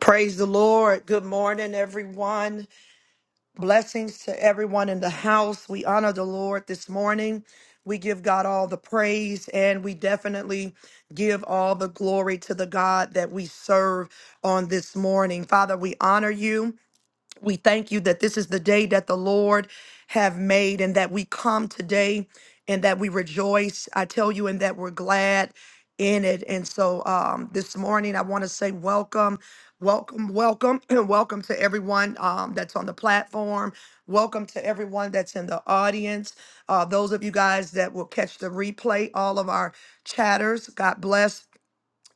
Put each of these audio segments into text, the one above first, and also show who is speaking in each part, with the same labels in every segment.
Speaker 1: Praise the Lord. Good morning, everyone. Blessings to everyone in the house. We honor the Lord this morning. We give God all the praise and we definitely give all the glory to the God that we serve on this morning. Father, we honor you. We thank you that this is the day that the Lord have made and that we come today and that we rejoice. I tell you, and that we're glad in it. And so um, this morning, I want to say welcome, welcome, welcome, and welcome to everyone um, that's on the platform. Welcome to everyone that's in the audience. Uh, those of you guys that will catch the replay, all of our chatters, God bless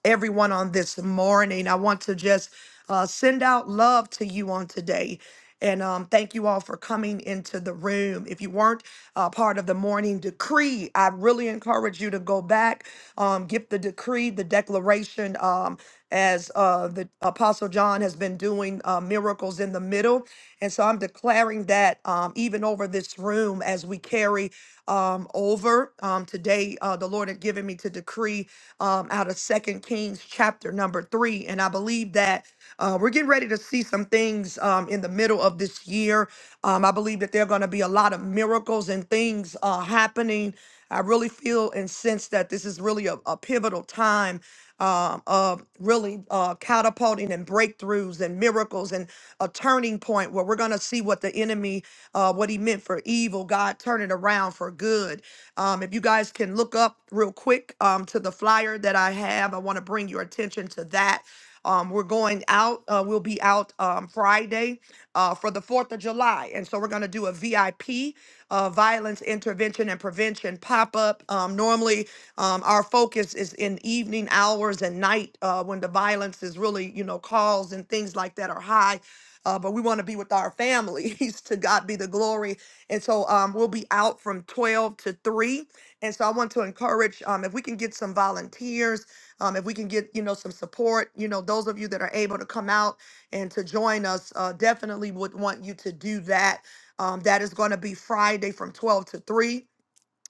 Speaker 1: everyone on this morning. I want to just uh, send out love to you on today. And um, thank you all for coming into the room. If you weren't uh, part of the morning decree, I really encourage you to go back, um, get the decree, the declaration, um, as uh, the Apostle John has been doing uh, miracles in the middle. And so I'm declaring that um, even over this room as we carry um, over. Um, today, uh, the Lord had given me to decree um, out of Second Kings chapter number three, and I believe that uh, we're getting ready to see some things um, in the middle of this year. Um, I believe that there are going to be a lot of miracles and things uh, happening. I really feel and sense that this is really a, a pivotal time um, of really uh, catapulting and breakthroughs and miracles and a turning point where we're going to see what the enemy, uh, what he meant for evil, God turn it around for good. Um, if you guys can look up real quick um, to the flyer that I have, I want to bring your attention to that. Um, we're going out. Uh, we'll be out um, Friday uh, for the 4th of July. And so we're going to do a VIP uh, violence intervention and prevention pop up. Um, normally, um, our focus is in evening hours and night uh, when the violence is really, you know, calls and things like that are high. Uh, but we want to be with our families. to God be the glory. And so um, we'll be out from 12 to 3. And so I want to encourage um, if we can get some volunteers um, if we can get, you know, some support, you know, those of you that are able to come out and to join us, uh, definitely would want you to do that. Um, that is going to be Friday from 12 to 3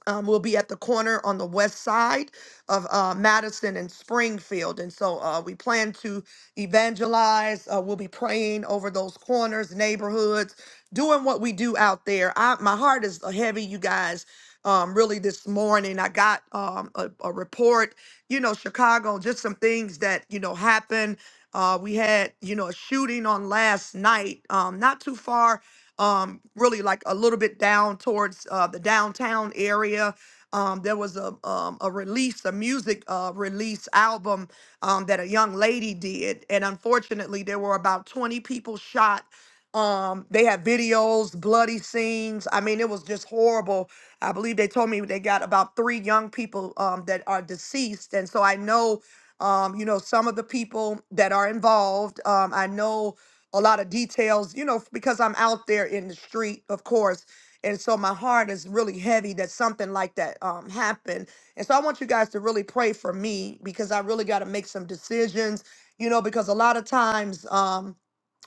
Speaker 1: um, will be at the corner on the west side of uh, Madison and Springfield. And so uh, we plan to evangelize. Uh, we'll be praying over those corners, neighborhoods, doing what we do out there. I, my heart is heavy, you guys. Um, really, this morning, I got um, a, a report, you know, Chicago, just some things that, you know, happened. Uh, we had, you know, a shooting on last night, um, not too far um, really like a little bit down towards uh, the downtown area. Um, there was a um, a release, a music uh, release album um, that a young lady did, and unfortunately, there were about twenty people shot. Um, they had videos, bloody scenes. I mean, it was just horrible. I believe they told me they got about three young people um, that are deceased, and so I know, um, you know, some of the people that are involved. Um, I know a lot of details, you know, because I'm out there in the street, of course. And so my heart is really heavy that something like that um, happened. And so I want you guys to really pray for me because I really got to make some decisions, you know, because a lot of times, um,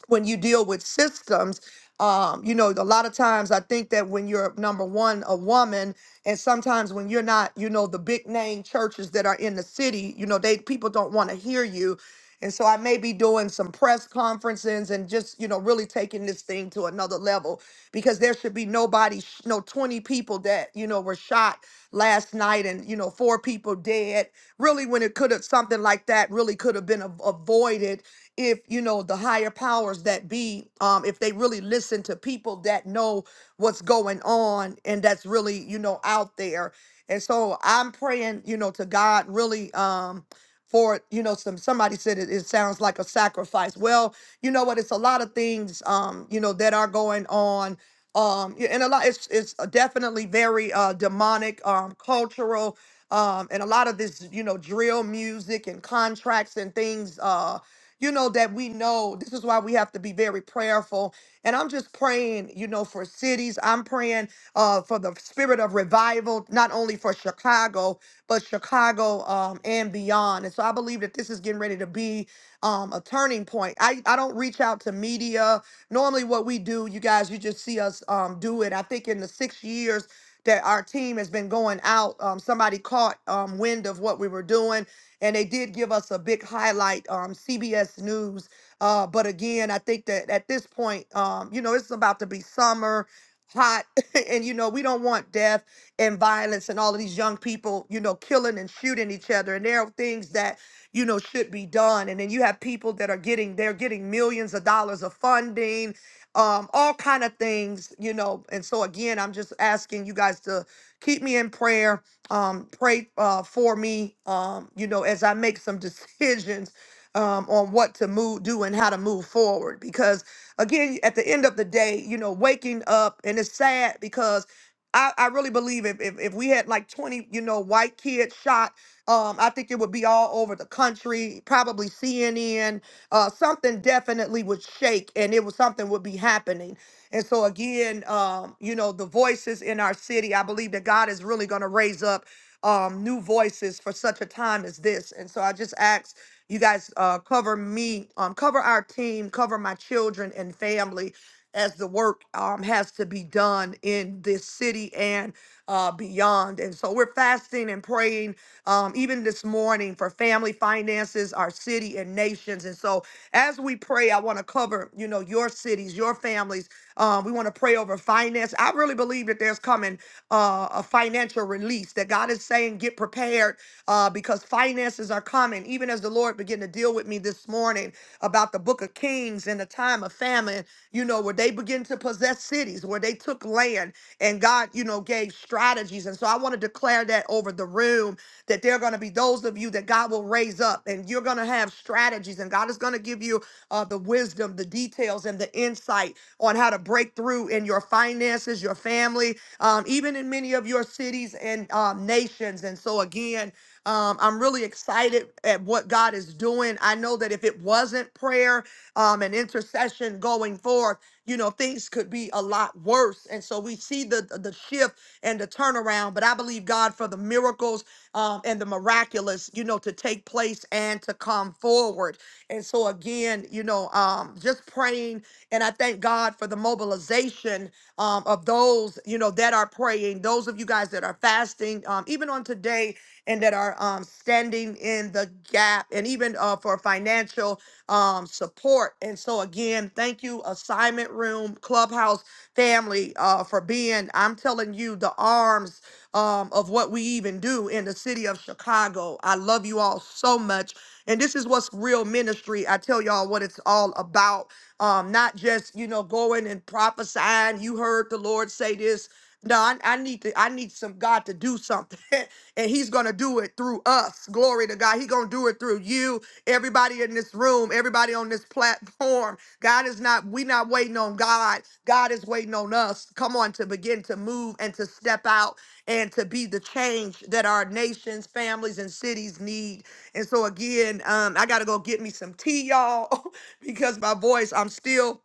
Speaker 1: when you deal with systems um, you know a lot of times i think that when you're number one a woman and sometimes when you're not you know the big name churches that are in the city you know they people don't want to hear you and so i may be doing some press conferences and just you know really taking this thing to another level because there should be nobody sh- no 20 people that you know were shot last night and you know four people dead really when it could have something like that really could have been av- avoided if you know the higher powers that be um if they really listen to people that know what's going on and that's really you know out there and so i'm praying you know to god really um for you know some somebody said it, it sounds like a sacrifice well you know what it's a lot of things um you know that are going on um yeah, and a lot it's it's definitely very uh demonic um cultural um and a lot of this you know drill music and contracts and things uh, you know, that we know this is why we have to be very prayerful. And I'm just praying, you know, for cities. I'm praying uh, for the spirit of revival, not only for Chicago, but Chicago um, and beyond. And so I believe that this is getting ready to be um, a turning point. I, I don't reach out to media. Normally, what we do, you guys, you just see us um, do it. I think in the six years that our team has been going out, um, somebody caught um, wind of what we were doing and they did give us a big highlight, um, CBS News. Uh, but again, I think that at this point, um, you know, it's about to be summer, hot, and you know, we don't want death and violence and all of these young people, you know, killing and shooting each other. And there are things that you know should be done. And then you have people that are getting they're getting millions of dollars of funding, um, all kind of things, you know. And so again, I'm just asking you guys to keep me in prayer um, pray uh, for me, um, you know, as I make some decisions um, on what to move, do, and how to move forward. Because again, at the end of the day, you know, waking up, and it's sad because I, I really believe if, if if we had like twenty, you know, white kids shot, um, I think it would be all over the country, probably CNN. Uh, something definitely would shake, and it was something would be happening. And so again, um, you know, the voices in our city, I believe that God is really going to raise up um, new voices for such a time as this. And so I just ask you guys uh, cover me, um, cover our team, cover my children and family as the work um, has to be done in this city and uh, beyond. And so we're fasting and praying um, even this morning for family finances, our city and nations. And so as we pray, I want to cover, you know, your cities, your families. Um, we want to pray over finance. I really believe that there's coming uh, a financial release that God is saying, get prepared uh, because finances are coming. Even as the Lord began to deal with me this morning about the book of Kings. and in a time of famine, you know, where they begin to possess cities, where they took land and God, you know, gave strategies. And so I want to declare that over the room that there are going to be those of you that God will raise up and you're going to have strategies and God is going to give you uh, the wisdom, the details, and the insight on how to break through in your finances, your family, um, even in many of your cities and um, nations. And so, again, um, I'm really excited at what God is doing. I know that if it wasn't prayer um, and intercession going forth, you know, things could be a lot worse. And so we see the the shift and the turnaround. But I believe God for the miracles um, and the miraculous, you know, to take place and to come forward. And so again, you know, um, just praying, and I thank God for the mobilization um, of those, you know, that are praying, those of you guys that are fasting, um, even on today, and that are um, standing in the gap, and even uh, for financial um, support. And so again, thank you, Assignment Room Clubhouse family, uh, for being, I'm telling you, the arms um, of what we even do in the city of Chicago. I love you all so much. And this is what's real ministry. I tell y'all what it's all about. Um, not just, you know, going and prophesying. You heard the Lord say this. No, I, I need to, I need some God to do something. and He's gonna do it through us. Glory to God. He gonna do it through you, everybody in this room, everybody on this platform. God is not, we not waiting on God. God is waiting on us. Come on, to begin to move and to step out and to be the change that our nations, families, and cities need and so again, um, I gotta go get me some tea, y'all, because my voice, I'm still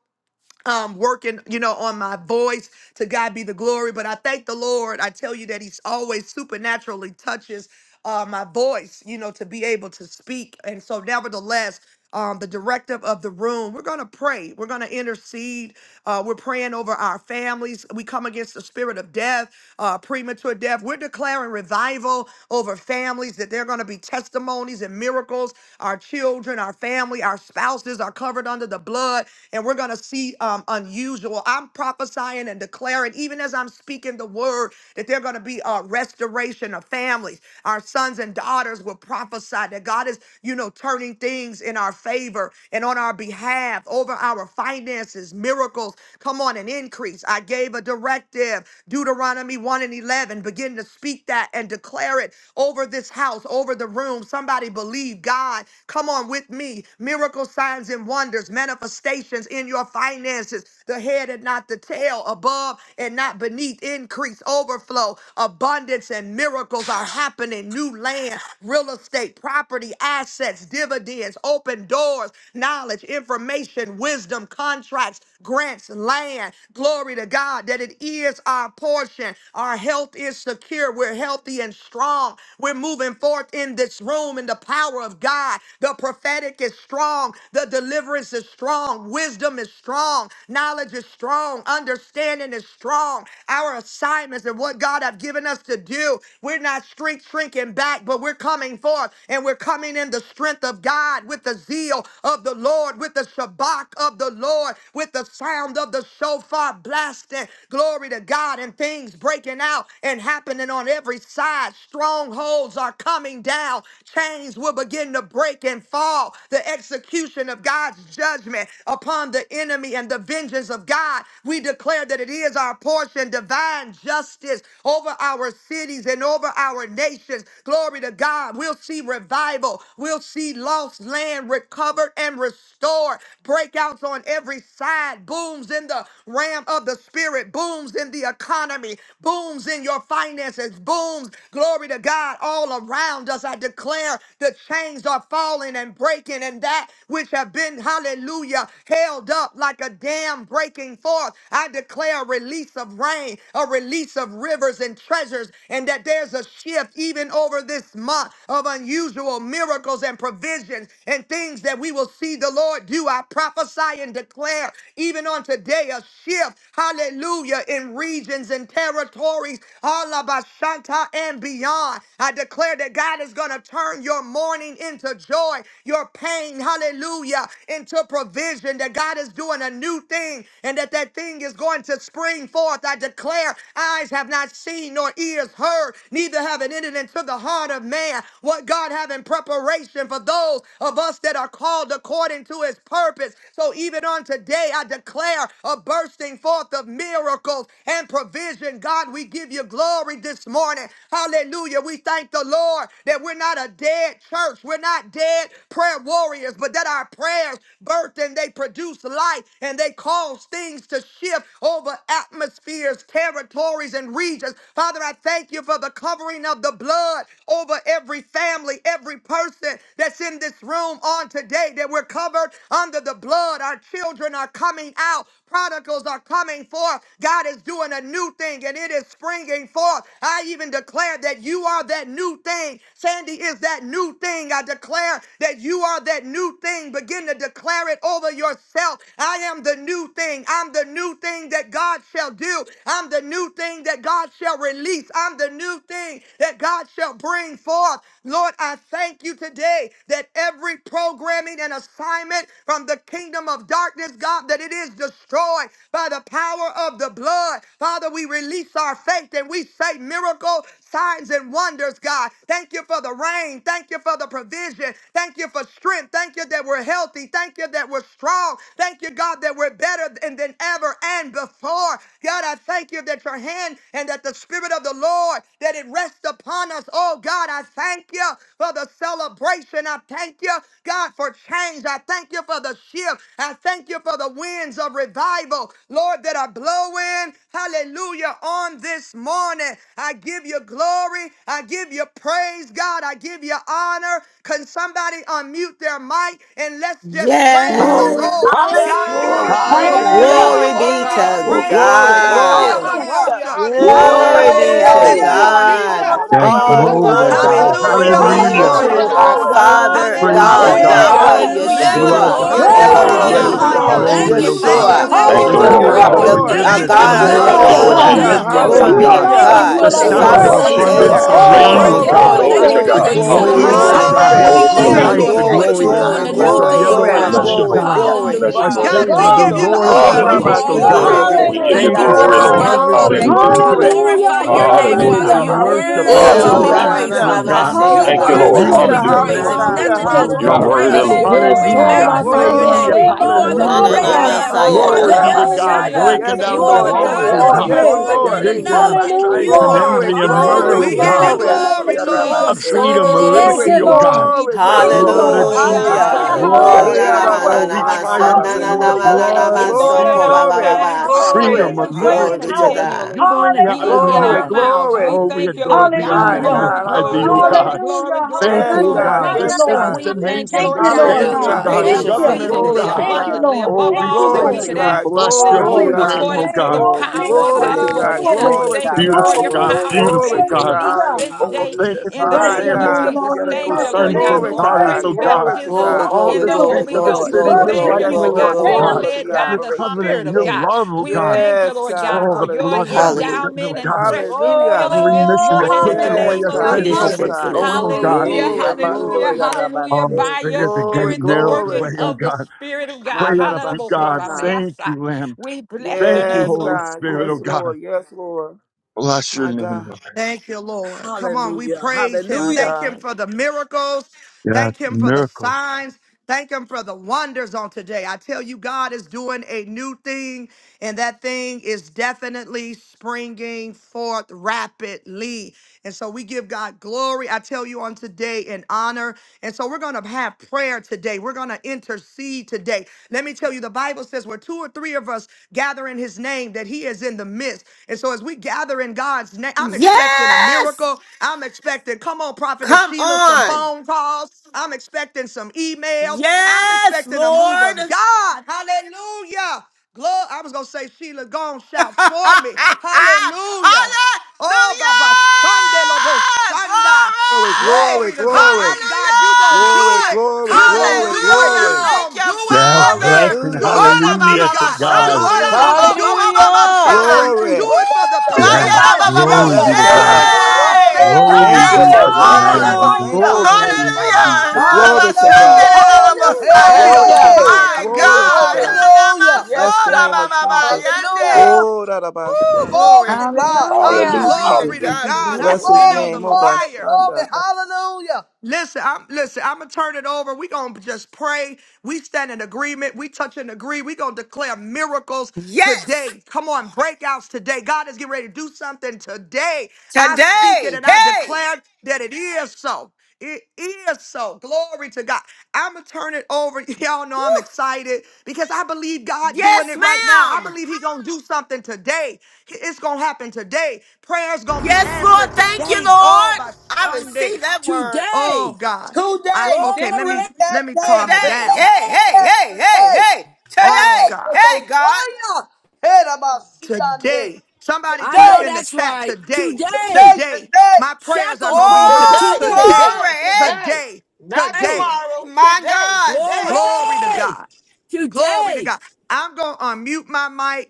Speaker 1: um working you know on my voice to god be the glory but i thank the lord i tell you that he's always supernaturally touches uh my voice you know to be able to speak and so nevertheless um the directive of the room we're gonna pray we're gonna intercede uh we're praying over our families we come against the spirit of death uh premature death we're declaring revival over families that they're gonna be testimonies and miracles our children our family our spouses are covered under the blood and we're going to see um, unusual. I'm prophesying and declaring, even as I'm speaking the word, that they're going to be a restoration of families. Our sons and daughters will prophesy that God is, you know, turning things in our favor and on our behalf over our finances, miracles. Come on, an increase. I gave a directive, Deuteronomy 1 and 11. Begin to speak that and declare it over this house, over the room. Somebody believe God. Come on with me. Miracle signs, and and wonders, manifestations in your finances, the head and not the tail, above and not beneath, increase, overflow, abundance, and miracles are happening. New land, real estate, property, assets, dividends, open doors, knowledge, information, wisdom, contracts, grants, land. Glory to God that it is our portion. Our health is secure. We're healthy and strong. We're moving forth in this room in the power of God high. The prophetic is strong. The deliverance is strong. Wisdom is strong. Knowledge is strong. Understanding is strong. Our assignments and what God have given us to do. We're not shrink, shrinking back, but we're coming forth and we're coming in the strength of God with the zeal of the Lord, with the shabak of the Lord, with the sound of the shofar blasting. Glory to God and things breaking out and happening on every side. Strongholds are coming down. Chains will begin to break and fall. The execution of God's judgment upon the enemy and the vengeance of God. We declare that it is our portion, divine justice over our cities and over our nations. Glory to God. We'll see revival. We'll see lost land recovered and restored. Breakouts on every side. Booms in the realm of the spirit. Booms in the economy. Booms in your finances businesses booms. Glory to God all around us. I declare the chains are falling and breaking, and that which have been, hallelujah, held up like a dam breaking forth. I declare a release of rain, a release of rivers and treasures, and that there's a shift even over this month of unusual miracles and provisions and things that we will see the Lord do. I prophesy and declare even on today a shift, hallelujah, in regions and territories, Alabashanta and beyond. I declare that God is going to turn your mourning into joy, your pain, hallelujah, into provision, that God is doing a new thing and that that thing is going to spring forth. I declare, eyes have not seen nor ears heard, neither have it entered into the heart of man. What God have in preparation for those of us that are called according to his purpose. So even on today, I declare a bursting forth of miracles and provision. God, we give you glory this morning. Hallelujah. We thank the Lord that we're not a dead church. We're not dead prayer warriors, but that our prayers birth and they produce life and they cause things to shift over atmospheres, territories, and regions. Father, I thank you for the covering of the blood over every family, every person that's in this room on today, that we're covered under the blood blood. Our children are coming out. Prodigals are coming forth. God is doing a new thing and it is springing forth. I even declare that you are that new thing. Sandy is that new thing. I declare that you are that new thing. Begin to declare it over yourself. I am the new thing. I'm the new thing that God shall do. I'm the new thing that God shall release. I'm the new thing that God shall bring forth. Lord, I thank you today that every every programming and assignment from the kingdom of darkness, God, that it is destroyed by the power of the blood. Father, we release our faith and we say miracle, signs, and wonders, God. Thank you for the rain. Thank you for the provision. Thank you for strength. Thank you that we're healthy. Thank you that we're strong. Thank you, God, that we're better than, than ever and before. God, I thank you that your hand and that the spirit of the Lord, that it rests upon us. Oh, God, I thank you for the celebration. I thank you, God, for change. I thank you for the shift. I thank you for the winds of revival, Lord, that are blowing. Hallelujah. On this morning, I give you glory. I give you praise, God. I give you honor. Can somebody unmute their mic and let's just praise the
Speaker 2: Hallelujah!
Speaker 3: Glory,
Speaker 1: Lord?
Speaker 4: Yes.
Speaker 1: God, you
Speaker 5: Hallelujah.
Speaker 6: Hallelujah.
Speaker 1: are
Speaker 3: glory,
Speaker 1: great.
Speaker 3: glory.
Speaker 5: Thank
Speaker 1: You
Speaker 7: Hallelujah.
Speaker 8: Hallelujah!
Speaker 5: you,
Speaker 4: Glory
Speaker 1: are
Speaker 5: oh
Speaker 4: be
Speaker 1: worthy of
Speaker 5: God.
Speaker 4: to
Speaker 3: Oh,
Speaker 1: praise,
Speaker 3: glory,
Speaker 1: worthy
Speaker 4: God.
Speaker 5: Hallelujah,
Speaker 1: of
Speaker 3: glory.
Speaker 6: Yes,
Speaker 1: the
Speaker 5: hallelujah,
Speaker 1: worship.
Speaker 4: Glory
Speaker 8: Glory,
Speaker 5: hallelujah.
Speaker 4: be
Speaker 1: Hallelujah
Speaker 4: to
Speaker 5: Thank
Speaker 3: Yay!
Speaker 1: this
Speaker 8: glory,
Speaker 5: you,
Speaker 2: Hallelujah!
Speaker 1: morning.
Speaker 8: glory
Speaker 4: God.
Speaker 8: to
Speaker 6: Lord.
Speaker 5: Jesus.
Speaker 8: the
Speaker 3: Ma,
Speaker 9: Yes,
Speaker 10: Thank
Speaker 3: ba,
Speaker 10: you,
Speaker 3: ba,
Speaker 4: All
Speaker 10: Lord,
Speaker 9: glory
Speaker 5: Yanda
Speaker 8: King!
Speaker 9: to
Speaker 10: for the
Speaker 3: shaya.
Speaker 5: karada
Speaker 9: God.
Speaker 4: glory
Speaker 5: bororo,
Speaker 10: victory.
Speaker 7: Thank
Speaker 1: Hallelujah
Speaker 6: Hallelujah.
Speaker 3: Glory,
Speaker 7: you,
Speaker 5: sotori
Speaker 1: this
Speaker 4: be
Speaker 7: Lord.
Speaker 5: yanda
Speaker 9: Hallelujah.
Speaker 2: Hallelujah!
Speaker 3: glory,
Speaker 4: to
Speaker 1: morning.
Speaker 5: karada
Speaker 8: Hallelujah!
Speaker 4: our
Speaker 10: Hallelujah.
Speaker 3: glory.
Speaker 7: Hallelujah.
Speaker 5: batsaka.
Speaker 6: Hallelujah.
Speaker 4: Father
Speaker 10: Hallelujah.
Speaker 9: Praise
Speaker 7: Yes,
Speaker 9: to
Speaker 7: God.
Speaker 4: God,
Speaker 2: Hey,
Speaker 1: Hallelujah.
Speaker 9: God.
Speaker 7: Thank
Speaker 10: Hallelujah.
Speaker 5: Hallelujah.
Speaker 7: you,
Speaker 4: Yahweh
Speaker 3: Hallelujah.
Speaker 10: Thank
Speaker 9: The
Speaker 10: you,
Speaker 5: Thank
Speaker 7: Jesus.
Speaker 11: Hallelujah.
Speaker 1: Rema
Speaker 5: you,
Speaker 9: blood,
Speaker 2: hallelujah!
Speaker 4: Yeshua,
Speaker 9: the
Speaker 10: victorious
Speaker 3: Yes,
Speaker 5: Jesus.
Speaker 9: power, the
Speaker 8: Glory
Speaker 3: Lord.
Speaker 10: God.
Speaker 8: to
Speaker 3: Yes,
Speaker 11: Glory.
Speaker 7: Hallelujah.
Speaker 9: grace,
Speaker 4: Elohim,
Speaker 12: Hallelujah.
Speaker 9: the
Speaker 8: God!
Speaker 7: Father,
Speaker 3: Lord.
Speaker 1: shanelalamahaya.
Speaker 7: we
Speaker 10: Hallelujah.
Speaker 5: Thank
Speaker 11: Thank
Speaker 9: glory,
Speaker 7: thank
Speaker 12: Hallelujah.
Speaker 11: you,
Speaker 9: oh
Speaker 5: you,
Speaker 7: you for
Speaker 1: Thank
Speaker 9: God.
Speaker 11: Father.
Speaker 7: what
Speaker 10: Thank
Speaker 1: you,
Speaker 4: Yeshua,
Speaker 3: Yes,
Speaker 5: Lord.
Speaker 10: you,
Speaker 7: you're
Speaker 11: Thank you
Speaker 12: Thank
Speaker 7: doing
Speaker 10: Lord,
Speaker 1: Lord.
Speaker 12: you,
Speaker 9: The
Speaker 7: in
Speaker 11: for
Speaker 10: of
Speaker 4: the,
Speaker 3: Lord.
Speaker 11: the
Speaker 10: the
Speaker 7: our
Speaker 12: Lord.
Speaker 3: Yes,
Speaker 4: gro-
Speaker 9: healing,
Speaker 7: lives,
Speaker 9: the
Speaker 8: Hallelujah!
Speaker 7: God.
Speaker 4: the
Speaker 11: breakthrough.
Speaker 7: We
Speaker 10: breakthrough.
Speaker 12: Hallelujah.
Speaker 3: Lord.
Speaker 7: thank
Speaker 11: Thank
Speaker 10: We
Speaker 4: our
Speaker 11: you
Speaker 7: you
Speaker 9: forgiveness,
Speaker 1: Thank
Speaker 7: for
Speaker 11: for
Speaker 9: the
Speaker 8: Thank
Speaker 1: you,
Speaker 11: the
Speaker 4: God,
Speaker 10: thank
Speaker 7: what
Speaker 10: you,
Speaker 4: our
Speaker 8: you,
Speaker 7: you're
Speaker 11: middle,
Speaker 10: Lord
Speaker 1: Lord.
Speaker 12: Thank
Speaker 7: still
Speaker 12: you,
Speaker 9: miracles,
Speaker 8: Father
Speaker 10: God,
Speaker 9: the
Speaker 12: Lord
Speaker 11: Father.
Speaker 7: going
Speaker 10: that
Speaker 4: Creator.
Speaker 7: to
Speaker 8: God.
Speaker 10: you
Speaker 3: Hallelujah.
Speaker 12: Jesus.
Speaker 10: have
Speaker 7: do,
Speaker 11: Thank
Speaker 2: Hallelujah!
Speaker 7: oh
Speaker 9: deliverance,
Speaker 10: broken
Speaker 11: you.
Speaker 9: oh
Speaker 4: Glory
Speaker 8: You
Speaker 7: God.
Speaker 4: be
Speaker 12: Hallelujah.
Speaker 10: through
Speaker 9: God.
Speaker 4: to
Speaker 11: Thank
Speaker 3: Hallelujah.
Speaker 11: you
Speaker 8: alone,
Speaker 7: Father,
Speaker 10: every
Speaker 8: you
Speaker 4: God,
Speaker 7: we
Speaker 11: for
Speaker 9: The
Speaker 4: the
Speaker 8: alone
Speaker 11: the
Speaker 7: thank
Speaker 8: are
Speaker 12: Oh,
Speaker 7: you for
Speaker 9: sound
Speaker 4: sovereign
Speaker 10: barrier
Speaker 12: Rabbi
Speaker 9: of
Speaker 7: the wealth
Speaker 8: worthy,
Speaker 10: and
Speaker 12: Shekinah,
Speaker 11: suddenly,
Speaker 12: Rabbi
Speaker 9: abundance
Speaker 7: transfers,
Speaker 4: Creator.
Speaker 9: of
Speaker 7: oh
Speaker 11: Father.
Speaker 10: limitation
Speaker 7: God.
Speaker 9: rain,
Speaker 12: Soto.
Speaker 7: We
Speaker 8: worthy,
Speaker 10: of
Speaker 11: Thank
Speaker 9: oh
Speaker 4: Glory,
Speaker 10: the
Speaker 11: you,
Speaker 7: thank you,
Speaker 3: Glory.
Speaker 9: God.
Speaker 11: Lord.
Speaker 7: oh
Speaker 4: glory,
Speaker 12: Glory
Speaker 11: Thank
Speaker 10: enemy.
Speaker 7: God,
Speaker 11: you
Speaker 12: to
Speaker 8: worthy.
Speaker 10: We
Speaker 11: for
Speaker 9: The
Speaker 4: glory,
Speaker 11: the
Speaker 12: God.
Speaker 7: for the
Speaker 10: thank you,
Speaker 4: glory,
Speaker 10: Lord
Speaker 12: Hallelujah.
Speaker 9: glory,
Speaker 7: increase in
Speaker 9: oh
Speaker 7: our
Speaker 10: God,
Speaker 4: glory,
Speaker 11: acceleration.
Speaker 10: in the
Speaker 9: God.
Speaker 3: Glory.
Speaker 11: We
Speaker 10: mighty
Speaker 12: Glory
Speaker 7: finances,
Speaker 12: to
Speaker 9: The
Speaker 7: oh
Speaker 12: your
Speaker 1: Hallelujah,
Speaker 11: thank
Speaker 10: name
Speaker 7: God.
Speaker 11: you,
Speaker 12: name,
Speaker 4: glory,
Speaker 2: Hallelujah!
Speaker 10: of
Speaker 9: light,
Speaker 7: We
Speaker 11: Lord,
Speaker 9: the
Speaker 12: Lord.
Speaker 11: for
Speaker 10: Jesus
Speaker 7: thank
Speaker 4: glory,
Speaker 11: what you're
Speaker 9: glory,
Speaker 7: you,
Speaker 10: for
Speaker 1: Jesus.
Speaker 9: the
Speaker 12: Hallelujah.
Speaker 10: the
Speaker 11: doing,
Speaker 4: glory,
Speaker 11: the
Speaker 9: knowledge
Speaker 10: release
Speaker 11: new
Speaker 9: of
Speaker 4: glory,
Speaker 10: of
Speaker 9: the
Speaker 10: your
Speaker 11: thing,
Speaker 7: Hallelujah,
Speaker 12: We
Speaker 3: Glory.
Speaker 4: glory,
Speaker 11: Father.
Speaker 12: bless you,
Speaker 9: everlasting
Speaker 4: glory,
Speaker 12: Lord.
Speaker 10: powerful
Speaker 9: God.
Speaker 7: Rabasataya,
Speaker 12: We
Speaker 10: arm
Speaker 4: glory.
Speaker 7: for
Speaker 12: bless
Speaker 11: Hallelujah,
Speaker 10: this
Speaker 9: Our
Speaker 12: you,
Speaker 7: our
Speaker 12: Lord
Speaker 10: day
Speaker 11: Father.
Speaker 1: God,
Speaker 10: in
Speaker 7: loved
Speaker 10: the
Speaker 1: we
Speaker 9: Savior,
Speaker 12: Jesus.
Speaker 11: Thank
Speaker 9: the
Speaker 7: ones,
Speaker 11: you,
Speaker 8: God,
Speaker 1: give
Speaker 10: name
Speaker 7: oh
Speaker 1: you
Speaker 10: of
Speaker 8: we
Speaker 11: Father.
Speaker 9: Lord
Speaker 7: God,
Speaker 9: of
Speaker 11: We
Speaker 9: the
Speaker 3: Yeah,
Speaker 10: Jesus.
Speaker 11: give
Speaker 7: being
Speaker 3: la,
Speaker 8: praise
Speaker 11: you
Speaker 1: glory.
Speaker 12: Hallelujah.
Speaker 3: ba,
Speaker 8: you,
Speaker 9: harvest,
Speaker 7: saved,
Speaker 11: all
Speaker 9: oh
Speaker 4: We
Speaker 10: We
Speaker 11: the
Speaker 4: give
Speaker 7: delivered,
Speaker 9: God.
Speaker 8: praise
Speaker 4: you
Speaker 7: and
Speaker 3: shaya.
Speaker 11: glory.
Speaker 8: your
Speaker 7: set
Speaker 10: praise
Speaker 12: We
Speaker 4: glory.
Speaker 10: you,
Speaker 12: give
Speaker 7: free,
Speaker 12: you
Speaker 8: name.
Speaker 11: Thank you
Speaker 9: Thank
Speaker 10: Lord
Speaker 9: you
Speaker 7: God.
Speaker 11: for
Speaker 9: for
Speaker 12: glory,
Speaker 9: the
Speaker 11: this
Speaker 3: Glory,
Speaker 10: God.
Speaker 11: day.
Speaker 6: Hallelujah.
Speaker 12: Lord.
Speaker 7: Father, we
Speaker 9: harvest
Speaker 11: Father.
Speaker 3: glory,
Speaker 7: thank
Speaker 12: Hallelujah.
Speaker 10: Hallelujah.
Speaker 9: angels,
Speaker 7: you,
Speaker 11: We
Speaker 9: oh
Speaker 3: glory.
Speaker 10: Hallelujah.
Speaker 11: glorify
Speaker 8: Hallelujah,
Speaker 10: You have
Speaker 7: Hallelujah,
Speaker 11: your name,
Speaker 10: already
Speaker 12: Hallelujah.
Speaker 9: praise
Speaker 11: Father.
Speaker 8: hallelujah.
Speaker 9: and
Speaker 11: You're
Speaker 10: gone
Speaker 7: Rabasaya.
Speaker 8: Thank you,
Speaker 9: worship and
Speaker 11: worthy
Speaker 3: Hallelujah.
Speaker 8: Lord
Speaker 11: to
Speaker 7: Oh
Speaker 4: Hey,
Speaker 11: be
Speaker 12: Hallelujah.
Speaker 10: before
Speaker 8: God.
Speaker 10: us
Speaker 9: adoration,
Speaker 7: God,
Speaker 11: praised,
Speaker 10: and
Speaker 9: oh
Speaker 3: Hallelujah.
Speaker 10: you
Speaker 11: Father.
Speaker 4: anamamama,
Speaker 10: have
Speaker 9: God.
Speaker 10: made
Speaker 11: You're
Speaker 10: a
Speaker 12: Thank you,
Speaker 9: The
Speaker 7: hallelujah,
Speaker 10: way.
Speaker 7: for
Speaker 11: worthy
Speaker 12: Lord.
Speaker 10: We
Speaker 4: sekababa.
Speaker 11: to
Speaker 8: Hallelujah.
Speaker 3: Hallelujah,
Speaker 9: beauty,
Speaker 11: be
Speaker 10: thank you.
Speaker 9: the
Speaker 8: Thank
Speaker 7: everything,
Speaker 12: Hallelujah.
Speaker 10: You
Speaker 11: praised.
Speaker 8: you,
Speaker 7: oh
Speaker 11: If
Speaker 10: are the
Speaker 3: hallelujah,
Speaker 7: God
Speaker 9: majesty,
Speaker 11: nothing
Speaker 8: Jesus.
Speaker 10: way.
Speaker 9: oh
Speaker 11: else, we
Speaker 12: You're
Speaker 6: Lord,
Speaker 7: that
Speaker 9: God.
Speaker 10: We
Speaker 12: worthy,
Speaker 7: you
Speaker 3: hallelujah.
Speaker 7: are
Speaker 11: praise
Speaker 10: thank
Speaker 11: you.
Speaker 12: Lord.
Speaker 7: yet
Speaker 10: you,
Speaker 8: Yes,
Speaker 10: Lord
Speaker 11: We
Speaker 7: doing, oh
Speaker 10: God, the
Speaker 9: Hallelujah,
Speaker 6: Hallelujah.
Speaker 7: God,
Speaker 8: Toma
Speaker 7: in
Speaker 11: magnify
Speaker 7: the
Speaker 10: truth
Speaker 7: name
Speaker 11: your
Speaker 8: Conde
Speaker 7: of
Speaker 10: and
Speaker 9: hallelujah,
Speaker 10: the
Speaker 11: name.
Speaker 3: Glory.
Speaker 10: life.
Speaker 11: You
Speaker 8: Sebo
Speaker 7: Jesus.
Speaker 11: are the
Speaker 7: Hey,
Speaker 9: hallelujah.
Speaker 11: great I
Speaker 8: Toma.
Speaker 3: Yes,
Speaker 10: Hallelujah,
Speaker 11: am.
Speaker 7: Yamando
Speaker 11: You are
Speaker 3: Lord.
Speaker 9: Glory
Speaker 11: the
Speaker 10: hallelujah,
Speaker 9: be to
Speaker 11: El
Speaker 4: Orananamasayararaba.
Speaker 8: Glory,
Speaker 9: God,
Speaker 10: hallelujah.
Speaker 7: Yarabasaya.
Speaker 11: Shaddai.
Speaker 10: We
Speaker 9: breaking
Speaker 8: glory,
Speaker 3: Yes,
Speaker 9: down
Speaker 11: You
Speaker 10: thank
Speaker 9: the
Speaker 10: you,
Speaker 11: are
Speaker 3: Lord.
Speaker 11: the
Speaker 8: glory,
Speaker 10: Lord
Speaker 7: Oh,
Speaker 3: Yes,
Speaker 9: walls,
Speaker 11: God
Speaker 10: God,
Speaker 9: oh
Speaker 10: in
Speaker 11: that's
Speaker 3: Lord.
Speaker 10: the
Speaker 9: God.
Speaker 3: Yes,
Speaker 8: glory.
Speaker 10: name
Speaker 11: more
Speaker 7: Yabasonde
Speaker 10: of
Speaker 11: than
Speaker 3: Lord.
Speaker 7: Yarehi
Speaker 9: Division
Speaker 10: Jesus.
Speaker 11: enough.
Speaker 9: and
Speaker 10: Thank you
Speaker 7: Yabaso.
Speaker 9: strife
Speaker 10: for
Speaker 11: You
Speaker 9: and
Speaker 8: Hallelujah.
Speaker 10: the
Speaker 11: are.
Speaker 3: Glory,
Speaker 9: envy
Speaker 10: blessing
Speaker 9: and
Speaker 10: of the
Speaker 7: Oh,
Speaker 3: glory,
Speaker 9: murder, oh
Speaker 10: Lord
Speaker 1: We
Speaker 8: Hallelujah.
Speaker 10: being
Speaker 1: give
Speaker 9: God.
Speaker 1: you
Speaker 11: Hallelujah.
Speaker 8: Thank
Speaker 3: glory,
Speaker 8: you,
Speaker 10: upon us
Speaker 7: Nesiando
Speaker 8: Lord
Speaker 1: glory,
Speaker 10: this day.
Speaker 1: Lord.
Speaker 11: Oh,
Speaker 8: Jesus.
Speaker 9: Of
Speaker 7: Yarabase.
Speaker 11: son of
Speaker 10: In
Speaker 11: the
Speaker 9: freedom,
Speaker 10: the
Speaker 9: of
Speaker 11: day they
Speaker 10: name
Speaker 8: Thank
Speaker 3: glory,
Speaker 8: you,
Speaker 9: liberty,
Speaker 10: of
Speaker 9: oh
Speaker 11: see.
Speaker 10: Jesus,
Speaker 9: God.
Speaker 8: Lord.
Speaker 10: we
Speaker 3: glory,
Speaker 9: The
Speaker 8: Thank you,
Speaker 10: praise
Speaker 3: glory.
Speaker 10: you,
Speaker 9: blood of
Speaker 11: Hallelujah.
Speaker 8: Lord.
Speaker 10: Lord
Speaker 9: Jesus,
Speaker 10: God.
Speaker 9: the
Speaker 8: Thank
Speaker 6: Hallelujah.
Speaker 4: Hallelujah.
Speaker 8: you,
Speaker 10: Hallelujah.
Speaker 8: Lord
Speaker 11: Hallelujah.
Speaker 9: blood.
Speaker 7: Hallelujah.
Speaker 4: Glory
Speaker 10: With
Speaker 11: Let me
Speaker 3: Yeah,
Speaker 10: our
Speaker 6: Hallelujah.
Speaker 11: see if
Speaker 8: Jesus.
Speaker 9: Oh,
Speaker 10: whole
Speaker 11: she
Speaker 9: we
Speaker 3: Rabbasan,
Speaker 10: hearts, we
Speaker 9: triumphant
Speaker 3: Rabbasan.
Speaker 9: in the
Speaker 10: will
Speaker 8: Hallelujah.
Speaker 11: I
Speaker 8: The
Speaker 11: can
Speaker 10: bless
Speaker 9: blood
Speaker 8: new
Speaker 10: you,
Speaker 9: of
Speaker 11: get you
Speaker 8: thing
Speaker 10: Lord,
Speaker 11: there.
Speaker 8: that's
Speaker 10: at
Speaker 9: Jesus
Speaker 10: all
Speaker 8: coming
Speaker 3: Glory,
Speaker 8: forth.
Speaker 10: times.
Speaker 9: of
Speaker 10: Your
Speaker 8: The new
Speaker 3: glory,
Speaker 8: thing
Speaker 9: freedom, of
Speaker 11: Hallelujah,
Speaker 8: that's
Speaker 4: Glory
Speaker 10: praises shall
Speaker 4: Glory
Speaker 8: breaking
Speaker 4: be
Speaker 9: liberty,
Speaker 4: to
Speaker 11: hallelujah,
Speaker 9: of
Speaker 8: out.
Speaker 9: the
Speaker 4: God.
Speaker 10: continually
Speaker 9: jubilee.
Speaker 10: be
Speaker 11: hallelujah,
Speaker 10: in
Speaker 8: Hallelujah.
Speaker 3: glory,
Speaker 10: our
Speaker 9: Hallelujah.
Speaker 11: hallelujah,
Speaker 10: mouths.
Speaker 3: glory.
Speaker 10: We
Speaker 9: Oh, we
Speaker 10: thank
Speaker 11: hallelujah,
Speaker 10: you,
Speaker 9: adore
Speaker 10: Lord
Speaker 9: thee and
Speaker 10: God.
Speaker 3: My
Speaker 8: Hallelujah.
Speaker 10: Glory,
Speaker 3: God,
Speaker 11: hallelujah,
Speaker 9: magnify
Speaker 10: glory,
Speaker 9: thee, O
Speaker 3: hallelujah.
Speaker 10: glory,
Speaker 9: God.
Speaker 10: glory,
Speaker 8: Hallelujah.
Speaker 11: hallelujah,
Speaker 10: glory,
Speaker 9: Thank
Speaker 3: Yes,
Speaker 9: you, O
Speaker 8: Hallelujah.
Speaker 10: glory,
Speaker 11: hallelujah,
Speaker 3: God.
Speaker 9: God.
Speaker 8: Thank
Speaker 9: The
Speaker 10: glory.
Speaker 8: you,
Speaker 3: Yes,
Speaker 8: Lord.
Speaker 9: cities,
Speaker 3: God.
Speaker 10: We
Speaker 9: the
Speaker 11: hallelujah.
Speaker 7: Thank
Speaker 10: thank
Speaker 7: you,
Speaker 10: you,
Speaker 9: nations,
Speaker 8: Thank
Speaker 9: the
Speaker 10: Lord
Speaker 8: you,
Speaker 10: God,
Speaker 8: Lord
Speaker 7: Jesus.
Speaker 10: that
Speaker 11: Yeah,
Speaker 9: states,
Speaker 10: you're
Speaker 9: O
Speaker 8: God.
Speaker 11: Lord,
Speaker 3: Hallelujah.
Speaker 4: Great
Speaker 9: God, the
Speaker 10: doing
Speaker 11: yeah,
Speaker 4: is
Speaker 8: Thank
Speaker 4: your
Speaker 11: Lord.
Speaker 8: you.
Speaker 9: government, O
Speaker 4: faithfulness,
Speaker 10: exceedingly
Speaker 3: Glory to
Speaker 9: God.
Speaker 4: Yahweh.
Speaker 8: Thank you,
Speaker 3: God.
Speaker 10: abundantly
Speaker 11: Hallelujah,
Speaker 8: Lord.
Speaker 9: Oh,
Speaker 10: above
Speaker 8: Thank
Speaker 9: we
Speaker 10: all
Speaker 8: you,
Speaker 10: that
Speaker 3: Glory
Speaker 10: we
Speaker 9: praise
Speaker 3: to
Speaker 8: Lord.
Speaker 10: could
Speaker 9: you
Speaker 11: hallelujah,
Speaker 9: and
Speaker 3: God.
Speaker 10: ask or
Speaker 9: bless your
Speaker 10: think,
Speaker 3: Glory to
Speaker 4: Glory
Speaker 9: holy
Speaker 8: Glory,
Speaker 4: be
Speaker 11: hallelujah,
Speaker 4: to
Speaker 3: God.
Speaker 9: name, O
Speaker 4: God.
Speaker 10: according to the
Speaker 9: God.
Speaker 7: Oh, we
Speaker 8: glory,
Speaker 10: power
Speaker 7: bless
Speaker 11: hallelujah.
Speaker 7: your
Speaker 3: Glory to
Speaker 10: that's
Speaker 8: glory,
Speaker 7: name on
Speaker 3: God.
Speaker 7: this
Speaker 10: within
Speaker 8: glory.
Speaker 10: us.
Speaker 7: morning,
Speaker 3: Glory to
Speaker 10: Thank
Speaker 7: God.
Speaker 10: you
Speaker 7: We
Speaker 3: God.
Speaker 10: for
Speaker 7: give
Speaker 9: Beautiful
Speaker 7: you
Speaker 10: your
Speaker 9: God,
Speaker 11: Glorify
Speaker 8: Hallelujah,
Speaker 7: glory.
Speaker 10: power
Speaker 11: your
Speaker 9: beautiful
Speaker 3: Glory
Speaker 10: being
Speaker 3: to
Speaker 11: name.
Speaker 7: We
Speaker 9: God.
Speaker 3: God.
Speaker 10: released
Speaker 7: honor
Speaker 8: hallelujah.
Speaker 10: this
Speaker 7: you,
Speaker 9: Oh,
Speaker 10: day
Speaker 11: Hallelujah,
Speaker 9: thank you
Speaker 7: Jesus.
Speaker 10: in
Speaker 9: for the
Speaker 10: the
Speaker 8: Bless
Speaker 3: My
Speaker 7: Hallelujah.
Speaker 8: your
Speaker 10: name
Speaker 11: hallelujah,
Speaker 10: of
Speaker 9: families,
Speaker 7: We
Speaker 9: the
Speaker 8: name,
Speaker 3: God.
Speaker 7: give
Speaker 8: Lord.
Speaker 10: Jesus.
Speaker 7: your
Speaker 8: We
Speaker 7: name
Speaker 9: prodigal
Speaker 10: Thank
Speaker 7: the
Speaker 8: bless
Speaker 10: you,
Speaker 8: your
Speaker 10: Lord
Speaker 9: sons
Speaker 11: hallelujah.
Speaker 7: praise,
Speaker 10: God,
Speaker 9: and
Speaker 8: name.
Speaker 3: Glory
Speaker 7: oh
Speaker 8: We
Speaker 10: for a
Speaker 3: to
Speaker 7: God.
Speaker 9: daughters,
Speaker 7: Hey,
Speaker 3: God.
Speaker 10: fresh
Speaker 8: praise
Speaker 9: O
Speaker 8: you.
Speaker 9: God.
Speaker 3: Glory to
Speaker 8: We
Speaker 10: baptism
Speaker 7: Yabando.
Speaker 4: Glory,
Speaker 3: God.
Speaker 8: honor
Speaker 9: All
Speaker 10: in
Speaker 4: glory,
Speaker 9: the
Speaker 10: the
Speaker 8: you.
Speaker 4: glory,
Speaker 9: streets
Speaker 7: Yes,
Speaker 10: Holy
Speaker 9: of the
Speaker 4: glory,
Speaker 8: We
Speaker 10: Ghost.
Speaker 7: Lord.
Speaker 10: We
Speaker 9: city,
Speaker 7: You
Speaker 4: glory,
Speaker 7: are
Speaker 9: you're
Speaker 8: worship
Speaker 10: thank
Speaker 7: yet
Speaker 4: glory,
Speaker 9: lighting
Speaker 7: in
Speaker 10: you,
Speaker 8: you.
Speaker 3: Yes,
Speaker 7: full
Speaker 10: Lord
Speaker 9: it
Speaker 4: glory,
Speaker 9: up,
Speaker 3: Lord.
Speaker 10: God,
Speaker 9: O
Speaker 4: glory.
Speaker 10: being
Speaker 7: control
Speaker 3: Glory
Speaker 9: God.
Speaker 7: of
Speaker 3: to
Speaker 10: led
Speaker 7: the
Speaker 10: by
Speaker 3: God.
Speaker 9: Your
Speaker 10: the
Speaker 7: operation of
Speaker 10: Spirit
Speaker 9: covenant,
Speaker 10: of
Speaker 9: your
Speaker 10: God.
Speaker 7: things.
Speaker 9: love, O
Speaker 10: We
Speaker 9: God.
Speaker 10: thank you,
Speaker 3: Yes,
Speaker 10: Lord
Speaker 3: God.
Speaker 10: God,
Speaker 9: Oh,
Speaker 10: for
Speaker 9: the
Speaker 10: your
Speaker 9: blood that
Speaker 3: Hallelujah.
Speaker 9: was
Speaker 4: Hallelujah.
Speaker 9: shed, oh
Speaker 10: endowment and
Speaker 7: Bless your
Speaker 9: God,
Speaker 7: name,
Speaker 10: fresh
Speaker 7: God.
Speaker 9: and
Speaker 3: Hallelujah.
Speaker 9: the
Speaker 10: infilling this
Speaker 9: remission
Speaker 6: Oh,
Speaker 9: that
Speaker 10: morning in
Speaker 7: Holy
Speaker 10: the
Speaker 9: taken
Speaker 7: are
Speaker 9: away
Speaker 3: Yes,
Speaker 10: name
Speaker 9: our
Speaker 10: of
Speaker 7: so.
Speaker 6: hallelujah.
Speaker 3: God.
Speaker 4: Great
Speaker 9: sins,
Speaker 4: is your
Speaker 3: Yes,
Speaker 10: Jesus.
Speaker 3: God.
Speaker 9: overflowing,
Speaker 4: faithfulness.
Speaker 9: oh
Speaker 6: Hallelujah.
Speaker 3: Glory,
Speaker 9: God.
Speaker 10: Hallelujah,
Speaker 7: Hey,
Speaker 3: glory,
Speaker 7: Amando
Speaker 10: hallelujah,
Speaker 3: glory.
Speaker 7: your
Speaker 10: hallelujah.
Speaker 9: Oh,
Speaker 7: rabase.
Speaker 10: By
Speaker 9: straight
Speaker 10: your
Speaker 9: as the
Speaker 3: Glory,
Speaker 9: gate
Speaker 10: spirit, the
Speaker 9: nails
Speaker 7: Thank you,
Speaker 9: away,
Speaker 10: working
Speaker 3: glory.
Speaker 9: oh
Speaker 7: sir.
Speaker 10: of the
Speaker 9: God.
Speaker 10: Spirit of God.
Speaker 3: My
Speaker 9: Praise you, God.
Speaker 3: Bashana.
Speaker 10: Hallelujah.
Speaker 9: Thank you, Lamb.
Speaker 10: We bless your
Speaker 9: Thank you,
Speaker 3: Yes,
Speaker 10: name,
Speaker 9: Holy
Speaker 10: Lord.
Speaker 3: God.
Speaker 9: Spirit, oh
Speaker 3: Yes,
Speaker 4: Hallelujah.
Speaker 9: God.
Speaker 3: Lord. Yes, Lord.
Speaker 9: Bless your
Speaker 3: My
Speaker 9: name,
Speaker 3: God.
Speaker 9: Lord.
Speaker 1: Thank you, Lord. Come on, we
Speaker 2: Hallelujah!
Speaker 1: praise him.
Speaker 3: My
Speaker 2: Hallelujah!
Speaker 1: Thank him
Speaker 3: God.
Speaker 1: for the miracles.
Speaker 9: Yes,
Speaker 1: Thank him for the
Speaker 9: miracles.
Speaker 1: signs. Thank him for the wonders on today. I tell you, God is doing a new thing, and that thing is definitely springing forth rapidly. And so we give God glory. I tell you on today in honor. And so we're going to have prayer today. We're going to intercede today. Let me tell you, the Bible says says, where two or three of us gather in his name, that he is in the midst. And so as we gather in God's name, I'm expecting a
Speaker 4: Yes!
Speaker 1: miracle. I'm expecting, come on, Prophetess
Speaker 4: Come
Speaker 1: Sheila, some
Speaker 4: on!
Speaker 1: phone calls. I'm expecting some emails. I'm
Speaker 4: Yes,
Speaker 1: expecting a move of
Speaker 4: Lord!
Speaker 1: God. Hallelujah. Glory. I was going to say, Sheila, go on, shout
Speaker 4: Hallelujah!
Speaker 1: for me. Hallelujah. Oh, Baba Shande Lobo Shanda.
Speaker 3: Glory,
Speaker 4: Glory!
Speaker 3: glory,
Speaker 1: Glory to God.
Speaker 3: glory.
Speaker 1: I'm God. You gonna do
Speaker 3: Glory,
Speaker 4: Hallelujah!
Speaker 1: it.
Speaker 3: glory,
Speaker 1: You gonna
Speaker 3: glory,
Speaker 1: do it.
Speaker 4: Hallelujah!
Speaker 1: You
Speaker 3: glory.
Speaker 2: Hallelujah!
Speaker 4: Thank
Speaker 1: gonna
Speaker 4: you,
Speaker 1: do it
Speaker 9: Yes,
Speaker 1: for
Speaker 4: Father.
Speaker 2: Glory!
Speaker 1: me.
Speaker 9: blessing.
Speaker 1: Do
Speaker 3: Hallelujah.
Speaker 1: it
Speaker 4: Ora
Speaker 1: for
Speaker 4: ba
Speaker 2: Hallelujah!
Speaker 1: me,
Speaker 9: Hallelujah
Speaker 4: ba ba
Speaker 9: to
Speaker 1: God.
Speaker 4: shang,
Speaker 1: Do
Speaker 9: God.
Speaker 1: it,
Speaker 4: ora la
Speaker 3: Hallelujah.
Speaker 1: Father.
Speaker 4: bo
Speaker 2: Hallelujah!
Speaker 1: Do
Speaker 4: bo bo
Speaker 1: it
Speaker 4: bo
Speaker 1: for
Speaker 4: bo
Speaker 1: my
Speaker 7: Hallelujah!
Speaker 4: shika.
Speaker 1: children. Do
Speaker 3: Glory.
Speaker 2: Hallelujah!
Speaker 1: it for the
Speaker 4: Woo!
Speaker 7: God,
Speaker 1: people
Speaker 4: Aya
Speaker 9: Yes,
Speaker 1: in
Speaker 2: Sheba
Speaker 4: la
Speaker 1: this
Speaker 4: ba ba bo
Speaker 9: glory
Speaker 1: room.
Speaker 2: siyande
Speaker 7: hallelujah!
Speaker 3: Bless
Speaker 9: be to
Speaker 1: Do
Speaker 9: God.
Speaker 1: it
Speaker 3: God.
Speaker 2: koyala
Speaker 1: for our
Speaker 4: shay.
Speaker 6: Yes!
Speaker 2: babaseya.
Speaker 1: families,
Speaker 6: Shout
Speaker 3: Thank
Speaker 9: Glory
Speaker 6: unto
Speaker 3: you,
Speaker 4: Thank
Speaker 1: God.
Speaker 9: be
Speaker 4: you,
Speaker 9: to
Speaker 7: Glory!
Speaker 3: Lord.
Speaker 9: the
Speaker 6: God
Speaker 3: Thank
Speaker 1: Eh,
Speaker 6: with
Speaker 3: you,
Speaker 1: la
Speaker 6: the
Speaker 4: Lord.
Speaker 3: Lord.
Speaker 1: ba
Speaker 9: Lamb.
Speaker 6: voice
Speaker 3: Thank you,
Speaker 6: of
Speaker 2: Hallelujah!
Speaker 9: Glory
Speaker 1: shande
Speaker 3: Lord.
Speaker 1: lo bo bo
Speaker 4: Hallelujah!
Speaker 9: be to
Speaker 6: triumph!
Speaker 1: sha.
Speaker 4: La ba
Speaker 3: Glory to
Speaker 4: shande
Speaker 7: Hallelujah!
Speaker 3: God.
Speaker 4: la la la bo
Speaker 2: Hallelujah.
Speaker 1: I
Speaker 6: Hallelujah!
Speaker 4: saya.
Speaker 7: Thank
Speaker 1: feel
Speaker 3: Glory
Speaker 1: the
Speaker 3: to
Speaker 7: you.
Speaker 2: Hey.
Speaker 3: God.
Speaker 1: fire
Speaker 4: My
Speaker 6: Hallelujah!
Speaker 1: of
Speaker 3: Glory to
Speaker 1: God.
Speaker 4: God,
Speaker 7: Glory.
Speaker 3: God.
Speaker 4: Ana ma
Speaker 2: Hallelujah.
Speaker 4: so,
Speaker 7: Yes,
Speaker 3: Bless the
Speaker 4: ora
Speaker 3: name
Speaker 4: ba
Speaker 7: God.
Speaker 3: of
Speaker 4: ba ba
Speaker 3: Jesus.
Speaker 4: yande.
Speaker 7: Hallelujah.
Speaker 2: Hallelujah.
Speaker 3: Oh, da da ba
Speaker 4: Oh,
Speaker 3: shanda.
Speaker 2: Glory
Speaker 4: glory.
Speaker 2: to God.
Speaker 3: Thank you,
Speaker 10: Hallelujah.
Speaker 12: Hallelujah.
Speaker 2: Hallelujah.
Speaker 4: To
Speaker 3: Jesus.
Speaker 1: Glory to
Speaker 12: Hallelujah.
Speaker 10: We
Speaker 4: God be the
Speaker 1: God. I
Speaker 3: Bless
Speaker 10: bless
Speaker 3: his
Speaker 4: glory.
Speaker 10: your
Speaker 2: Glory,
Speaker 1: feel the
Speaker 10: name,
Speaker 3: name. Oh,
Speaker 10: Lord.
Speaker 2: glory,
Speaker 1: fire.
Speaker 3: Bashanda.
Speaker 2: glory. Hallelujah.
Speaker 1: Listen, I'm listen, I'm gonna turn it over. we gonna just pray. We stand in agreement, we touch and agree, we gonna declare miracles
Speaker 4: Yes,
Speaker 1: today. Come on, breakouts today. God is getting ready to do something today. I speak it
Speaker 4: today.
Speaker 1: and I
Speaker 4: Hey.
Speaker 1: declare that it is so. It is so. Glory to God. I'ma turn it over. Y'all know I'm
Speaker 4: Woo.
Speaker 1: excited because I believe God doing
Speaker 4: Yes,
Speaker 1: it right now. I
Speaker 4: ma'am.
Speaker 1: believe He gonna do something today. It's gonna happen today. Prayers gonna be
Speaker 4: Yes, Lord.
Speaker 1: answered
Speaker 4: Thank you,
Speaker 1: today. Oh,
Speaker 4: Lord.
Speaker 1: by
Speaker 4: I
Speaker 1: Sunday.
Speaker 4: receive that word
Speaker 1: Oh
Speaker 11: Today,
Speaker 1: God. I
Speaker 2: Today,
Speaker 1: okay,
Speaker 2: this
Speaker 1: let
Speaker 11: glory.
Speaker 2: is
Speaker 1: me
Speaker 2: that
Speaker 1: let me calm
Speaker 2: day.
Speaker 1: it
Speaker 4: today.
Speaker 2: Today,
Speaker 1: down.
Speaker 4: Hey, hey,
Speaker 2: today,
Speaker 4: hey, hey,
Speaker 2: today.
Speaker 4: hey.
Speaker 1: Oh
Speaker 2: Sunday,
Speaker 4: Today.
Speaker 1: God.
Speaker 4: Hey, God.
Speaker 2: Kobosoya. Head
Speaker 1: Today. Somebody
Speaker 11: I
Speaker 1: type
Speaker 11: know
Speaker 2: Today,
Speaker 1: in the
Speaker 11: that's
Speaker 1: chat
Speaker 11: right.
Speaker 1: today.
Speaker 11: Today,
Speaker 2: today,
Speaker 1: Today.
Speaker 2: today.
Speaker 1: My prayers are
Speaker 11: shackles
Speaker 1: gonna be
Speaker 11: broken.
Speaker 1: heard
Speaker 5: Today,
Speaker 4: Oh,
Speaker 11: Today,
Speaker 1: today.
Speaker 5: today,
Speaker 4: glory.
Speaker 5: today.
Speaker 1: Today.
Speaker 5: Not
Speaker 11: hey,
Speaker 1: Today.
Speaker 5: tomorrow,
Speaker 4: My
Speaker 5: today,
Speaker 4: God.
Speaker 5: today.
Speaker 1: Glory to
Speaker 11: glory.
Speaker 1: God. Glory to
Speaker 11: Today.
Speaker 1: God. I'm gonna unmute my mic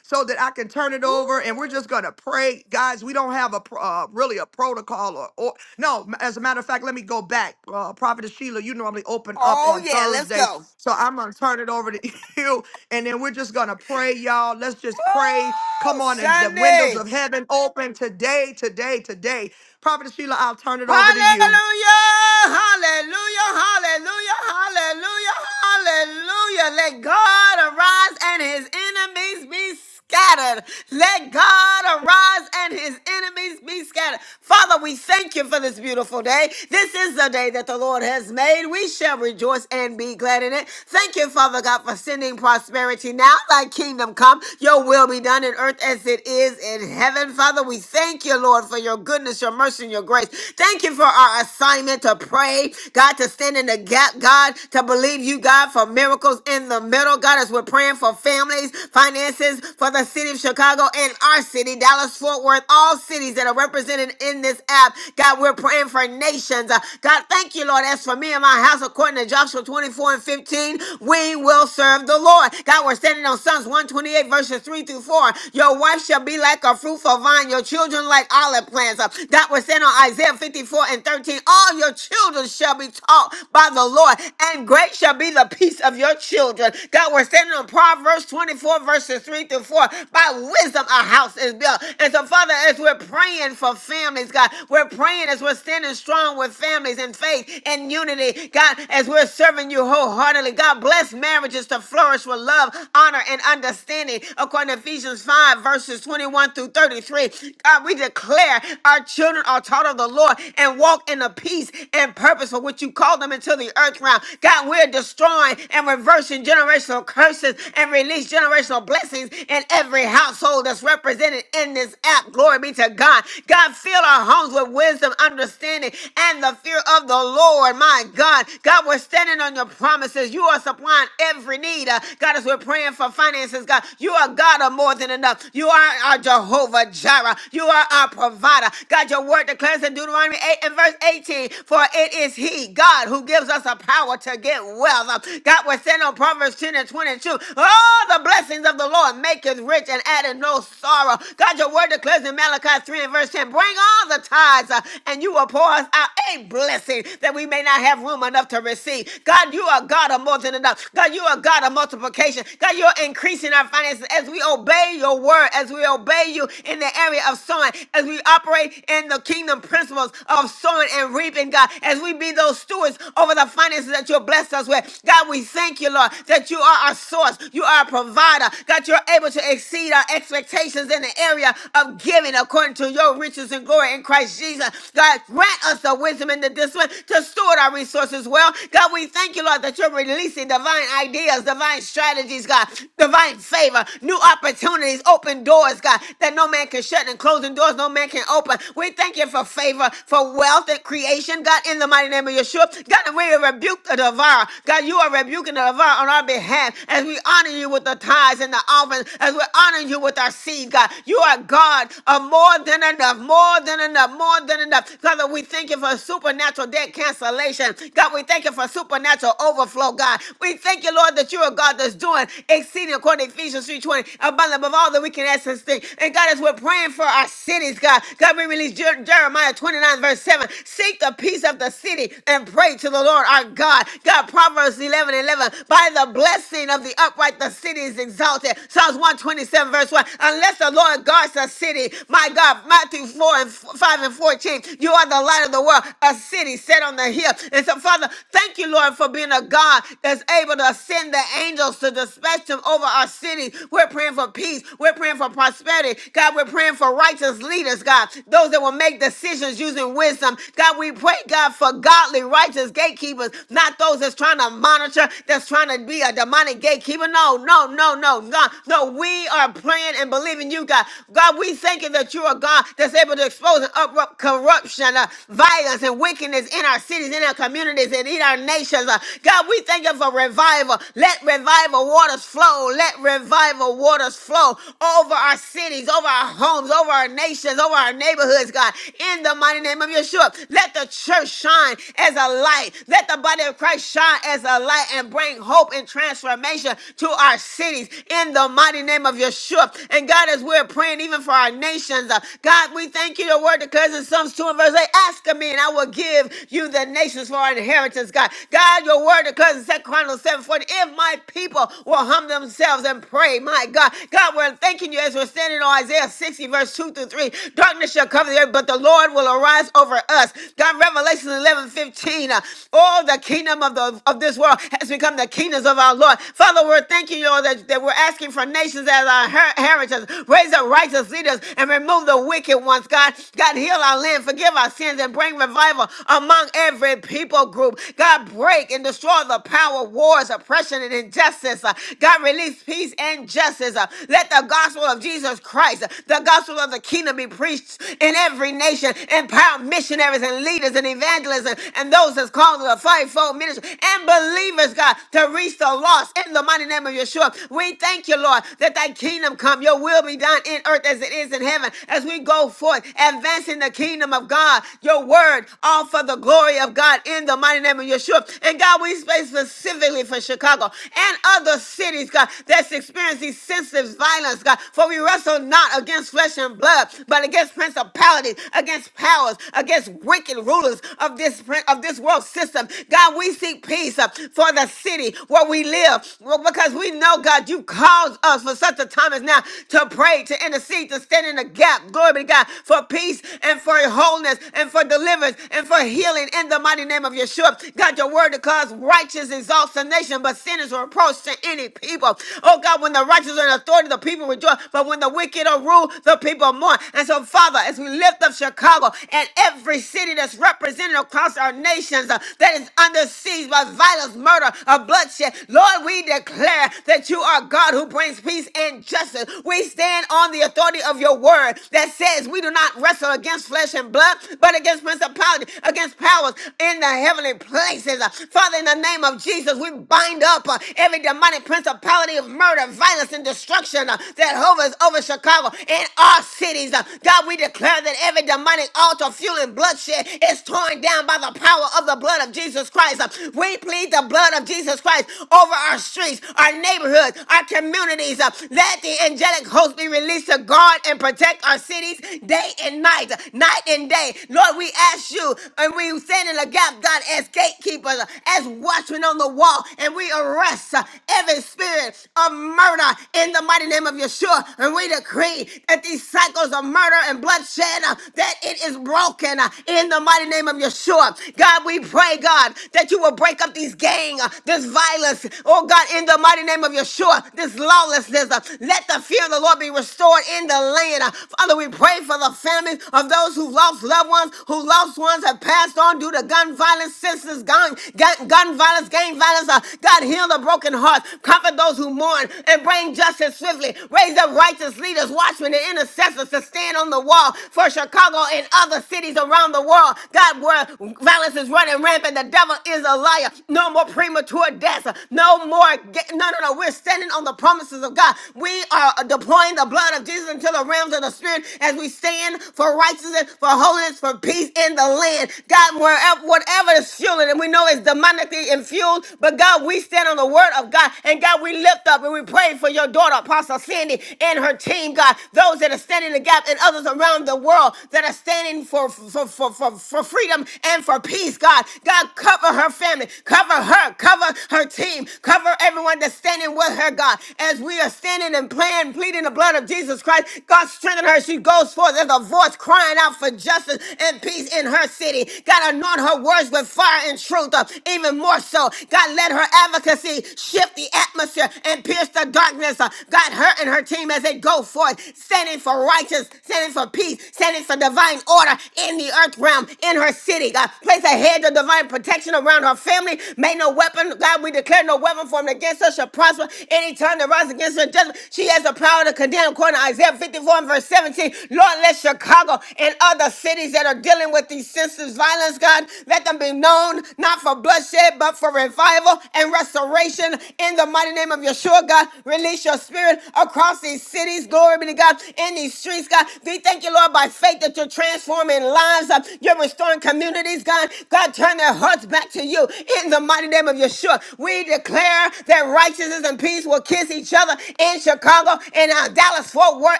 Speaker 1: so that I can turn it
Speaker 4: Woo.
Speaker 1: over. And we're just going to pray. Guys, we don't have a pro- uh, really a protocol or, or no, as a matter of fact, let me go back. Uh, Prophet Sheila, you normally open up
Speaker 4: Oh,
Speaker 1: on
Speaker 4: yeah. Let's
Speaker 1: Thursdays.
Speaker 4: go.
Speaker 1: So I'm going to turn it over to you. And then we're just going to pray, y'all. Let's just pray.
Speaker 4: Woo.
Speaker 1: Come on. And the windows
Speaker 4: Sunday.
Speaker 1: of heaven open today, today, today. Prophet Sheila, I'll turn it over to you.
Speaker 4: Hallelujah! Hallelujah! Hallelujah! Hallelujah! Hallelujah! Let God arise and his enemies be scattered. Let God arise and his enemies be scattered. Father, we thank you for this beautiful day. This is the day that the Lord has made. We shall rejoice and be glad in it. Thank you, Father God, for sending prosperity now. Thy kingdom come, your will be done in earth as it is in heaven. Father, we thank you, Lord, for your goodness, your mercy, and your grace. Thank you for our assignment to pray, God, to stand in the gap, God, to believe you, God, for miracles in the middle. God, as we're praying for families, finances, for the city of Houston, Chicago, and our city, Dallas, Fort Worth, all cities that are represented in this app. God, we're praying for nations. Uh, God, thank you, Lord. As for me and my house, according to Joshua 24 and 15, we will serve the Lord. God, we're standing on Psalms 128, verses 3 through 4. Your wife shall be like a fruitful vine, your children like olive plants. Uh, God, we're standing on Isaiah 54 and 13. All your children shall be taught by the Lord, and great shall be the peace of your children. God, we're standing on Proverbs 24, verses 3 through 4. By wisdom, a house is built. And so, Father, as we're praying for families, God, we're praying as we're standing strong with families in faith and unity, God, as we're serving you wholeheartedly. God, bless marriages to flourish with love, honor, and understanding. According to Ephesians 5, verses 21 through 33, God, we declare our children are taught of the Lord and walk in the peace and purpose for which you called them into the earth realm. God, we're destroying and reversing generational curses and release generational blessings in every household that's represented in this app. Glory be to God. God, fill our homes with wisdom, understanding, and the fear of the Lord. My God, God, we're standing on your promises. You are supplying every need. Uh, God, as we're praying for finances, God, you are God of more than enough. You are our Jehovah Jireh. You are our provider. God, your word declares in Deuteronomy 8 and verse 18, for it is He, God, who gives us the power to get wealth. Uh, God, we're standing on Proverbs 10 and 22. Oh, the blessings of the Lord. God maketh rich and addeth no sorrow. God, your word declares in Malachi 3 and verse 10, bring all the tithes uh, and you will pour us out a blessing that we may not have room enough to receive. God, you are God of more than enough. God, you are God of multiplication. God, you are increasing our finances as we obey your word, as we obey you in the area of sowing, as we operate in the kingdom principles of sowing and reaping, God, as we be those stewards over the finances that you have blessed us with. God, we thank you, Lord, that you are our source. You are our provider. God, God, you're able to exceed our expectations in the area of giving according to your riches and glory in Christ Jesus. God, grant us the wisdom and the discipline to steward our resources well. God, we thank you, Lord, that you're releasing divine ideas, divine strategies, God, divine favor, new opportunities, open doors, God, that no man can shut and closing doors no man can open. We thank you for favor, for wealth and creation, God, in the mighty name of Yeshua. God, and we rebuke the devourer. God, you are rebuking the devourer on our behalf as we honor you with the tithe tithes and the offerings as we're honoring you with our seed, God. You are God of more than enough, more than enough, more than enough. Father, we thank you for supernatural debt cancellation. God, we thank you for supernatural overflow, God. We thank you, Lord, that you are God that's doing exceeding according to Ephesians 3.20, abundant above all that we can ask and think. And God, as we're praying for our cities, God, God, we release Jer- Jeremiah 29, verse 7. Seek the peace of the city and pray to the Lord our God. God, Proverbs 11 11. By the blessing of the upright, the city is exalted. Psalms 127, verse 1. Unless the Lord guards a city, my God, Matthew 4 and f- 5 and 14, you are the light of the world, a city set on the hill. And so, Father, thank you, Lord, for being a God that's able to send the angels to dispatch them over our city. We're praying for peace. We're praying for prosperity. God, we're praying for righteous leaders, God, those that will make decisions using wisdom. God, we pray, God, for godly, righteous gatekeepers, not those that's trying to monitor, that's trying to be a demonic gatekeeper. No, no, no, no, no, God. No, we are praying and believing you, God. God, we thank you that you are God that's able to expose and uproot corruption, uh, violence, and wickedness in our cities, in our communities, and in our nations. uh. God, we thank you for revival. Let revival waters flow. Let revival waters flow over our cities, over our homes, over our nations, over our neighborhoods, God. In the mighty name of Yeshua, let the church shine as a light. Let the body of Christ shine as a light and bring hope and transformation to our cities in the mighty name of Yeshua. And God, as we're praying even for our nations, uh, God, we thank you. Your word declares in Psalms 2 and verse 8, ask of me and I will give you the nations for our inheritance, God. God, your word declares in Second Chronicles 7 40. if my people will humble themselves and pray, my God. God, we're thanking you as we're standing on Isaiah 60 verse 2 through 3. Darkness shall cover the earth, but the Lord will arise over us. God, Revelation 11 15. uh, all the kingdom of, the, of this world has become the kingdoms of our Lord. Father, Father, we're thanking you, Lord, that, that we're asking for nations as our her- heritage. Raise up righteous leaders and remove the wicked ones, God. God, heal our land, forgive our sins, and bring revival among every people group. God, break and destroy the power, wars, oppression, and injustice. Uh, God, release peace and justice. Uh, Let the gospel of Jesus Christ, uh, the gospel of the kingdom, be preached in every nation. Empower missionaries and leaders and evangelists and, and those that's called to the fivefold ministry and believers, God, to reach the lost us in the mighty name of Yeshua. We thank you, Lord, that thy kingdom come, your will be done in earth as it is in heaven. As we go forth, advancing the kingdom of God, your word, all for the glory of God in the mighty name of Yeshua. And God, we pray specifically for Chicago and other cities, God, that's experiencing senseless violence, God. For we wrestle not against flesh and blood, but against principalities, against powers, against wicked rulers of this of this world system. God, we seek peace uh, for the city where we live we live. Well, because we know, God, you caused us for such a time as now to pray, to intercede, to stand in the gap. Glory be to God for peace and for wholeness and for deliverance and for healing in the mighty name of Yeshua. God, your word declares righteous exalts a nation, but sinners are approach to any people. Oh God, when the righteous are in authority, the people rejoice. But when the wicked are ruled, the people mourn. And so, Father, as we lift up Chicago and every city that's represented across our nations uh, that is under siege by violence, murder, or bloodshed. Lord, we declare that you are God who brings peace and justice. We stand on the authority of your word that says we do not wrestle against flesh and blood, but against principalities, against powers in the heavenly places. Father, in the name of Jesus, we bind up uh, every demonic principality of murder, violence, and destruction uh, that hovers over Chicago and our cities. Uh, God, we declare that every demonic altar fueling bloodshed is torn down by the power of the blood of Jesus Christ. Uh, We plead the blood of Jesus Christ over our streets, our neighborhoods, our communities. Uh, Let the angelic host be released to guard and protect our cities day and night, uh, night and day. Lord, we ask you and we stand in the gap, God, as gatekeepers, uh, as watchmen on the wall, and we arrest uh, every spirit of murder in the mighty name of Yeshua. And we decree that these cycles of murder and bloodshed, uh, that it is broken uh, in the mighty name of Yeshua. God, we pray, God, that you will break up these gangs, this violence, oh God, in the mighty name of Yeshua, this lawlessness. uh, Let the fear of the Lord be restored in the land. Uh, Father, we pray for the families of those who lost loved ones, who lost ones have passed on due to gun violence, senseless gun, gun, gun violence, gang violence. Uh, God, heal the broken hearts, comfort those who mourn, and bring justice swiftly. Raise up righteous leaders, watchmen, and intercessors to stand on the wall for Chicago and other cities around the world. God, where violence is running rampant, the devil is a liar. No more premature deaths. No more. Get, no, no, no. We're standing on the promises of God. We are deploying the blood of Jesus into the realms of the spirit as we stand for righteousness, for holiness, for peace in the land. God, wherever, whatever is fueling, and we know it's demonically infueled, but God, we stand on the word of God. And God, we lift up and we pray for your daughter, Apostle Sandy, and her team, God. Those that are standing in the gap and others around the world that are standing for, for, for, for, for freedom and for peace, God. God, cover her family, cover Cover her, cover her team, cover everyone that's standing with her, God. As we are standing and praying, pleading the blood of Jesus Christ, God strengthen her. She goes forth There's a voice crying out for justice and peace in her city. God, anoint her words with fire and truth, uh, even more so. God, let her advocacy shift the atmosphere and pierce the darkness. uh, God, her and her team as they go forth, standing for righteousness, standing for peace, standing for divine order in the earth realm, in her city. God, place a hedge of divine protection around her family family. May no weapon, God, we declare no weapon formed against us shall prosper. Any tongue that rises against her, in judgment, she has the power to condemn, according to Isaiah 54 and verse 17. Lord, let Chicago and other cities that are dealing with these senseless violence, God, let them be known not for bloodshed, but for revival and restoration. In the mighty name of Yeshua, God, release your spirit across these cities. Glory be to God. In these streets, God, we thank you, Lord, by faith that you're transforming lives. uh, You're restoring communities, God. God, turn their hearts back to you you in the mighty name of Yeshua. We declare that righteousness and peace will kiss each other in Chicago, in uh, Dallas, Fort Worth,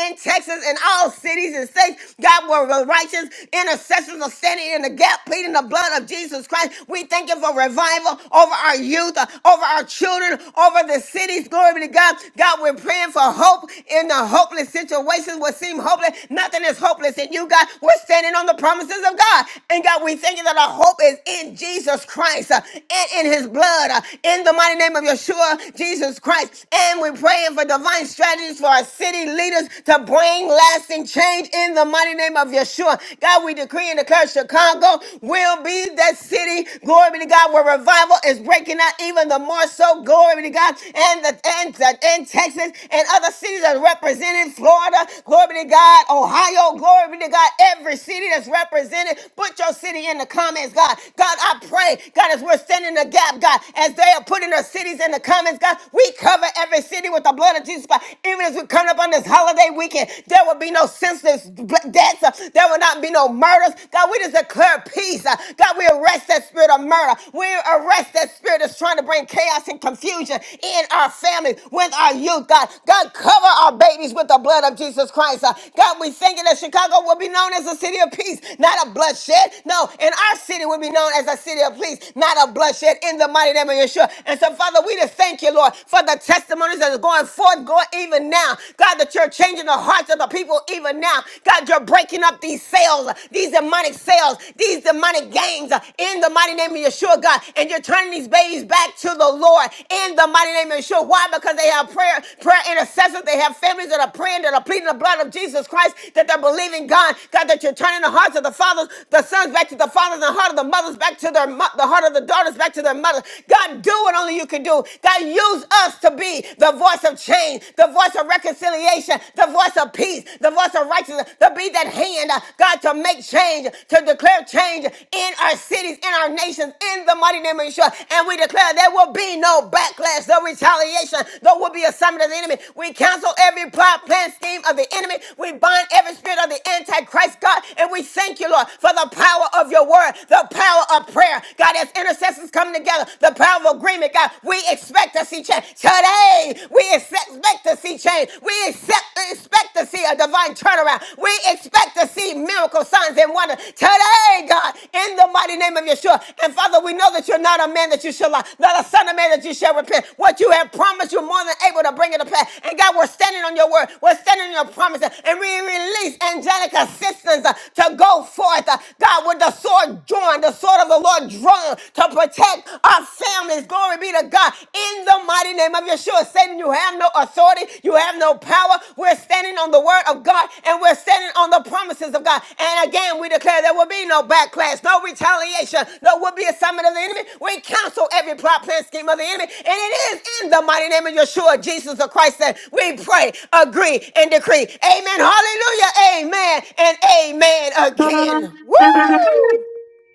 Speaker 4: in Texas, in all cities and states. God, where the righteous intercessors are standing in the gap, pleading the blood of Jesus Christ. We thank you for revival over our youth, uh, over our children, over the cities. Glory be to God. God, we're praying for hope in the hopeless situations what seem hopeless. Nothing is hopeless in you, God. We're standing on the promises of God. And God, we thank you that our hope is in Jesus Christ. Christ uh, and in his blood. uh, In the mighty name of Yeshua, Jesus Christ. And we're praying for divine strategies for our city leaders to bring lasting change in the mighty name of Yeshua. God, we decree and declare Chicago will be that city, glory be to God, where revival is breaking out even the more so, glory be to God, and the and, the, and Texas and other cities that are represented, Florida, glory be to God, Ohio, glory be to God, every city that's represented. Put your city in the comments, God. God, I pray pray, God, as we're standing in the gap, God, as they are putting their cities in the comments, God, we cover every city with the blood of Jesus, God. Even as we come up on this holiday weekend, there will be no senseless bl- deaths. uh, There will not be no murders. God, we just declare peace. uh, God, we arrest that spirit of murder. We arrest that spirit that's trying to bring chaos and confusion in our families, with our youth, God. God, cover our babies with the blood of Jesus Christ. uh, God, we thank you that Chicago will be known as a city of peace, not a bloodshed. No, in our city will be known as a as a city of peace, not of bloodshed, in the mighty name of Yeshua. And so, Father, we just thank you, Lord, for the testimonies that are going forth, going even now. God, that you're changing the hearts of the people even now. God, you're breaking up these sales, these demonic sales, these demonic gangs, uh, in the mighty name of Yeshua, God. And you're turning these babies back to the Lord, in the mighty name of Yeshua. Why? Because they have prayer, prayer intercessors. They have families that are praying, that are pleading the blood of Jesus Christ, that they're believing, God, God, that you're turning the hearts of the fathers, the sons back to the fathers, and the heart of the mothers fathers back to their mo- the heart of the daughters back to their mother. God, do what only you can do. God, use us to be the voice of change, the voice of reconciliation, the voice of peace, the voice of righteousness, to be that hand, uh, God, to make change, to declare change in our cities, in our nations, in the mighty name of Yeshua. And we declare there will be no backlash, no retaliation, there will be a summit of the enemy. We cancel every plot, plan, scheme of the enemy. We bind every spirit of the Antichrist, God, and we thank you, Lord, for the power of your word, the the power of prayer. God, as intercessors come together, the power of agreement, God, we expect to see change. Today, we expect to see change. We accept, expect to see a divine turnaround. We expect to see miracle signs and wonders. Today, God, in the mighty name of Yeshua. And Father, we know that you're not a man that you shall lie, not a son of man that you shall repent. What you have promised, you're more than able to bring it to pass. And God, we're standing on your word. We're standing on your promises. And we release angelic assistance uh, to go forth, uh, God, with the sword Lord drawn, the sword of the Lord drawn to protect our families. Glory be to God. In the mighty name of Yeshua, Satan, you have no authority, you have no power. We're standing on the word of God and we're standing on the promises of God. And again, we declare there will be no backlash, no retaliation, no will be assignment of the enemy. We cancel every plot, plan, scheme of the enemy. And it is in the mighty name of Yeshua, Jesus of Christ, that we pray, agree, and decree. Amen. Hallelujah. Amen. And amen again. Woo!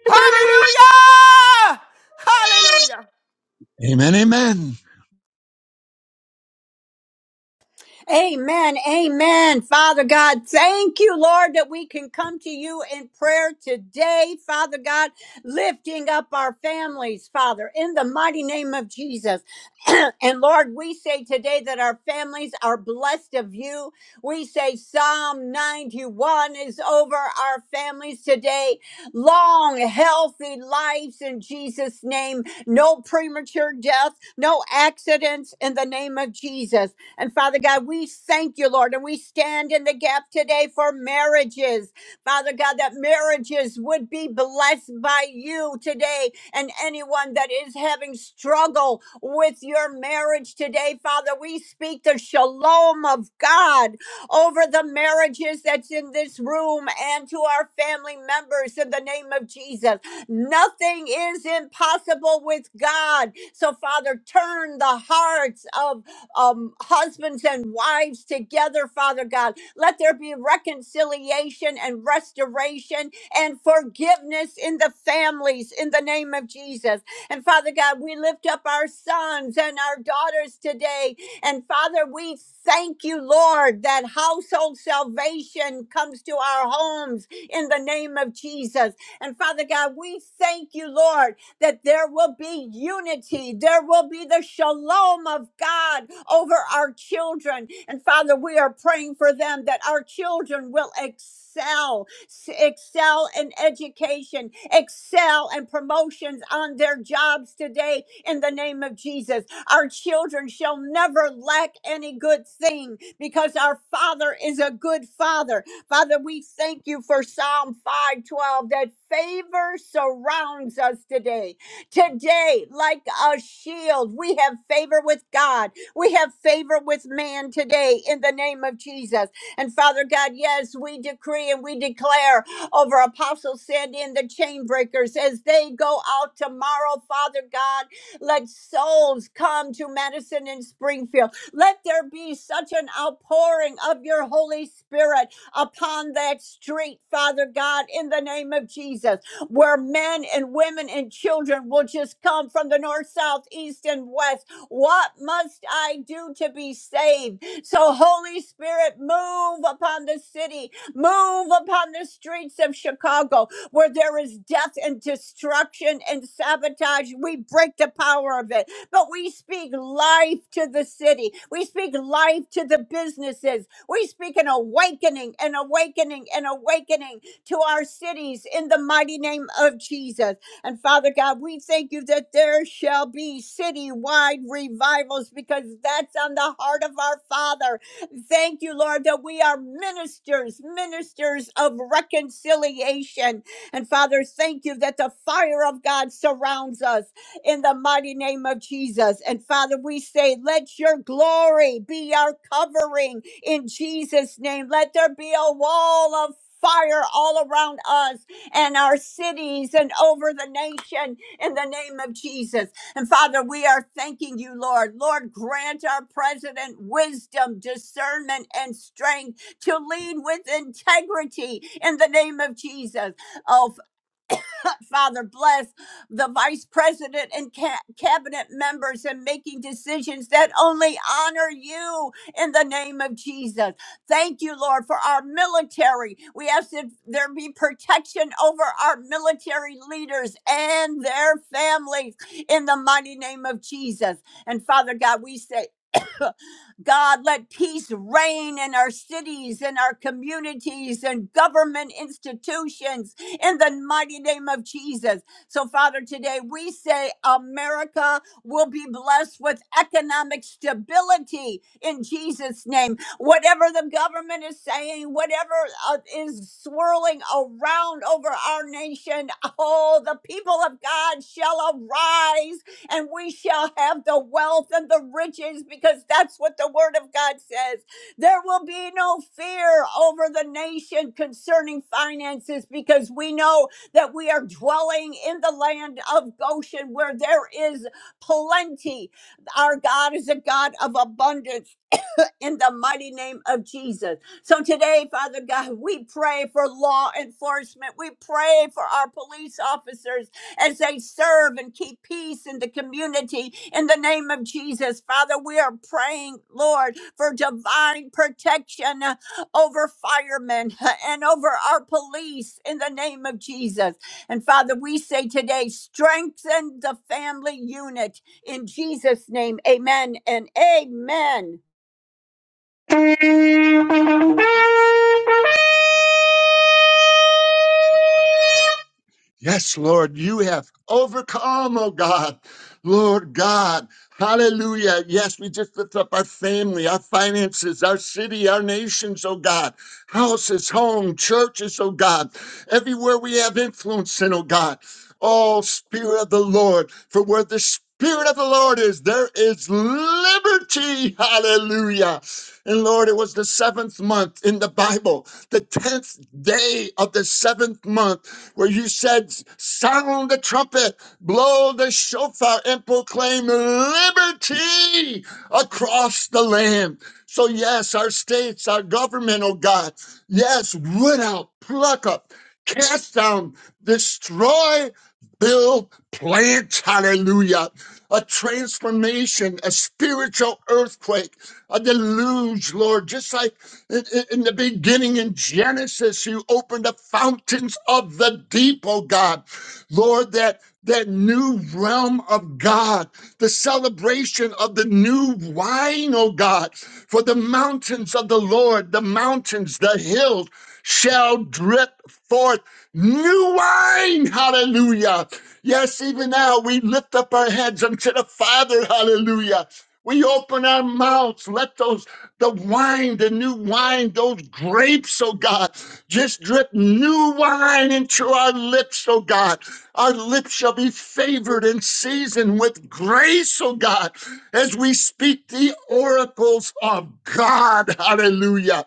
Speaker 4: Hallelujah! Hallelujah!
Speaker 9: Amen, amen.
Speaker 6: Amen. Amen. Father God, thank you, Lord, that we can come to you in prayer today. Father God, lifting up our families, Father, in the mighty name of Jesus. and Lord, we say today that our families are blessed of you. We say Psalm 91 is over our families today. Long, healthy lives in Jesus' name. No premature death, no accidents in the name of Jesus. And Father God, we thank you, Lord, and we stand in the gap today for marriages. Father God, that marriages would be blessed by you today and anyone that is having struggle with your marriage today. Father, we speak the shalom of God over the marriages that's in this room and to our family members in the name of Jesus. Nothing is impossible with God. So, Father, turn the hearts of um, husbands and wives together, Father God. Let there be reconciliation and restoration and forgiveness in the families in the name of Jesus. And Father God, we lift up our sons and our daughters today. And Father, we thank you, Lord, that household salvation comes to our homes in the name of Jesus. And Father God, we thank you, Lord, that there will be unity. There will be the shalom of God over our children. And Father, we are praying for them that our children will excel, s- excel in education, excel in promotions on their jobs today in the name of Jesus. Our children shall never lack any good thing because our Father is a good Father. Father, we thank you for Psalm 512 that favor surrounds us today. Today, like a shield, we have favor with God we have favor with man today in the name of Jesus. And Father God, yes, we decree and we declare over Apostle Sandy and the chain breakers as they go out tomorrow, Father God, let souls come to Madison and Springfield. Let there be such an outpouring of your Holy Spirit upon that street, Father God, in the name of Jesus, where men and women and children will just come from the north, south, east, and west what must I do to be saved? So, Holy Spirit, move upon the city, move upon the streets of Chicago where there is death and destruction and sabotage. We break the power of it, but we speak life to the city. We speak life to the businesses. We speak an awakening, an awakening, an awakening to our cities in the mighty name of Jesus. And Father God, we thank you that there shall be citywide revivals because that's on the heart of our Father. Thank you, Lord, that we are ministers, ministers of reconciliation. And Father, thank you that the fire of God surrounds us in the mighty name of Jesus. And Father, we say, let your glory be our covering in Jesus' name. Let there be a wall of Fire all around us and our cities and over the nation in the name of Jesus. And Father, we are thanking you, Lord. Lord, grant our president wisdom, discernment, and strength to lead with integrity in the name of Jesus. Oh, Father, bless the vice president and ca- cabinet members in making decisions that only honor you in the name of Jesus. Thank you, Lord, for our military. We ask that there be protection over our military leaders and their families in the mighty name of Jesus. And Father God, we say, God, let peace reign in our cities, in our communities, and government institutions in the mighty name of Jesus. So, Father, today we say America will be blessed with economic stability in Jesus' name. Whatever the government is saying, whatever uh, is swirling around over our nation, oh, the people of God shall arise and we shall have the wealth and the riches because that's what the word of God says. There will be no fear over the nation concerning finances because we know that we are dwelling in the land of Goshen where there is plenty. Our God is a God of abundance in the mighty name of Jesus. So today, Father God, we pray for law enforcement. We pray for our police officers as they serve and keep peace in the community in the name of Jesus. Father, we are praying, Lord, for divine protection uh, over firemen uh, and over our police in the name of Jesus. And Father, we say today, strengthen the family unit in Jesus' name. Amen and amen.
Speaker 9: Yes, Lord, you have overcome, oh God. Lord God, hallelujah. Yes, we just lift up our family, our finances, our city, our nations, oh God. Houses, home, churches, oh God. Everywhere we have influence in, oh God. Oh, Spirit of the Lord, for where the Spirit of the Lord is, there is liberty. Hallelujah. And Lord, it was the seventh month in the Bible, the tenth day of the seventh month where you said, Sound the trumpet, blow the shofar, and proclaim liberty across the land. So, yes, our states, our government, oh God, yes, root out, pluck up, cast down, destroy, build, plant, hallelujah. A transformation, a spiritual earthquake, a deluge, Lord, just like in in the beginning in Genesis, you opened the fountains of the deep, oh God. Lord, that that new realm of God, the celebration of the new wine, oh God, for the mountains of the Lord, the mountains, the hills shall drip forth new wine. Hallelujah. Yes, even now we lift up our heads unto the Father. Hallelujah. We open our mouths. Let those the wine, the new wine, those grapes, oh God. Just drip new wine into our lips, oh God. Our lips shall be favored and seasoned with grace, oh God, as we speak the oracles of God. Hallelujah.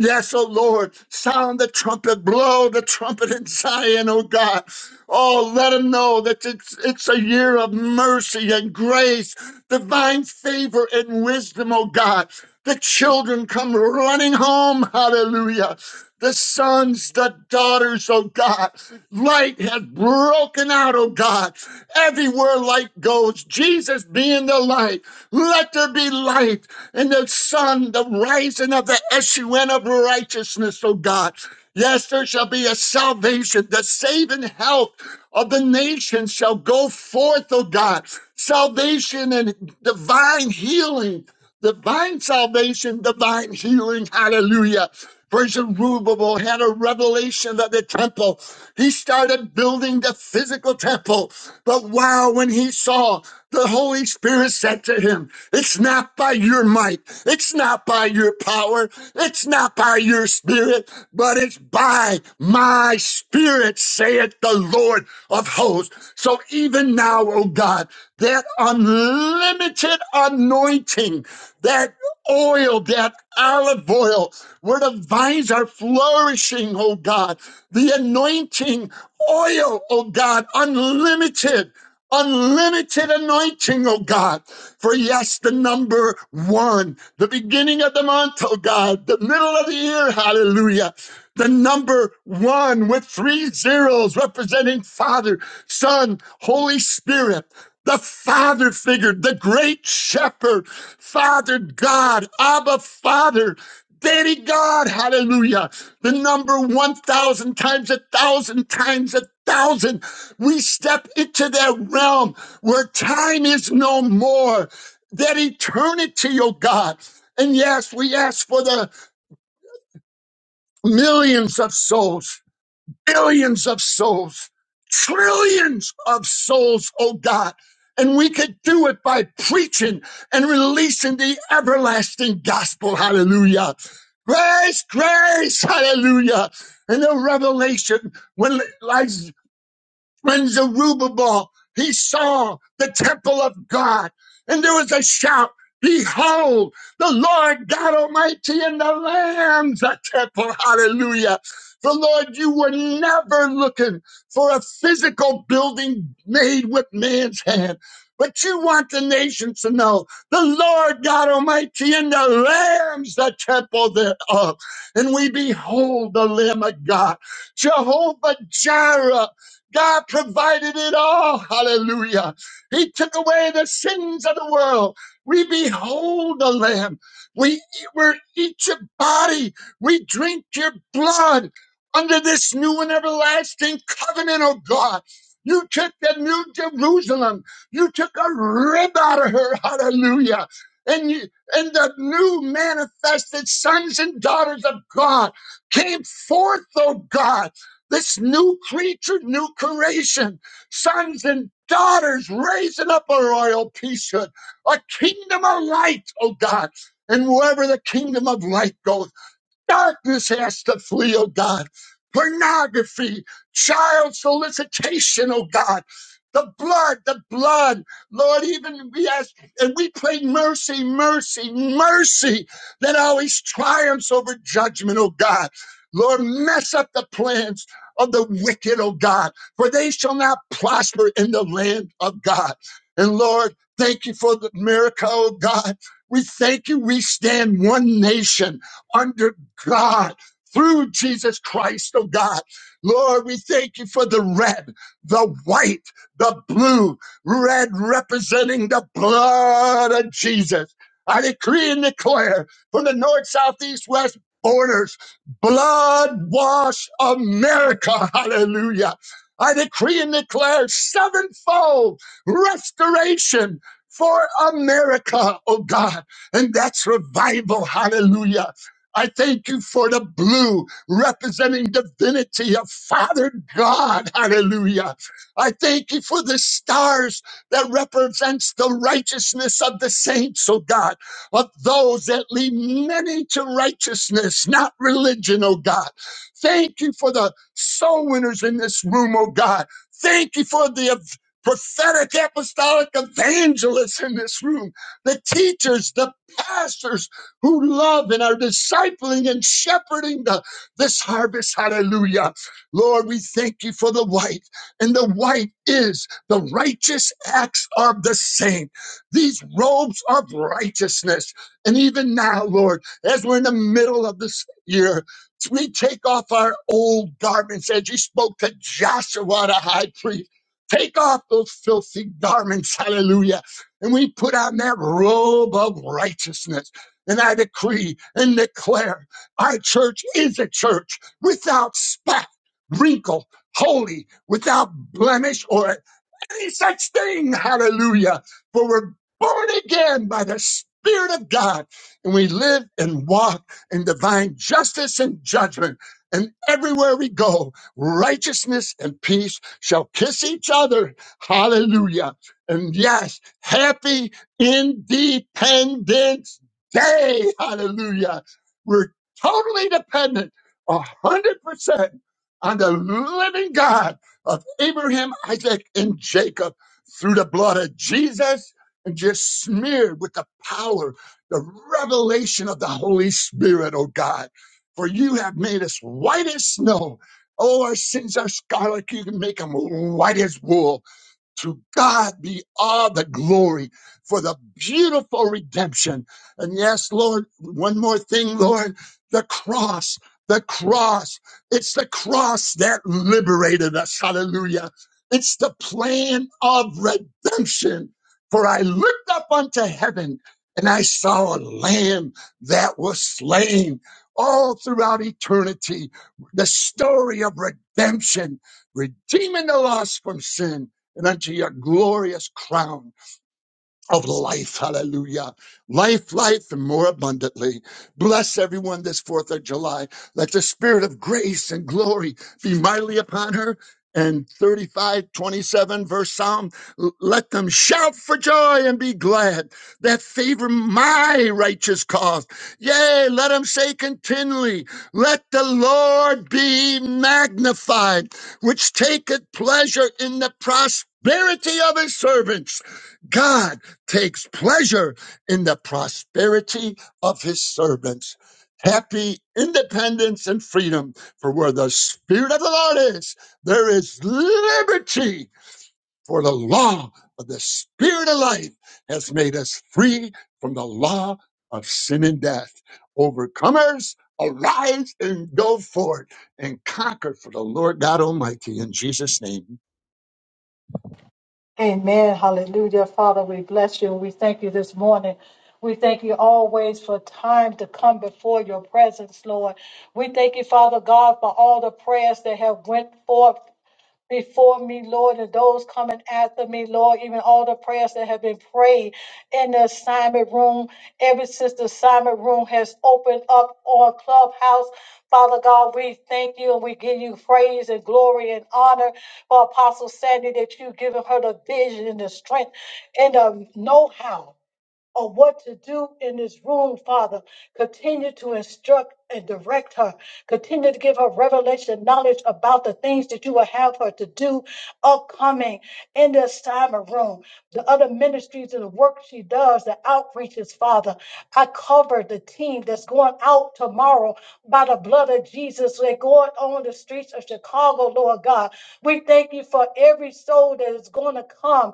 Speaker 9: Yes, oh Lord, sound the trumpet, blow the trumpet in Zion, oh God. Oh, let them know that it's, it's a year of mercy and grace, divine favor and wisdom, oh God. The children come running home. Hallelujah. The sons, the daughters, oh God. Light has broken out, oh God. Everywhere light goes, Jesus being the light. Let there be light in the sun, the rising of the S-U-N of righteousness, oh God. Yes, there shall be a salvation. The saving health of the nations shall go forth, oh God. Salvation and divine healing divine salvation, divine healing. Hallelujah. Praise Zerubbabel had a revelation of the temple. He started building the physical temple. But wow, when he saw, the Holy Spirit said to him, It's not by your might, it's not by your power, it's not by your spirit, but it's by my spirit, saith the Lord of hosts. So even now, oh God, that unlimited anointing that oil, that olive oil, where the vines are flourishing, oh God, the anointing oil, oh God, unlimited unlimited anointing, oh God. For yes, the number one, the beginning of the month, oh God, the middle of the year, hallelujah. The number one with three zeros representing Father, Son, Holy Spirit. The Father figure, the great shepherd, Father God, Abba Father. Daddy God, hallelujah. The number 1,000 times a thousand times a thousand. We step into that realm where time is no more, that eternity, oh God. And yes, we ask for the millions of souls billions of souls, trillions of souls, oh God. And we could do it by preaching and releasing the everlasting gospel. Hallelujah. Grace, grace, hallelujah. And the revelation when Elijah, when Zerubbabel, he saw the temple of God, and there was a shout, Behold, the Lord God Almighty and the Lamb's a temple. Hallelujah. The Lord, you were never looking for a physical building made with man's hand, but you want the nations to know the Lord God Almighty and the Lamb's the temple thereof. And we behold the Lamb of God, Jehovah Jireh. God provided it all. Hallelujah. He took away the sins of the world. We behold the Lamb. We, we eat your body. We drink your blood under this new and everlasting covenant, oh God. You took the new Jerusalem. You took a rib out of her. Hallelujah. And you, and the new manifested sons and daughters of God came forth, oh God. This new creature, new creation, sons and daughters raising up a royal priesthood, a kingdom of light, oh God. And wherever the kingdom of light goes, Darkness has to flee, oh God. Pornography, child solicitation, oh God. The blood, the blood. Lord, even we ask, and we pray mercy, mercy, mercy that always triumphs over judgment, oh God. Lord, mess up the plans of the wicked, oh God, for they shall not prosper in the land of God. And Lord, thank you for the miracle, oh God. We thank you. We stand one nation under God, through Jesus Christ, oh God. Lord, we thank you for the red, the white, the blue, red representing the blood of Jesus. I decree and declare from the north, south, east, west borders, blood wash America. Hallelujah. I decree and declare sevenfold restoration for America, oh God. And that's revival. Hallelujah. I thank you for the blue representing divinity of Father God. Hallelujah. I thank you for the stars that represents the righteousness of the saints, oh God, of those that lead many to righteousness, not religion, oh God. Thank you for the soul winners in this room, oh God. Thank you for the ev- prophetic apostolic evangelists in this room, the teachers, the pastors, who love and are discipling and shepherding the, this harvest. Hallelujah. Lord, we thank you for the white, and the white is the righteous acts of the saint. These robes of righteousness. And even now, Lord, as we're in the middle of this year, we take off our old garments as you spoke to Joshua, the high priest. Take off those filthy garments, hallelujah. And we put on that robe of righteousness and I decree and declare our church is a church without spot, wrinkle, holy, without blemish or any such thing. Hallelujah. For we're born again by the Spirit of God, and we live and walk in divine justice and judgment. And everywhere we go, righteousness and peace shall kiss each other. Hallelujah. And yes, happy Independence Day. Hallelujah. We're totally dependent, 100% on the living God of Abraham, Isaac, and Jacob through the blood of Jesus and just smeared with the power, the revelation of the Holy Spirit, oh God. For you have made us white as snow. Oh, our sins are scarlet. You can make them white as wool. To God be all the glory for the beautiful redemption. And yes, Lord, one more thing, Lord, the cross, the cross. It's the cross that liberated us. Hallelujah. It's the plan of redemption. For I looked up unto heaven and I saw a lamb that was slain all throughout eternity. The story of redemption, redeeming the lost from sin and unto your glorious crown of life. Hallelujah. Life, life, and more abundantly. Bless everyone this 4th of July. Let the spirit of grace and glory be mightily upon her. And 35, 27, verse Psalm, l- let them shout for joy and be glad that favor my righteous cause. Yea, let them say continually, let the Lord be magnified, which taketh pleasure in the prosperity of his servants. God takes pleasure in the prosperity of his servants. Happy independence and freedom, for where the Spirit of the Lord is, there is liberty. For the law of the Spirit of life has made us free from the law of sin and death. Overcomers, arise and go forth and conquer for the Lord God Almighty in Jesus' name.
Speaker 8: Amen. Hallelujah. Father, we bless you and we thank you this morning. We thank you always for time to come before your presence, Lord. We thank you, Father God, for all the prayers that have went forth before me, Lord, and those coming after me, Lord, even all the prayers that have been prayed in the assignment room, ever since the assignment room has opened up on Clubhouse. Father God, we thank you and we give you praise and glory and honor for Apostle Sandy that you've given her the vision and the strength and the know how or what to do in this room, Father. Continue to instruct and direct her. Continue to give her revelation knowledge about the things that you will have her to do upcoming in the assignment room, the other ministries and the work she does, the outreaches, Father. I cover the team that's going out tomorrow by the blood of Jesus. They're going on the streets of Chicago, Lord God. We thank you for every soul that is going to come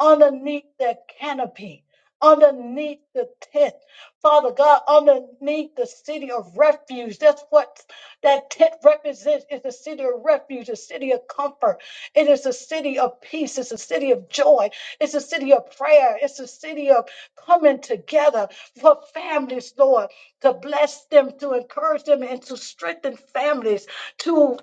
Speaker 8: underneath that canopy underneath the tent. Father God, underneath the city of refuge. That's what that tent represents. It's a city of refuge, a city of comfort. It is a city of peace. It's a city of joy. It's a city of prayer. It's a city of coming together for families, Lord, to bless them, to encourage them, and to strengthen families To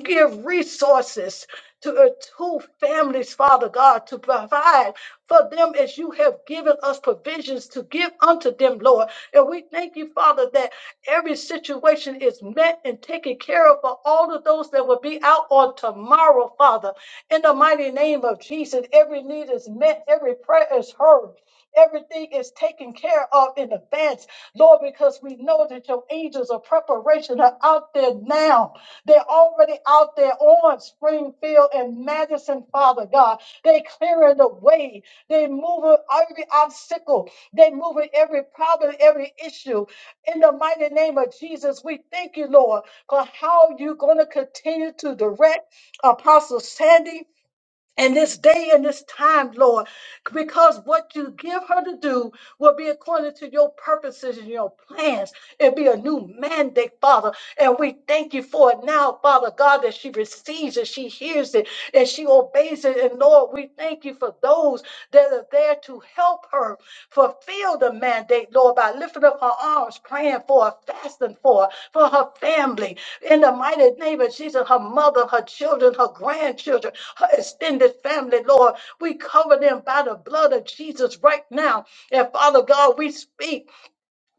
Speaker 8: Give resources to, uh, to families, Father God, to provide for them as you have given us provisions to give unto them, Lord. And we thank you, Father, that every situation is met and taken care of for all of those that will be out on tomorrow, Father. In the mighty name of Jesus, every need is met, every prayer is heard. Everything is taken care of in advance, Lord, because we know that your angels of preparation are out there now they're already out there on Springfield and Madison, Father God. They're clearing the way. They're moving every obstacle. They're moving every problem, every issue. In the mighty name of Jesus, we thank you, Lord, for how you're going to continue to direct Apostle Sandy and this day and this time, Lord, because what you give her to do will be according to your purposes and your plans. It'll be a new mandate, Father. And we thank you for it now, Father God, that she receives it, she hears it, and she obeys it. And Lord, we thank you for those that are there to help her fulfill the mandate, Lord, by lifting up her arms, praying for her, fasting for her, for her family. In the mighty name of Jesus, her mother, her children, her grandchildren her extended family, Lord. We cover them by the blood of Jesus right now. And Father God, we speak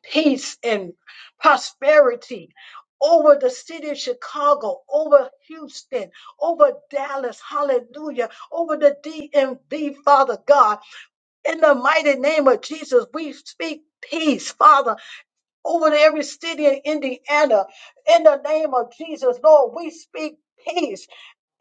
Speaker 8: peace and prosperity over the city of Chicago, over Houston, over Dallas, hallelujah, over the DMV, Father God. In the mighty name of Jesus, we speak peace, Father over to every city in Indiana. In the name of Jesus, Lord, we speak peace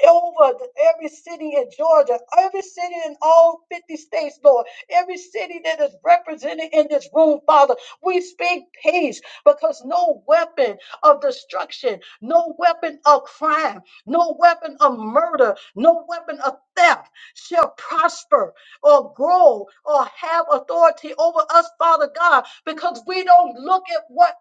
Speaker 8: over the- every city in Georgia, every city in all 50 states, Lord, every city that is represented in this room, Father. We speak peace because no weapon of destruction, no weapon of crime, no weapon of murder, no weapon of theft shall prosper or grow or have authority over us, Father God, because we don't look at what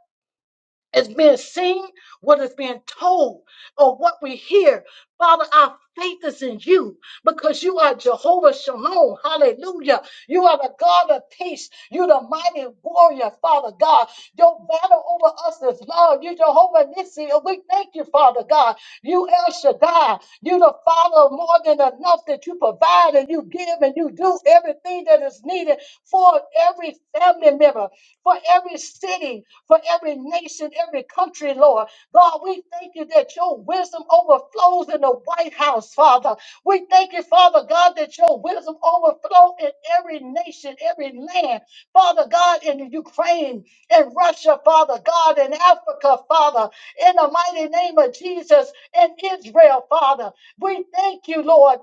Speaker 8: is being seen, what is being told, or what we hear. Father, our faith is in you because you are Jehovah Shalom. Hallelujah. You are the God of peace. You're the mighty warrior, Father God. Your battle over us is love. You Jehovah Nissi. And we thank you, Father God. You El Shaddai. You the Father of more than enough that you provide and you give and you do everything that is needed for every family member, for every city, for every nation, every country, Lord. God, we thank you that your wisdom overflows in the White House, Father. We thank you, Father God, that your wisdom overflows in every nation, every land, Father God, in Ukraine, in Russia, Father God, in Africa, Father, in the mighty name of Jesus, in Israel, Father. We thank you, Lord,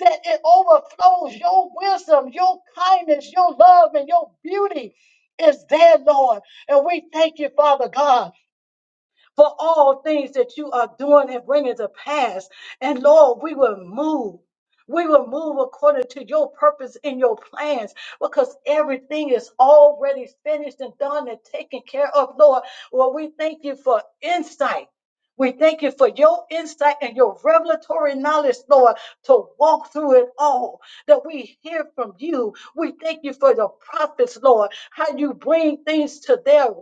Speaker 8: that it overflows your wisdom, your kindness, your love, and your beauty is there, Lord. And we thank you, Father God, for all things that you are doing and bringing to pass. And Lord, we will move. We will move according to your purpose and your plans because everything is already finished and done and taken care of, Lord. Well, we thank you for insight. We thank you for your insight and your revelatory knowledge, Lord, to walk through it all that we hear from you. We thank you for the prophets, Lord, how you bring things to their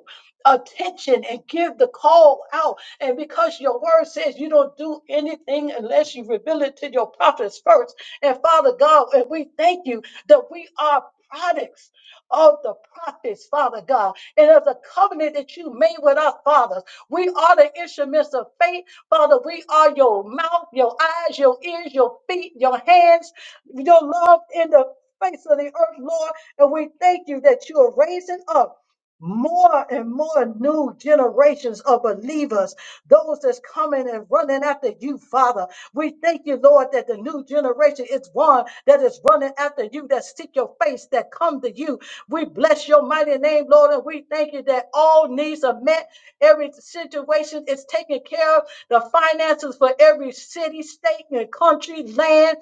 Speaker 8: attention and give the call out. And because your word says you don't do anything unless you reveal it to your prophets first. And Father God, and we thank you that we are products of the prophets, Father God, and of the covenant that you made with our fathers. We are the instruments of faith, Father. We are your mouth, your eyes, your ears, your feet, your hands, your love in the face of the earth, Lord. And we thank you that you are raising up more and more new generations of believers, those that's coming and running after you, Father. We thank you, Lord, that the new generation is one that is running after you, that seek your face, that come to you. We bless your mighty name, Lord, and we thank you that all needs are met. Every situation is taken care of. The finances for every city, state, and country, land,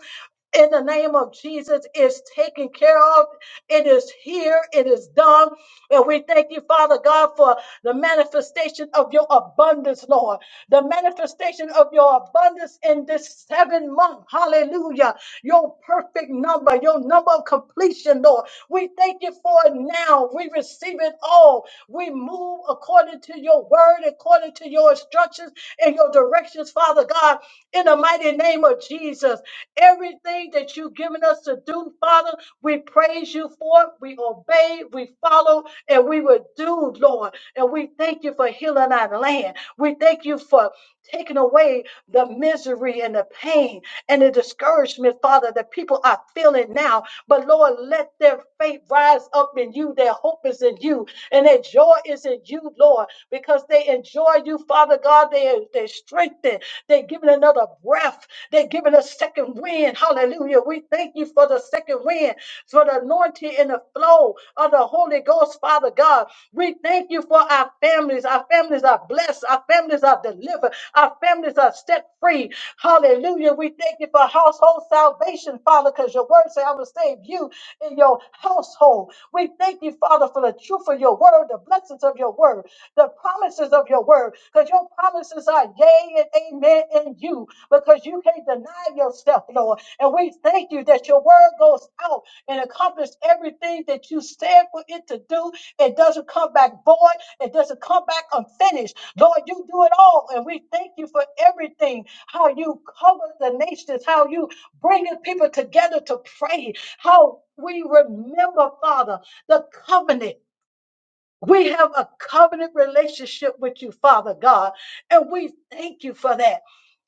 Speaker 8: in the name of Jesus is taken care of. It is here. It is done. And we thank you, Father God, for the manifestation of your abundance, Lord. The manifestation of your abundance in this seven month. Hallelujah. Your perfect number, your number of completion, Lord. We thank you for it now. We receive it all. We move according to your word, according to your instructions and your directions, Father God, in the mighty name of Jesus. Everything that you've given us to do, Father. We praise you for it. We obey, we follow, and we will do, Lord. And we thank you for healing our land. We thank you for taking away the misery and the pain and the discouragement, Father, that people are feeling now. But Lord, let their faith rise up in you. Their hope is in you, and their joy is in you, Lord, because they enjoy you, Father God. They they are strengthened. They're given another breath. They're given a second wind. Hallelujah. We thank you for the second wind, for the anointing and the flow of the Holy Ghost, Father God. We thank you for our families. Our families are blessed. Our families are delivered. Our families are set free. Hallelujah. We thank you for household salvation, Father, because your word say, I will save you in your household. We thank you, Father, for the truth of your word, the blessings of your word, the promises of your word, because your promises are yea and amen in you, because you can't deny yourself, Lord. And we thank you that your word goes out and accomplish everything that you said for it to do. It doesn't come back void. It doesn't come back unfinished. Lord, you do it all. And we thank you for everything how you cover the nations, how you bringing people together to pray, how we remember, Father, the covenant. We have a covenant relationship with you, Father God, and we thank you for that.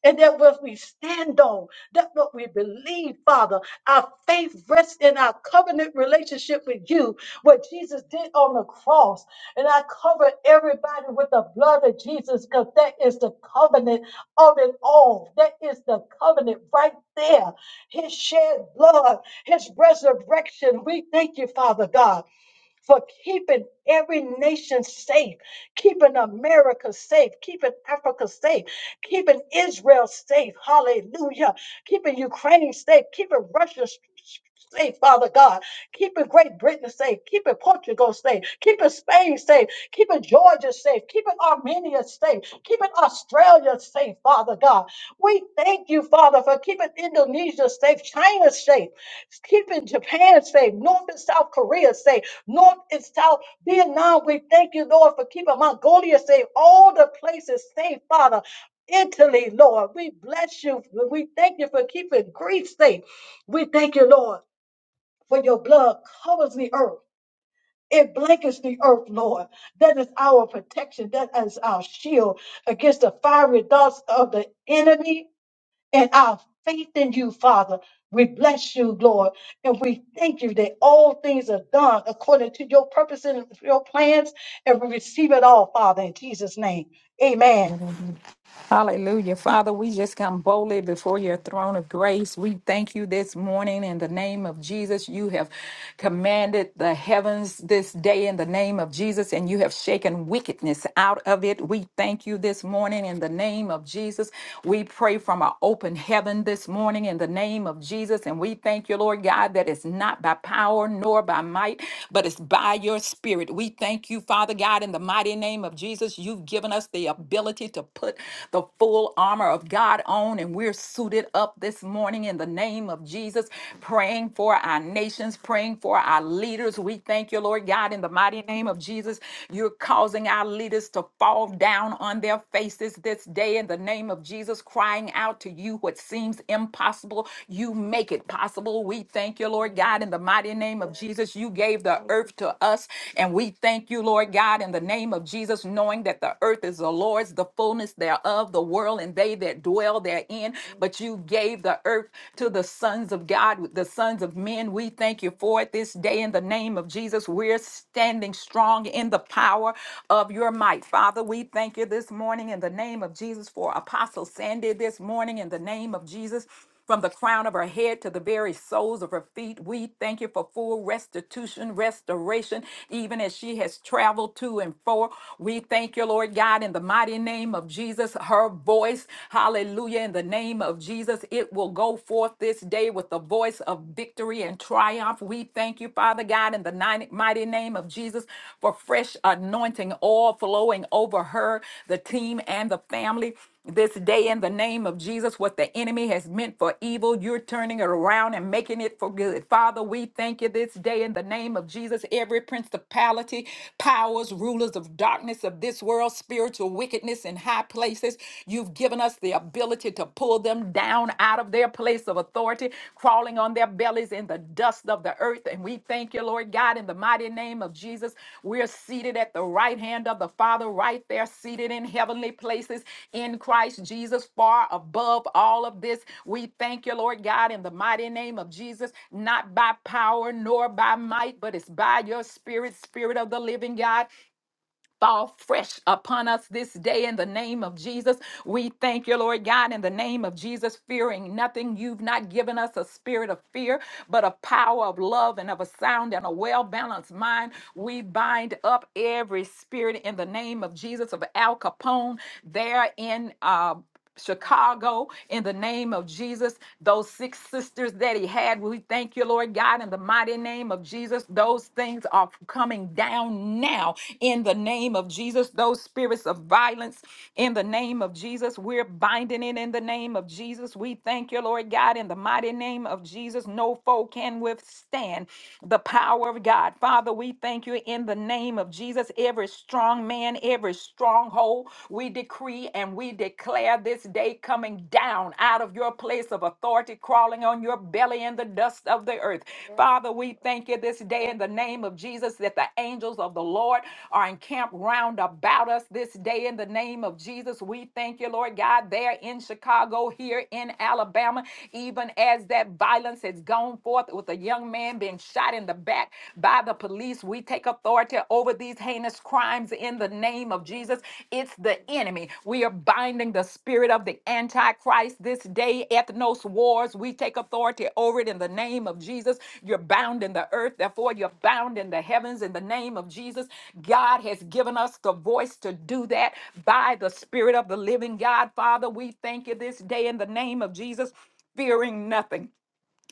Speaker 8: And that what we stand on, that what we believe, Father, our faith rests in our covenant relationship with you, what Jesus did on the cross. And I cover everybody with the blood of Jesus because that is the covenant of it all. That is the covenant right there. His shed blood, his resurrection. We thank you, Father God for keeping every nation safe, keeping America safe, keeping Africa safe, keeping Israel safe. Hallelujah. Keeping Ukraine safe, keeping Russia s- s- safe, Father God. Keeping Great Britain safe, keeping Portugal safe, keeping Spain safe, keeping Georgia safe, keeping Armenia safe, keeping Australia safe, Father God. We thank you, Father, for keeping Indonesia safe, China safe, keeping Japan safe, North and South Korea safe north and south. Vietnam, we thank you, Lord, for keeping Mongolia safe, all the places safe, Father. Italy, Lord, we bless you. We thank you for keeping Greece safe. We thank you, Lord, for your blood covers the earth. It blankets the earth, Lord. That is our protection. That is our shield against the fiery darts of the enemy and our faith in you, Father. We bless you, Lord, and we thank you that all things are done according to your purpose and your plans, and we receive it all, Father, in Jesus' name. Amen.
Speaker 10: Hallelujah. Father, we just come boldly before your throne of grace. We thank you this morning in the name of Jesus. You have commanded the heavens this day in the name of Jesus, and you have shaken wickedness out of it. We thank you this morning in the name of Jesus. We pray from an open heaven this morning in the name of Jesus. And we thank you, Lord God, that it's not by power nor by might, but it's by your spirit. We thank you, Father God, in the mighty name of Jesus. You've given us the ability to need to put the full armor of God on, and we're suited up this morning in the name of Jesus, praying for our nations, praying for our leaders. We thank you, Lord God, in the mighty name of Jesus. You're causing our leaders to fall down on their faces this day in the name of Jesus, crying out to you what seems impossible. You make it possible. We thank you, Lord God, in the mighty name of Jesus. You gave the earth to us, and we thank you, Lord God, in the name of Jesus, knowing that the earth is the the Lord's, the fullness thereof, the world and they that dwell therein. But you gave the earth to the sons of God, the sons of men. We thank you for it this day in the name of Jesus. We're standing strong in the power of your might. Father, we thank you this morning in the name of Jesus for Apostle Sandy this morning in the name of Jesus. From the crown of her head to the very soles of her feet, we thank you for full restitution, restoration, even as she has traveled to and fro. We thank you, Lord God, in the mighty name of Jesus. Her voice, hallelujah, in the name of Jesus, it will go forth this day with the voice of victory and triumph. We thank you, Father God, in the ni- mighty name of Jesus, for fresh anointing oil flowing over her, the team, and the family. This day, in the name of Jesus, what the enemy has meant for evil, you're turning it around and making it for good. Father, we thank you this day in the name of Jesus. Every principality, powers, rulers of darkness of this world, spiritual wickedness in high places, you've given us the ability to pull them down out of their their place of authority, crawling on their bellies in the dust of the earth. And we thank you, Lord God, in the mighty name of Jesus. We're seated at the right hand of the Father, right there, seated in heavenly places in Christ Jesus, far above all of this. We thank you, Lord God, in the mighty name of Jesus, not by power nor by might, but it's by your spirit, spirit of the living God fall fresh upon us this day in the name of Jesus. We thank you, Lord God, in the name of Jesus, fearing nothing. You've not given us a spirit of fear, but a power of love and of a sound and a well balanced mind. We bind up every spirit in the name of Jesus of Al Capone there in. Uh, Chicago in the name of Jesus. Those six sisters that he had, we thank you, Lord God, in the mighty name of Jesus. Those things are coming down now in the name of Jesus. Those spirits of violence in the name of Jesus. We're binding it in the name of Jesus. We thank you, Lord God, in the mighty name of Jesus. No foe can withstand the power of God. Father, we thank you in the name of Jesus. Every strong man, every stronghold, we decree and we declare this day coming down out of your place of authority, crawling on your belly in the dust of the of the earth. Father, we thank you this day in the name of Jesus that the angels of the Lord are encamped round about us this day in the name of Jesus. We thank you, Lord God, there in Chicago, here in Alabama, even as that violence has gone forth with a young man being shot in the back by the police. We take authority over these heinous crimes in the name of Jesus. Jesus, it's the enemy. We are binding the spirit of the Antichrist this day, ethnos wars. We take authority over it in the name of Jesus. You're bound in the earth, therefore, you're bound in the heavens in the name of Jesus. God has given us the voice to do that by the spirit of the living God. Father, we thank you this day in the name of Jesus, fearing nothing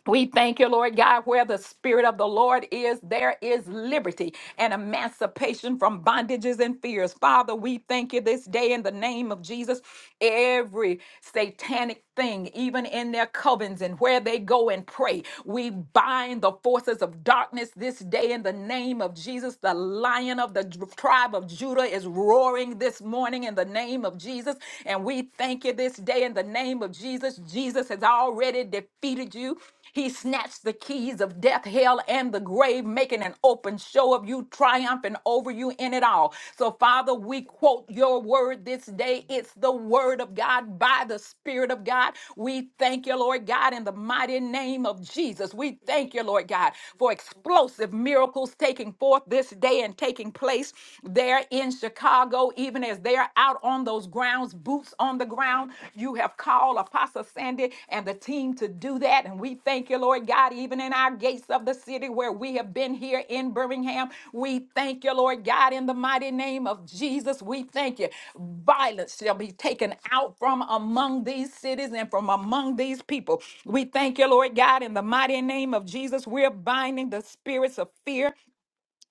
Speaker 10: we thank you, Lord God, where the Spirit of the Lord is, there is liberty and emancipation from bondages and fears. Father, we thank you this day in the name of Jesus. Every satanic thing, even in their covens and where they go and pray, we bind the forces of darkness this day in the name of Jesus. The lion of the tribe of Judah is roaring this morning in the name of Jesus. And we thank you this day today in the name of Jesus. Jesus has already defeated you. He snatched the keys of death, hell, and the grave, making an open show of you, triumphing over you in it all. So, Father, we quote your word this day. It's the word of God by the Spirit of God. We thank you, Lord God, in the mighty name of Jesus. We thank you, Lord God, for explosive miracles taking forth this day and taking place there in Chicago. Chicago, even as they are out on those grounds, boots on the ground. You have called Apostle Sandy and the team to do that. And we thank you, Lord God, even in our gates of the city where we have been here in Birmingham. We thank you, Lord God, in the mighty name of Jesus. We thank you. Violence shall be taken out from among these cities and from among these people. We thank you, Lord God, in the mighty name of Jesus. We're binding the spirits of fear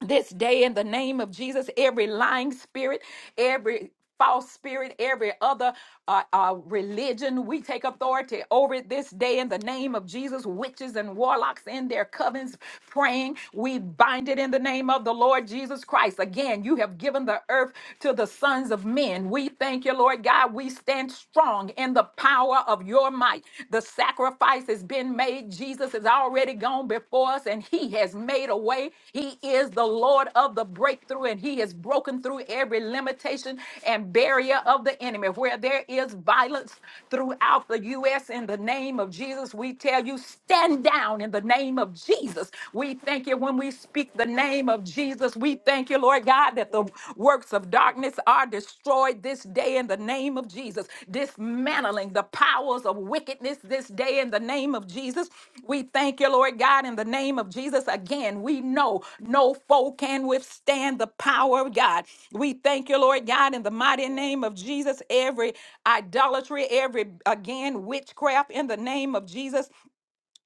Speaker 10: this day in the name of Jesus. Every lying spirit, every false spirit, every other uh, uh, religion, we take authority over it this day in the name of Jesus. Witches and warlocks in their covens praying, we bind it in the name of the Lord Jesus Christ. Again, you have given the earth to the sons of men. We thank you, Lord God. We stand strong in the power of your might might. The sacrifice has been made. Jesus has already gone before us and he has made a way. He is the Lord of the breakthrough and he has broken through every limitation and barrier of the enemy. Where there is violence throughout the U.S., in the name of Jesus, we tell you, stand down in the name of Jesus. We thank you when we speak the name of Jesus. We thank you, Lord God that the works of darkness are destroyed this day in the name of Jesus, dismantling the powers of wickedness this day in the name of Jesus. We thank you, Lord God, in the name of Jesus. Again, we know no foe can withstand the power of God. We thank you, Lord God, in the mighty name of Jesus. Every idolatry, every, again, witchcraft in the name of Jesus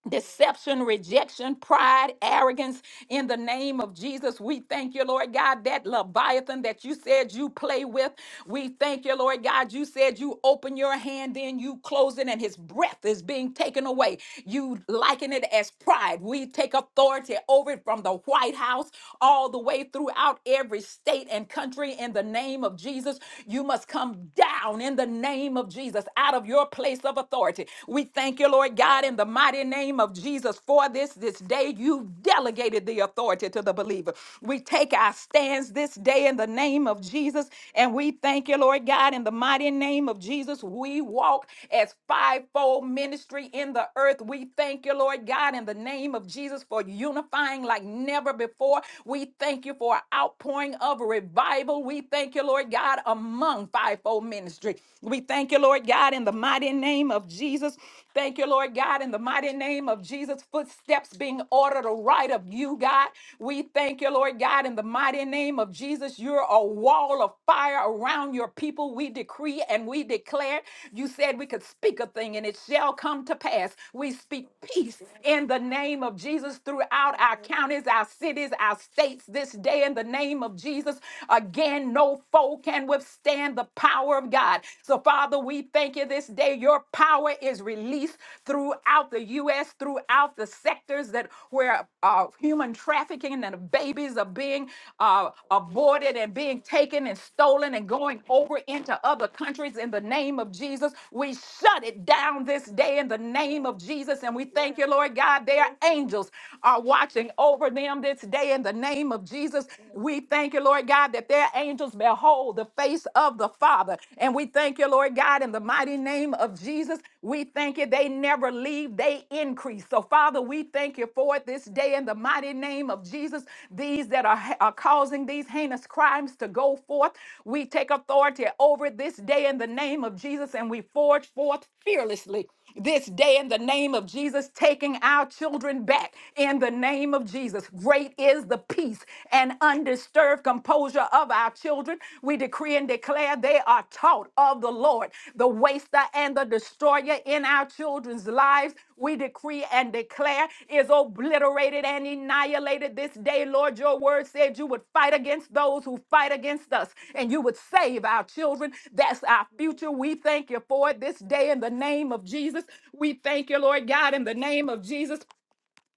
Speaker 10: deception, rejection, pride, arrogance. In the name of Jesus, we thank you, Lord God, that Leviathan that you said you play with. We thank you, Lord God, you said you open your hand in, you close it, and his breath is being taken away. You liken it as pride. We take authority over it from the White House all the way throughout every state and country in the name of Jesus. You must come down in the name of Jesus out of your place of authority authority. We thank you, Lord God, in the mighty name of Jesus for this this day. You delegated the authority to the believer. We take our stands this day in the name of Jesus, and we thank you, Lord God, in the mighty name of Jesus. We walk as fivefold ministry in the earth. We thank you, Lord God, in the name of Jesus for unifying like never before. We thank you for outpouring of revival. We thank you, Lord God, among fivefold ministry. We we thank you, Lord God, in the mighty name of Jesus. Thank you, Lord God, in the mighty name of Jesus. Footsteps being ordered right of you, God. We thank you, Lord God, in the mighty name of Jesus. You're a wall of fire around your people. We decree and we declare. You said we could speak a thing and it shall come to pass. We speak peace in the name of Jesus throughout our counties, our cities, our states this day in the name of Jesus. Again, no foe can can withstand the power of God. So, Father, we thank you this day. Your power is released throughout the U.S., throughout the sectors that where uh, human trafficking and babies are being uh, aborted and being taken and stolen and going over into other countries. In the name of Jesus, we shut it down this day in the name of Jesus. And we thank you, Lord God. Their angels are watching over them this day in the name of Jesus. We we thank you, Lord God, that their angels behold the face of the Father. And we thank you, Lord God, in the mighty name of Jesus. We thank you. They never leave, they increase. So, Father, we thank you for it this day in the mighty name of Jesus. These that are, are causing these heinous crimes to go forth, we take authority over this day in the name of Jesus and we forge forth fearlessly this day in the name of Jesus, taking our children back in the name of Jesus. Great is the peace and undisturbed composure of our children. We decree and declare they are taught of the Lord, the waster and the destroyer in our children's lives. We decree and declare is obliterated and annihilated this day, Lord. Your word said you would fight against those who fight against us and you would save our children. That's our future. We thank you for it this day in the name of Jesus. We thank you, Lord God, in the name of Jesus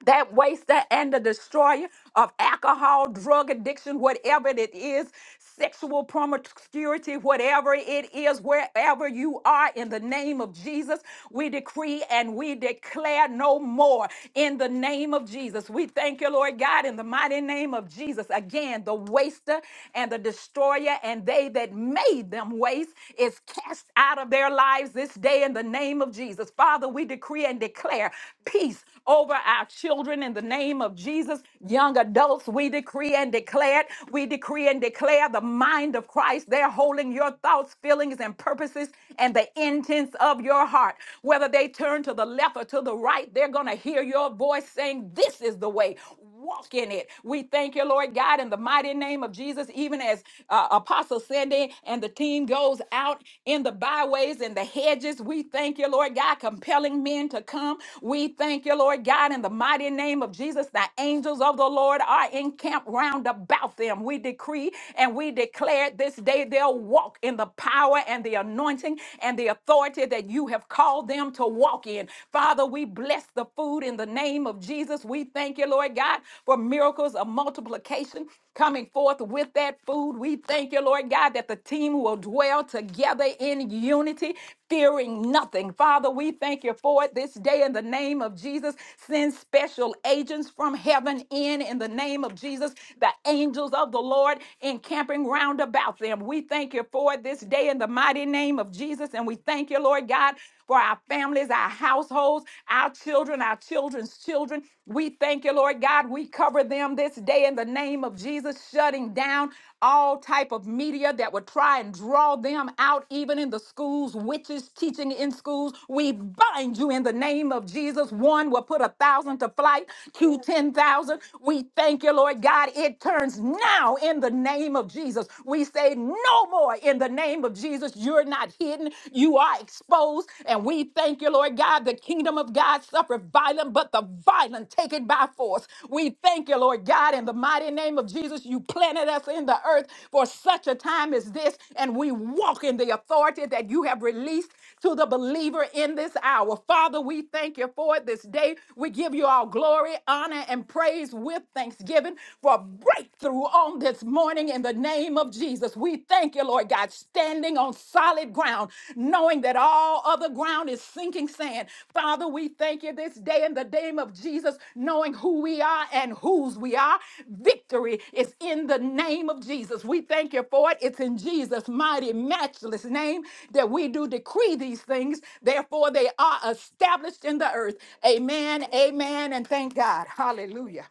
Speaker 10: that waster and the destroyer of alcohol, drug addiction, whatever it is, sexual promiscuity, whatever it is, wherever you are, in the name of Jesus, we decree and we declare no more in the name of Jesus. We thank you, Lord God, in the mighty name of Jesus. Again, the waster and the destroyer and they that made them waste is cast out of their lives this day in the name of Jesus. Father, we decree and declare peace over our our children in the name of Jesus. Young adults, we decree and declare it. We decree and declare the mind of Christ. They're holding your thoughts, feelings, and purposes and the intents of your heart. Whether they turn to the left or to the right, they're going to hear your voice saying, This is the way walk in it. We thank you, Lord God, in the mighty name of Jesus, even as uh, Apostle Sandy and the team goes out in the byways and the hedges. We thank you, Lord God, compelling men to come. We thank you, Lord God, in the mighty name of Jesus. The angels of the Lord are encamped round about them. We decree and we declare this day they'll walk in the power and the anointing and the authority that you have called them to walk in. Father, Father, we bless the food in the name of Jesus. We thank you, Lord God, for miracles of multiplication coming forth with that food. We thank you, Lord God, that the team will dwell together in unity, fearing nothing. Father, we thank you for it this day in the name of Jesus. Send special agents from heaven in in the name of Jesus, the angels of the Lord encamping round about them. We thank you for it this day in the mighty name of Jesus. Jesus. And we thank you, Lord God, for our families, our households, our children, our children's children. We thank you, Lord God. We cover them this day in the name of Jesus, shutting down all type of media that would try and draw them out, even in the schools, witches teaching in schools. We bind you in the name of Jesus. One will put a thousand to flight, two, ten thousand. We thank you, Lord God. It turns now in the name of Jesus. Jesus. We say no more in the name of Jesus. You're not hidden, you are exposed. And we thank you, Lord God. The kingdom of God suffered violent, but the violent take it by force. We thank you, Lord God, in the mighty name of Jesus. You planted us in the earth for such a time as this, and we walk in the authority that you have released to the believer in this hour. Father, we thank you for it this day. We give you all glory, honor, and praise with with thanksgiving for a breakthrough on this morning in the name of Jesus. We thank you, Lord God, standing on solid ground, knowing that all other ground is sinking sand. Father, we thank you this day in the name of Jesus, knowing who we are and whose we are. Victory is in the name of Jesus. We thank you for it. It's in Jesus' mighty, matchless name that we do decree these things. Therefore, they are established in the earth. Amen, amen, and thank God. Hallelujah.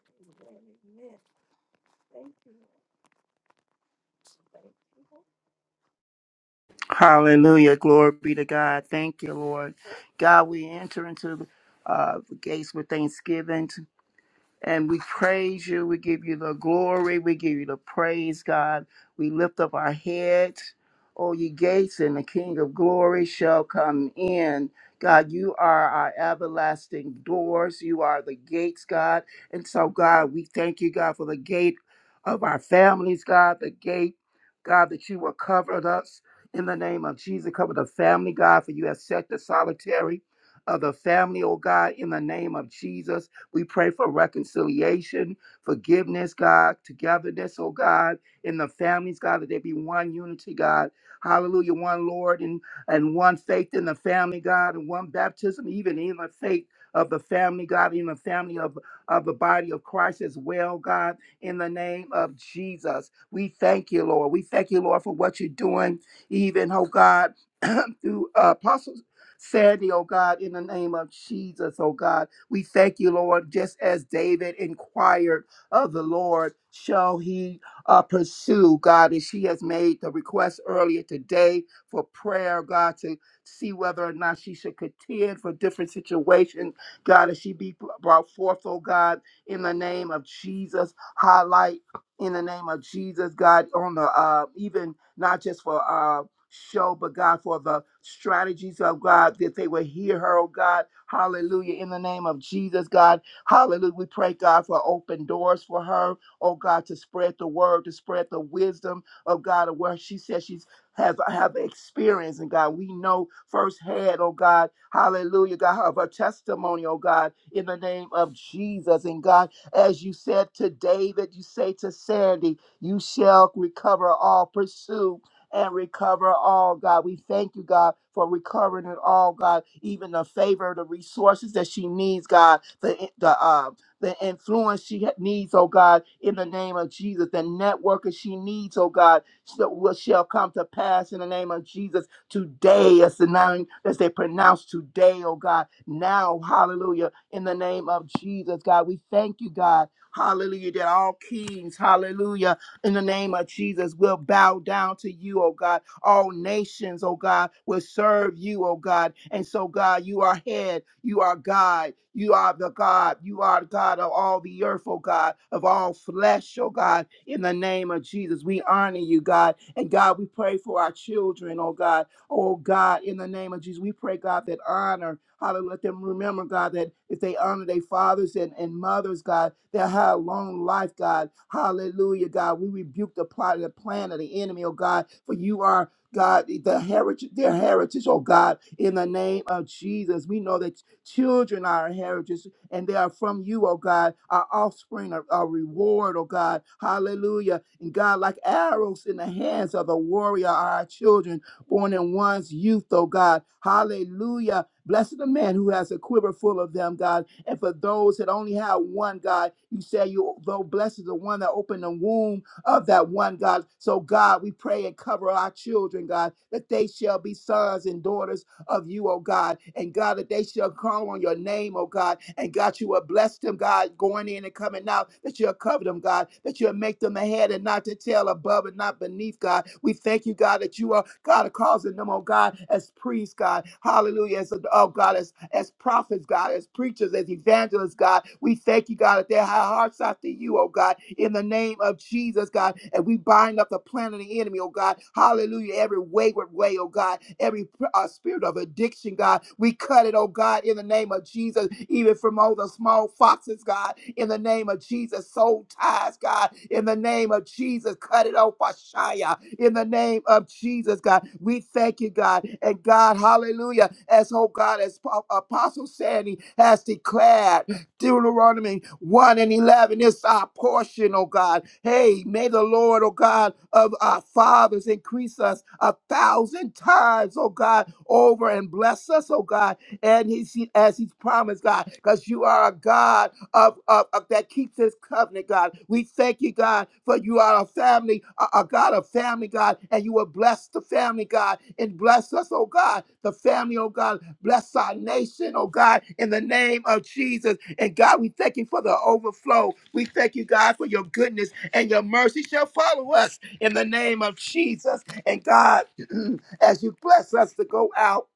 Speaker 3: Hallelujah. Glory be to God. Thank you, Lord. God, we enter into uh, the gates with thanksgiving. And we praise you. We give you the glory. We give you the praise, God. We lift up our heads. O ye gates, and the King of glory shall come in. God, you are our everlasting doors. You are the gates, God. And so, God, we thank you, God, for the gate of our families, God, the gate, God, that you will cover us in the name of Jesus. Cover the family, God, for you have set the solitary of the family, oh God, in the name of Jesus. We pray for reconciliation, forgiveness, God, togetherness, oh God, in the families, God, that there be one unity, God. Hallelujah, one Lord and, and one faith in the family, God, and one baptism, even in the faith of the family, God, in the family of, of the body of Christ as well, God, in the name of Jesus. We thank you, Lord. We thank you, Lord, for what you're doing, even, oh God, through uh, apostles. Sandy, oh God, in the name of Jesus, oh God. We thank you, Lord, just as David inquired of the Lord, shall he uh, pursue, God, as she has made the request earlier today for prayer, God, to see whether or not she should contend for different situations, God, as she be brought forth, oh God, in the name of Jesus. Highlight in the name of Jesus, God, on the uh, even not just for uh, show, but God, for the strategies of God, that they will hear her, oh God. Hallelujah. In the name of Jesus, God. Hallelujah. We pray, God, for open doors for her, oh God, to spread the word, to spread the wisdom of God, of where she says she's have have experience and God we know firsthand oh God hallelujah God of her testimony oh God in the name of Jesus and God as you said to David you say to Sandy you shall recover all pursue and recover all, God. We thank you, God, for recovering it all, God. Even the favor, the resources that she needs, God, the the uh, the influence she ha- needs, oh God, in the name of Jesus, the network that she needs, oh God, so will shall come to pass in the name of Jesus today. As the name as they pronounce today, oh God, now, hallelujah, in the name of Jesus, God, we thank you, God, hallelujah, that all kings, hallelujah in the name of Jesus. We'll bow down to you, oh God. All nations, oh God, will serve you, oh God. And so, God, you are head, you are God, you are the God, you are the God of all the earth, oh God, of all flesh, oh God. In the name of Jesus, we honor you, God. And God, we pray for our children, oh God. Oh God, in the name of Jesus, we pray, God, that honor, hallelujah, let them remember, God, that if they honor their fathers and, and mothers, God, they'll have long life, God. Hallelujah, God. We rebuke the plot and the plan of the enemy, oh God, for you are God, the heritage, their heritage, oh God, in the name of Jesus. We know that children are our heritage and they are from you, oh God, our offspring, our, our reward, oh God. Hallelujah. And God, like arrows in the hands of a warrior are our children born in one's youth, oh God. Hallelujah. Blessed the man who has a quiver full of them, God. And for those that only have one, God, you say you though blessed is the one that opened the womb of that one, God. So God, we pray and cover our children, God, that they shall be sons and daughters of you, oh God. And God, that they shall call on your name, oh God. And God, you will bless them, God, going in and coming out, that you'll cover them, God, that you'll make them ahead and not to tail, above and not beneath, God. We thank you, God, that you are, God, are causing them, oh God, as priests, God. Hallelujah. As, oh God, as, as prophets, God, as preachers, as evangelists, God. We thank you, God you, God, that their hearts after you, oh God, in the name of Jesus, God. And we bind up the plan of the enemy, oh God. Hallelujah. Every wayward way, oh God. Every uh, spirit of addiction, God. We cut it, oh God, in the name of Jesus, even from all the small foxes, God, in the name of Jesus. Soul ties, God, in the name of Jesus. Cut it off, Ashaya, in the name of Jesus, God. We thank you, God. And God, hallelujah. As, oh God, as Apostle Sandy has declared. Deuteronomy 1 and 11 is our portion, oh God. Hey, may the Lord, oh God, of our fathers increase us a thousand times, oh God, over and bless us, oh God and he's, he, she- as he's promised, God, because you are a God of, of, of that keeps his covenant, God. We thank you, God, for you are a family, a, a God of family, God, and you will bless the family, God, and bless us, oh God, the family, oh God, bless our nation, oh God, in the name of Jesus. And God, we thank you for the overflow. We thank you, God, for your goodness and your mercy shall follow us in the name of Jesus. And God, as you bless us to go out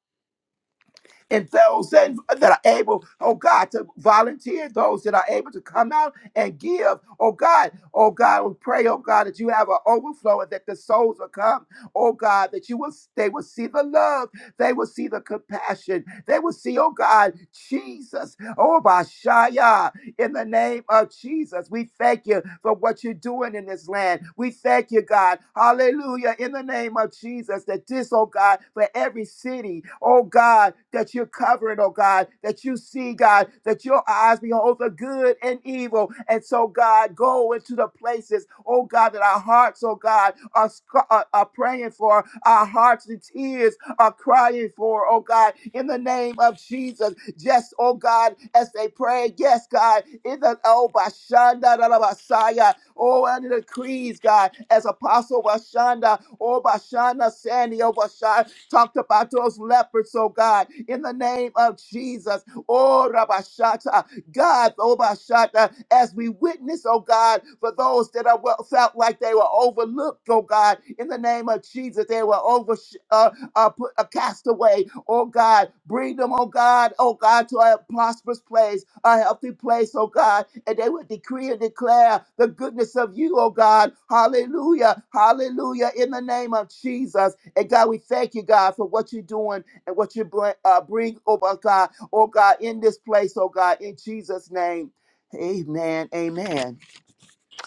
Speaker 3: and those that, that are able, oh God, to volunteer, those that are able to come out and give, oh God, oh God, we pray, oh God, that you have an overflow and that the souls will come, oh God, that you will, they will see the love, they will see the compassion, they will see, oh God, Jesus, oh Bashaya in the name of Jesus. We thank you for what you're doing in this land. We thank you, God. Hallelujah. In the name of Jesus, that this, oh God, for every city, oh God, that you're covering, oh God, that you see, God, that your eyes behold the good and evil. And so, God, go into the places, oh God, that our hearts, oh God, are, sc- are, are praying for, our hearts and tears are crying for, oh God, in the name of Jesus. Jesus. yes, oh God, as they pray, yes, God, in the oh Bashanda da, da, Basaya, oh and the creeds, God, as Apostle Bashanda, oh Bashanda Sandy, oh Bashanda, talked about those leopards, oh God, in the name of Jesus, oh Rabashata, God, oh Bashata, as we witness, oh God, for those that are well, felt like they were overlooked, oh God, in the name of Jesus, they were over. uh, uh, put a castaway, oh God, bring them, oh God, oh God, to a prosperous place, a healthy place, oh God, and they would decree and declare the goodness of you, oh God, hallelujah, hallelujah, in the name of Jesus, and God, we thank you, God, for what you're doing and what you bring, uh, bring oh my God, oh God, in this place, oh God, in Jesus' name, amen, amen.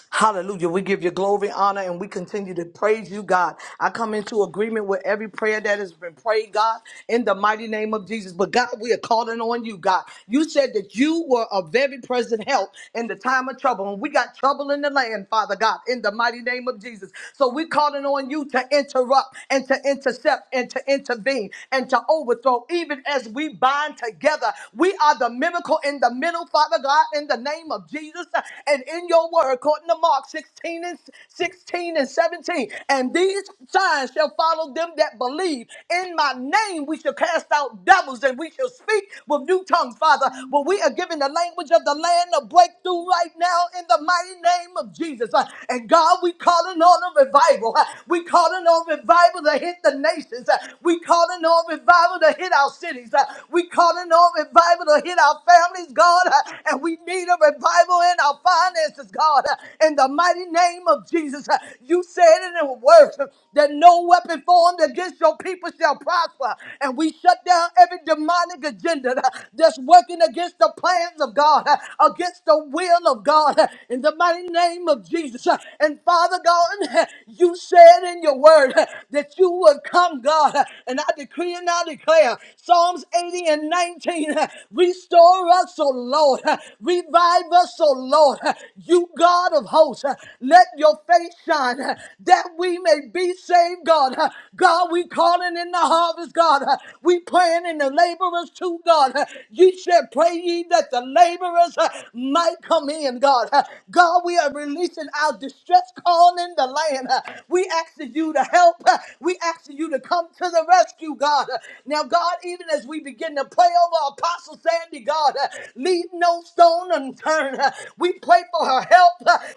Speaker 2: Hallelujah. We give you glory, honor, and we continue to praise you, God. I come into agreement with every prayer that has been prayed, God, in the mighty name of Jesus. But God, we are calling on you, God. You said that you were a very present help in the time of trouble. And we got trouble in the land, Father God, in the mighty name of Jesus. So we're calling on you to interrupt and to intercept and to intervene and to overthrow, even as we bind together. We are the miracle in the middle, Father God. in the in the name of Jesus uh, and in your word, according to Mark 16 and 16 and 17. And these signs shall follow them that believe. In my name we shall cast out devils and we shall speak with new tongues, Father. But we are given the language of the land of breakthrough right now in the mighty name of Jesus. Uh, And God, we calling on a revival. Uh, We calling on revival to hit the nations. Uh, We calling on revival to hit our cities. Uh, We calling on revival revival to hit our families, God, uh, and we need a revival in our finances, God, uh, in the mighty name of Jesus. Uh, You said in your word uh, that no weapon formed against your people shall prosper, and we shut down every demonic agenda uh, that's working against the plans of God, uh, against the will of God, uh, in the mighty name of Jesus. Uh, And Father God, you said in your word uh, that you would come, God, uh, and I decree and I I declare Psalms 80 and 19. Restore us, O Lord. Revive us, O Lord. You God of hosts, let your face shine that we may be saved, God. God, we calling in the harvest, God. We praying in the laborers too, God. You said, pray ye that the laborers uh, might come in, God. Uh, God, we are releasing our distress calling in the land. Uh, We ask that you to help. Uh, We asking you to come to the rescue, God. Now, God, even as we begin to pray over Apostle Sandy, God, leave no stone unturned. We pray for her help.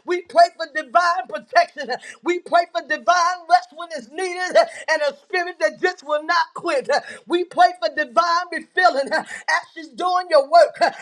Speaker 2: We pray for divine protection. We pray for divine rest when it's needed and a spirit that just will not quit. We pray for divine refilling as she's doing your work, as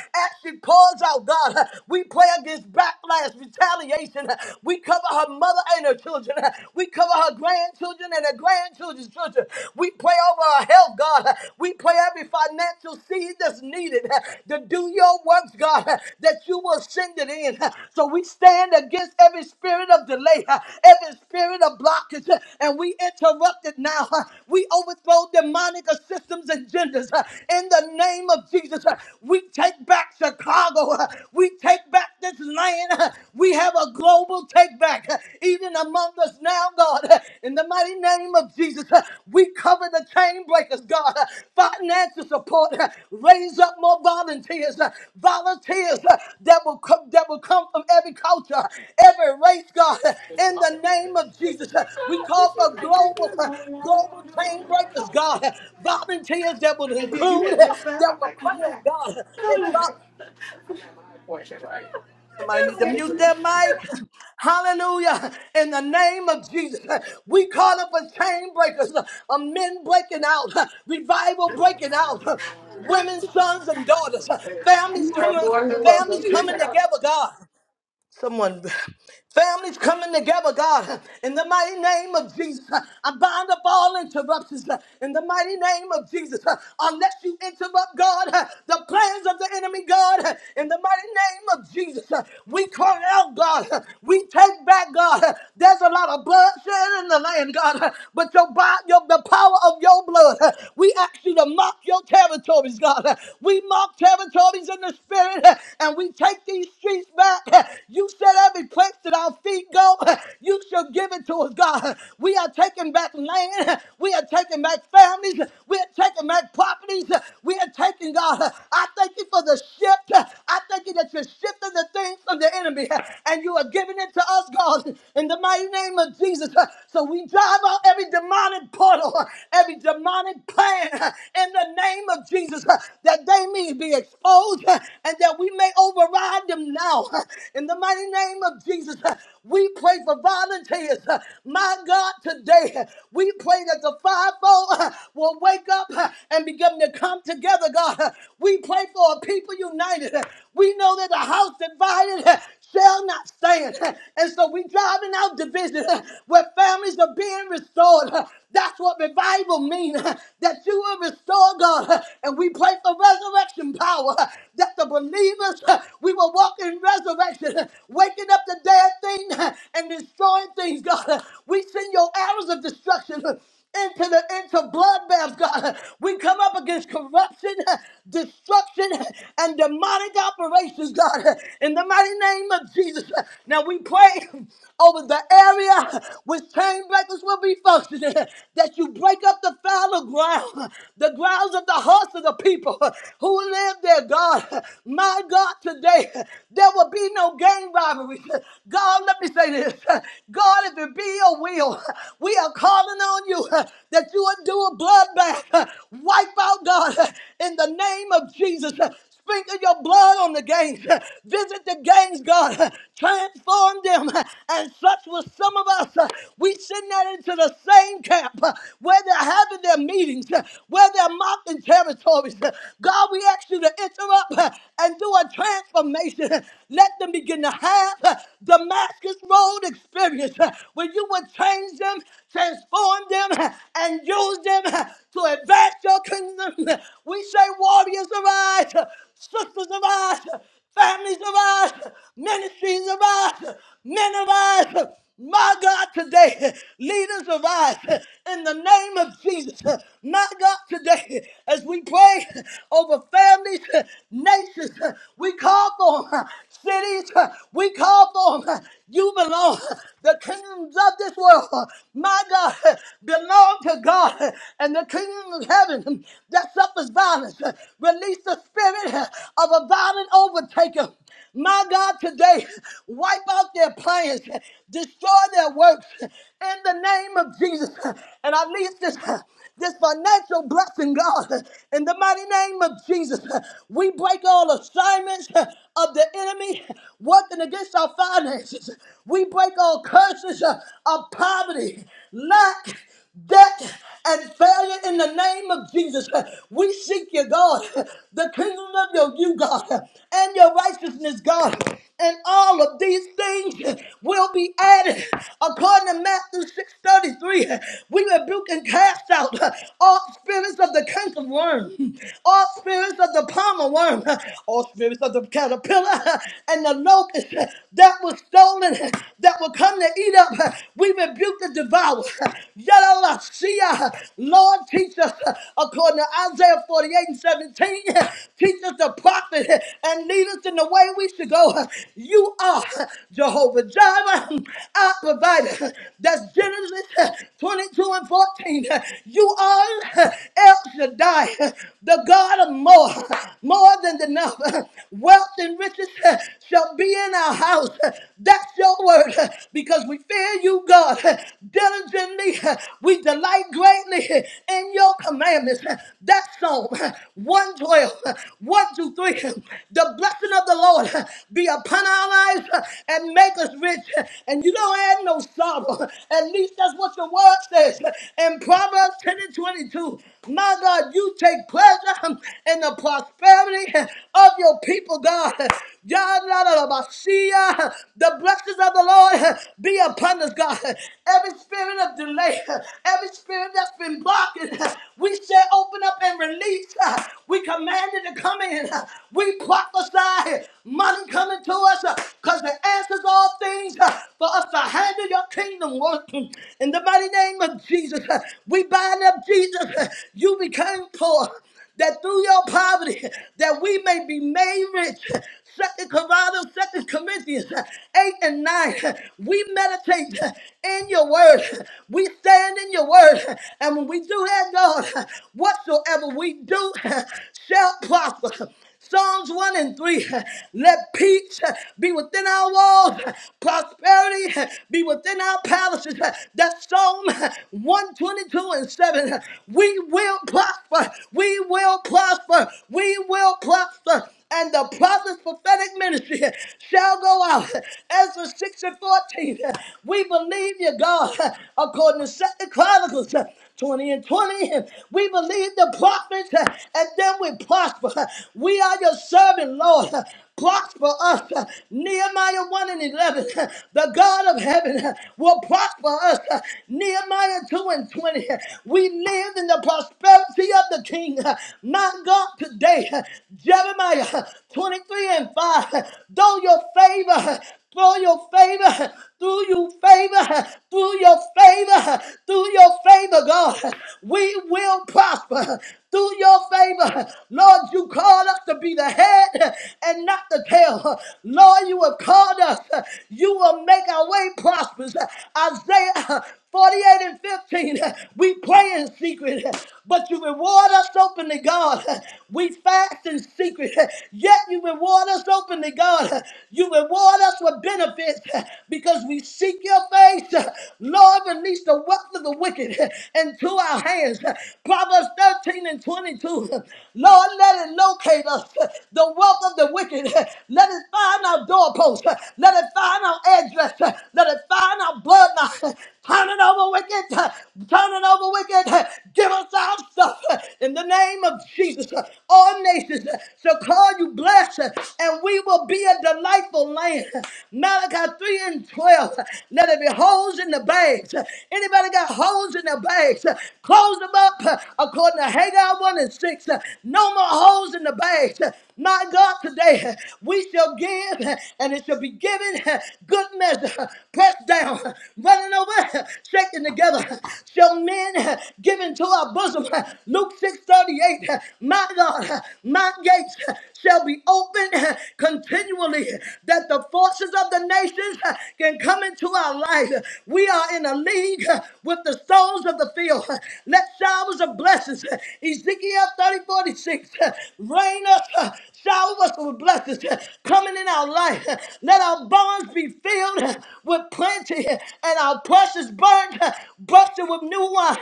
Speaker 2: she pours out, God. We pray against backlash, retaliation. We cover her mother and her children. We cover her grandchildren and her grandchildren's children. We pray over her health, God. We pray every financial seed that's needed to do your works, God, that you will send it in. So we stand against every spirit of delay, every spirit of blockage, and we interrupt it now. We overthrow demonic systems and genders in the name of Jesus. We take back Chicago. We take back this land. We have a global take back, even among us now, God. In the mighty name of Jesus, we cover the chain breakers, God. Financial support, raise up more volunteers, volunteers that will come, that will come from every culture, every race, God. In the name of Jesus, we call for global, global chain breakers, God. Volunteers that will include, that will pray, God, and God. Somebody need to mute their mic. Hallelujah. In the name of Jesus. We call up a chain breakers, a men breaking out, revival breaking out, women, sons, and daughters, families coming, families coming together, God. Someone, families coming together, God, in the mighty name of Jesus. I bind up all interruptions in the mighty name of Jesus. Unless you interrupt, God, the plans of the enemy, God, in the mighty name of Jesus. We call out, God. We take back, God. There's a lot of bloodshed in the land, God, but your, bo- your the power of your blood, we ask you to mark your territories, God. We mark territories in the spirit, and we take these streets back. You set every place that our feet go, you shall give it to us, God. We are taking back land. We are taking back families. We are taking back properties. We are taking, God. I thank you for the shift. I thank you that you're shifting the things from the enemy and you are giving it to us, God, in the mighty name of Jesus. So we drive out every demonic portal, every demonic plan in the name of Jesus that they may be exposed and that we may override them now. In the mighty name of Jesus, we pray for volunteers. My God, today we pray that the fivefold will wake up and begin to come together, God. We pray for a people united. We know that a house divided shall not stand. And so we driving out division where families are being restored. That's what revival means. That you will restore God. And we pray for resurrection power. That the believers we will walk in resurrection, waking up the dead thing and destroying things, God. We send your arrows of destruction into the into bloodbath, God. We come up against corruption, destruction, and demonic operations, God, in the mighty name of Jesus. Now we pray over the area which chain breakers will be functioning, that you break up the fallow ground, the grounds of the hearts of the people who live there, God. My God, today there will be no gang robberies. God, let me say this. God, if it be your will, we are called calling on you uh, that you would do a bloodbath. uh, Wipe out, God, uh, in the name of Jesus. uh, Sprinkle your blood on the gangs. uh, Visit the gangs, God. uh, Transform them. uh, And such was some of us. uh, We send that into the same camp uh, where they're having their meetings, uh, where they're mocking territories. uh, God, we ask you to interrupt uh, and do a transformation. uh, Let them begin to have uh, Damascus Road experience uh, where you would change them transform them, and use them to advance your kingdom. We say, warriors arise, sisters arise, families arise, ministries arise, men arise. My God, today, leaders arise in the name of Jesus. My God, today, as we pray over families, nations, we call for cities. We call for you belong. The kingdoms of this world, my God, belong to God. And the kingdom of heaven that suffers violence, release the spirit of a violent overtaker. My God, today, wipe out their plans, destroy their works in the name of Jesus. And I release this, this financial blessing, God, in the mighty name of Jesus. We break all assignments of the the enemy working against our finances. We break all curses uh, of poverty, lack, debt, and failure in the name of Jesus. We seek you, God, the kingdom of your you, God, and your righteousness, God and all of these things will be added. According to Matthew 6:33, we rebuke and cast out all spirits of the canker worm, all spirits of the palmer worm, all spirits of the caterpillar and the locust that was stolen, that will come to eat up. We rebuke the devourer. Yadalasia. Lord, teach us according to Isaiah 48 and 17. Teach us the prophet and lead us in the way we should go. You are Jehovah Jireh, our provider. That's Genesis 22 and 14. You are El Shaddai, the God of more, more than enough. Wealth and riches shall be in our house. That's your word because we fear you, God. Diligently, we delight greatly in your commandments. That's Psalm 112. One, two, three. The blessing of the Lord be upon our lives and make us rich. And you don't add no sorrow. At least that's what your word says. In Proverbs 10 and 22, my God, you take pleasure in the prosperity of your people, God. Yah, la, la, la, ba, see ya. The blessings of the Lord be upon us, God. Every spirit of delay, every spirit that's been blocking, we say open up and release released. uh, We commanded to come in. uh, We prophesy money coming to us because the answers all things uh, for us to handle your kingdom work. In the mighty name of Jesus, uh, we bind up Jesus. uh, You became poor that through your poverty that we may be made rich. Second Corinthians, Second Corinthians, eight and nine. We meditate in your word. We stand in your word, and when we do that, God, whatsoever we do shall prosper. Psalms 1 and 3. Let peace uh, be within our walls, prosperity be within our palaces. That's Psalm 122 and 7. We will prosper. We will prosper. We will prosper. And the prophet's prophetic ministry shall go out. Ezra 6 and 14. We believe you, God, according to Second Chronicles. 20 and 20. We believe the prophets uh, and then we prosper. We are your servant, Lord. Prosper us. Nehemiah 1 and 11. The God of heaven will prosper us. Nehemiah 2 and 20. We live in the prosperity of the King, not God today. Jeremiah 23 and 5. Though your favor through your favor, through your favor, through your favor, through your favor, God, we will prosper. Through your favor, Lord, you called us to be the head and not the tail. Lord, you have called us. You will make our way prosperous. Isaiah 48 and 15. We pray in secret, but you reward us openly, God. We fast in secret, yet you reward us openly, God. You reward us with benefits because we seek your face. Lord, release the wealth of the wicked into our hands. Proverbs 13 and 22. Lord, let it locate us, the wealth of the wicked. Let it find our doorpost house. Let it find our address. Let it find our bloodline. Turn it over wicked. Turn it over wicked. Give us our stuff. In the name of Jesus, all nations shall call you blessed, and we will be a delightful land. Malachi 3 and 12. Let it be holes in the bags. Anybody got holes in their bags? Close them up according to Haggai 1 and 6. No more holes those the bags. My God, today we shall give and it shall be given good measure, pressed down, running over, shaken together. Shall men give into our bosom? Luke six thirty eight. My God, my gates shall be open continually, that the forces of the nations can come into our life. We are in a league with the stones of the field. Let showers of blessings, Ezekiel 30 46, rain us Shower us with blessings coming in our life. Let our barns be filled with plenty and our precious burnt, busted with new wine.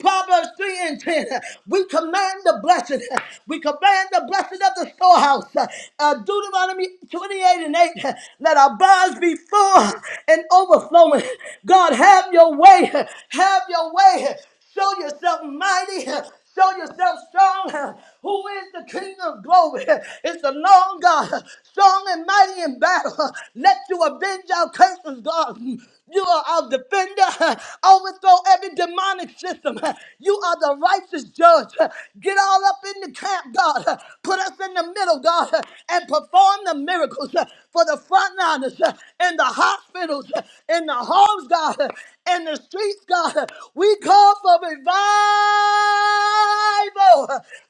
Speaker 2: Proverbs 3 and 10. We command the blessing. We command the blessing of the storehouse. Uh, Deuteronomy 28 and 8. Let our barns be full and overflowing. God, have your way. Have your way. Show yourself mighty. Show yourself strong. Who is the King of glory? It's the Lord God, strong and mighty in battle. Let you avenge our curses, God. You are our defender. Overthrow every demonic system. You are the righteous judge. Get all up in the camp, God. Put us in the middle, God, and perform the miracles for the frontliners in the hospitals, in the homes, God in the streets, God. We call for revival.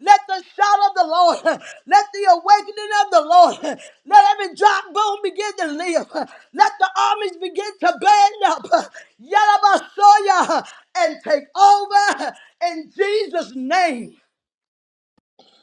Speaker 2: Let the shout of the Lord, let the awakening of the Lord, let every drop bone begin to live. Let the armies begin to band up. Yalabasoya and take over in Jesus' name.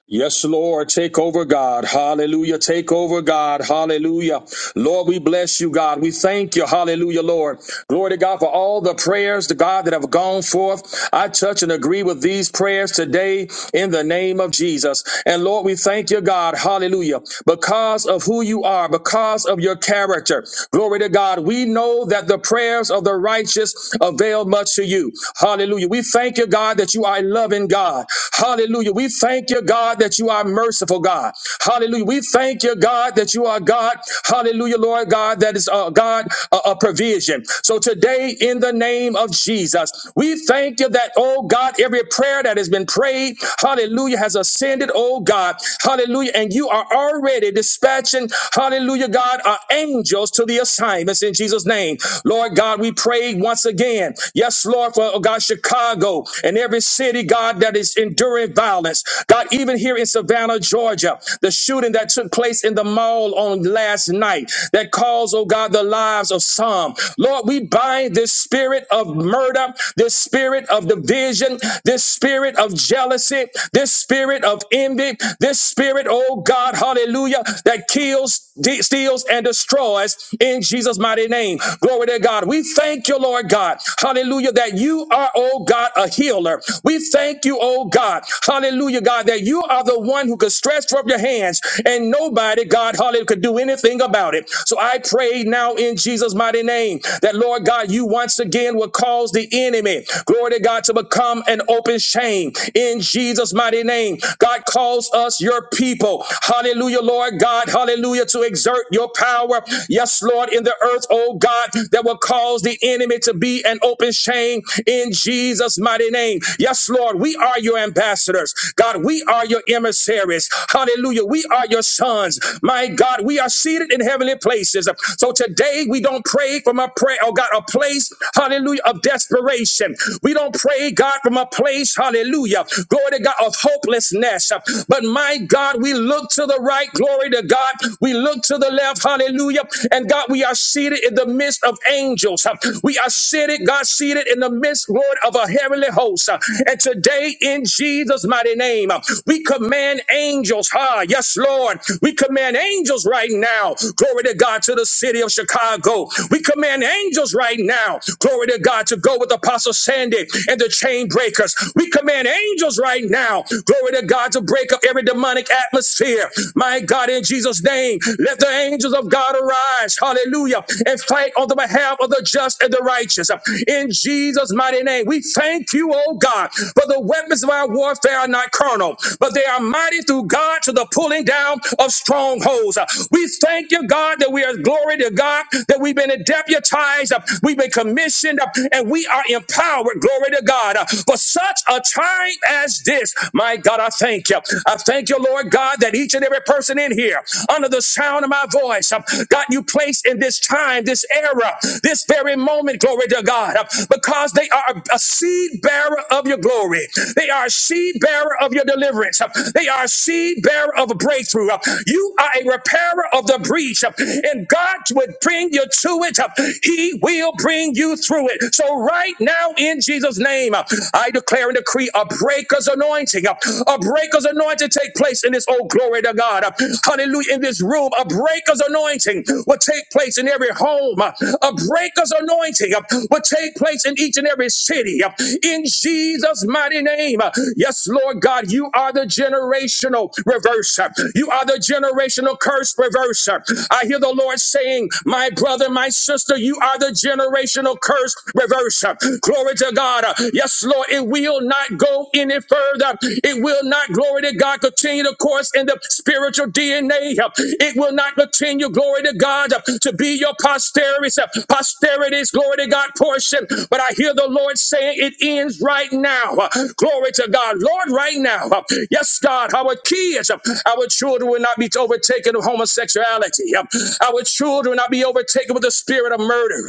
Speaker 12: Yes, Lord, take over, God. Hallelujah. Take over, God. Hallelujah. Lord, we bless you, God. We thank you. Hallelujah, Lord. Glory to God for all the prayers to God that have gone forth. I touch and agree with these prayers today in the name of Jesus. And Lord, we thank you, God. Hallelujah. Because of who you are, because of your character. Glory to God. We know that the prayers of the righteous avail much to you. Hallelujah. We thank you, God, that you are a loving God. Hallelujah. Hallelujah. We thank you, God, that you are merciful, God. Hallelujah. We thank you, God, that you are God. Hallelujah, Lord God, that is uh, God uh, a provision. So today, in the name of Jesus, we thank you that, oh God, every prayer that has been prayed, hallelujah, has ascended, oh God, hallelujah, and you are already dispatching, hallelujah, God, our angels to the assignments in Jesus' name. Lord God, we pray once again, yes, Lord, for, oh God, Chicago and every city, God, that that is enduring violence. God, even here in Savannah, Georgia, the shooting that took place in the mall on last night that caused, oh God, the lives of some. Lord, we bind this spirit of murder, this spirit of division, this spirit of jealousy, this spirit of envy, this spirit, oh God, hallelujah, that kills, de- steals, and destroys in Jesus' mighty name. Glory to God. We thank you, Lord God, hallelujah, that you are, oh God, a healer healer. We thank you, oh God. Hallelujah, God, that you are the one who could stretch from your hands and nobody, God, hallelujah, could do anything about it. So I pray now in Jesus' mighty name that, Lord God, you once again will cause the enemy, glory to God, to become an open shame in Jesus' mighty name. God calls us your people. Hallelujah, Lord God, hallelujah, to exert your power. Yes, Lord, in the earth, oh God, that will cause the enemy to be an open shame in Jesus. Jesus' mighty name. Yes, Lord, we are your ambassadors. God, we are your emissaries. Hallelujah. We are your sons. My God, we are seated in heavenly places. So today we don't pray from a prayer, oh God, a place, hallelujah, of desperation. We don't pray, God, from a place, hallelujah, glory to God, of hopelessness. But my God, we look to the right, glory to God. We look to the left, hallelujah. And God, we are seated in the midst of angels. We are seated, God, seated defeated in the midst, Lord, of a heavenly host. Uh, And today, in Jesus' mighty name, uh, we command angels. Ah, yes, Lord. We command angels right now. Glory to God to the city of Chicago. We command angels right now. Glory to God to go with Apostle Sandy and the chain breakers. We command angels right now. Glory to God to break up every demonic atmosphere. My God, in Jesus' name, let the angels of God arise. Hallelujah. And fight on the behalf of the just and the righteous righteous. In Jesus' mighty name, we thank you, oh God, for the weapons of our warfare are not carnal, but they are mighty through God to the pulling down of strongholds. We thank you, God, that we are glory to God, that we've been deputized, we've been commissioned, and we are empowered, glory to God, for such a time as this. My God, I thank you. I thank you, Lord God, that each and every person in here, under the sound of my voice, God, you place in this time, this era, this very moment, glory to God, because they are a seed bearer of your glory. They are a seed bearer of your deliverance. They are a seed bearer of a breakthrough. You are a repairer of the breach, and God would bring you to it. He will bring you through it. So, right now, in Jesus' name, I declare and decree a breaker's anointing. A breaker's anointing take place in this, oh, glory to God. Hallelujah. In this room, a breaker's anointing will take place in every home home. A breaker's anointing uh, will take place in each and every city. uh, In Jesus' mighty name. Yes, Lord God, you are the generational reverser. You are the generational curse reverser. I hear the Lord saying, My brother, my sister, you are the generational curse reverser. Glory to God. Yes, Lord, it will not go any further. It will not, glory to God, continue the course in the spiritual DNA. It will not continue, glory to God. God, to be your posterities, posterities, glory to God, portion. But I hear the Lord saying it ends right now. Glory to God, Lord, right now. Yes, God, our kids, our children will not be overtaken with homosexuality. Our children will not be overtaken with the spirit of murder.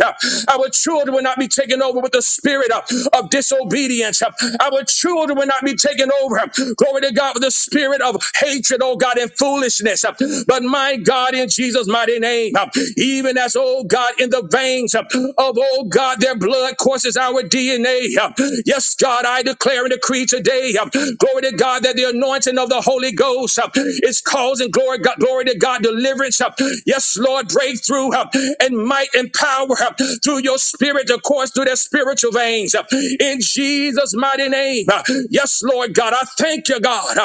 Speaker 12: Our children will not be taken over with the spirit of, of disobedience. Our children will not be taken over, glory to God, with the spirit of hatred, oh God, and foolishness. But my God, in Jesus' Jesus' mighty name. Even as, oh God, in the veins of, oh God, their blood courses our DNA. Yes, God, I declare and decree today, glory to God, that the anointing of the Holy Ghost is causing glory, God, glory to God, deliverance. Yes, Lord, breakthrough and might and power through your spirit to course through their spiritual veins. In Jesus' mighty name. Yes, Lord God, I thank you, God.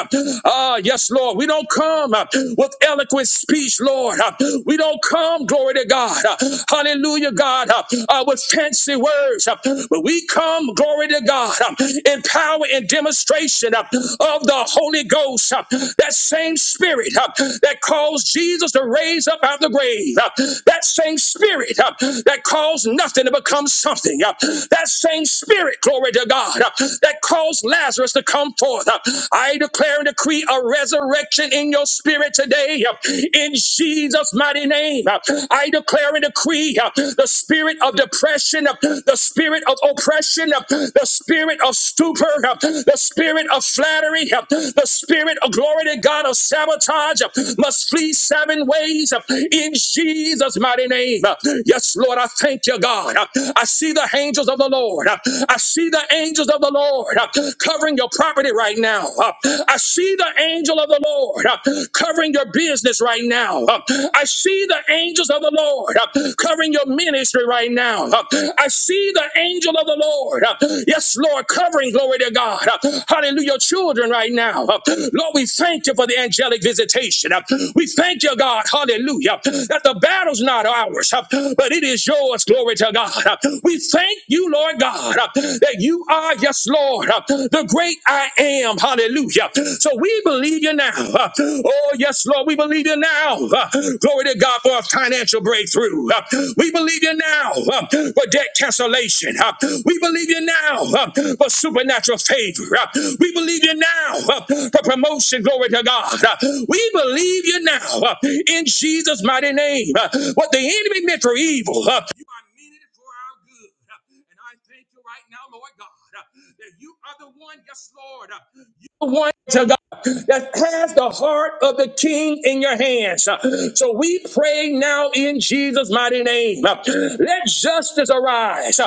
Speaker 12: Ah, yes, Lord, we don't come with eloquence speech, Lord. Uh, We don't come, glory to God. uh, Hallelujah, God, uh, uh, with fancy words, uh, but we come, glory to God, uh, in power and demonstration uh, of the Holy Ghost. uh, That same spirit uh, that caused Jesus to raise up out of the grave. uh, That same spirit uh, that caused nothing to become something. uh, That same spirit, glory to God, uh, that caused Lazarus to come forth. uh, I declare and decree a resurrection in your spirit spirit today uh, in Jesus' mighty name. Uh, I declare and decree uh, the spirit of depression, uh, the spirit of oppression, uh, the spirit of stupor, uh, the spirit of flattery, uh, the spirit of glory to God of sabotage uh, must flee seven ways uh, in Jesus' mighty name. Uh, Yes, Lord, I thank you, God. Uh, I see the angels of the Lord. Uh, I see the angels of the Lord uh, covering your property right now. Uh, I see the angel of the the Lord uh, covering your business right now. Uh, I see the angels of the Lord uh, covering your ministry right now. Uh, I see the angel of the Lord. uh, Yes, Lord, covering, glory to God. Uh, Hallelujah, your children right now. Uh, Lord, we thank you for the angelic visitation. Uh, We thank you, God, hallelujah, that the battle's not ours, uh, but it is yours, glory to God. Uh, We thank you, Lord God, uh, that you are, yes, Lord, uh, the great I am, hallelujah. So so we believe you now. Uh, Oh, yes, Lord, we believe you now. Uh, Glory to God for a financial breakthrough. Uh, We believe you now uh, for debt cancellation. Uh, We believe you now uh, for supernatural favor. Uh, We believe you now uh, for promotion. Glory to God. Uh, We believe you now uh, in Jesus' mighty name. Uh, What the enemy meant for evil, uh, you are meaning it for our good. Uh, And I thank you right now, Lord God, uh, that you are the one, yes, Lord. uh, You are the one to God that has the heart of the king in your hands. So we pray now in Jesus' mighty name. Let justice arise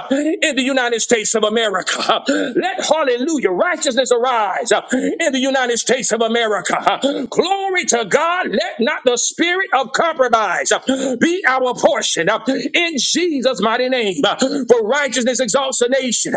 Speaker 12: in the United States of America. Let hallelujah, righteousness arise in the United States of America. Glory to God. Let not the spirit of compromise be our portion in Jesus' mighty name. For righteousness exalts a nation,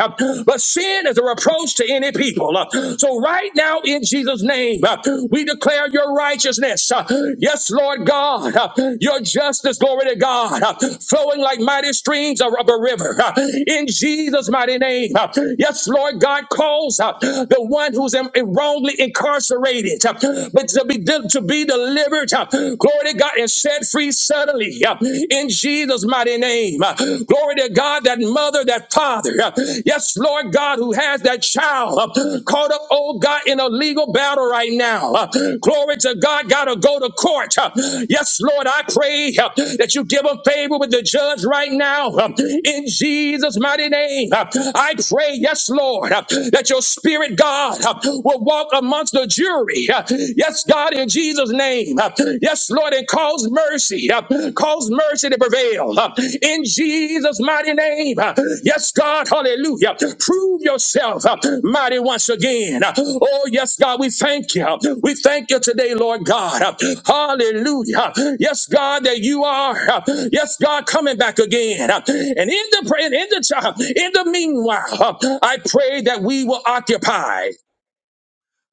Speaker 12: but sin is a reproach to any people. Uh, So right now, in Jesus' name, uh, we declare your righteousness. Uh, Yes, Lord God, uh, your justice, glory to God, uh, flowing like mighty streams of of a river. Uh, In Jesus' mighty name, uh, yes, Lord God, calls uh, the one who's in- wrongly incarcerated, uh, but to be, to be delivered, uh, glory to God, and set free suddenly. uh, In Jesus' mighty mighty name. Uh, Glory to God, that mother, that father. Uh, Yes, Lord God, who has that child uh, caught up, oh God, in a legal battle right now. Uh, Glory to God, gotta go to court. Uh, Yes, Lord, I pray uh, that you give them favor with the judge right now. Uh, In Jesus' mighty name, Uh, I pray, yes, Lord, uh, that your spirit, God, uh, will walk amongst the jury. Uh, Yes, God, in Jesus' name name. Uh, Yes, Lord, and cause mercy. uh, Cause mercy to prevail. uh, In Jesus' mighty name. Uh, Yes, God, hallelujah. Prove yourself uh, mighty once again. Uh, Oh, yes, God, we thank you. We thank you today, Lord God. Uh, Hallelujah. Yes, God, that you are, uh, yes, God, coming back again. Uh, And in the, in the, uh, in the meanwhile, uh, I pray that we will occupy.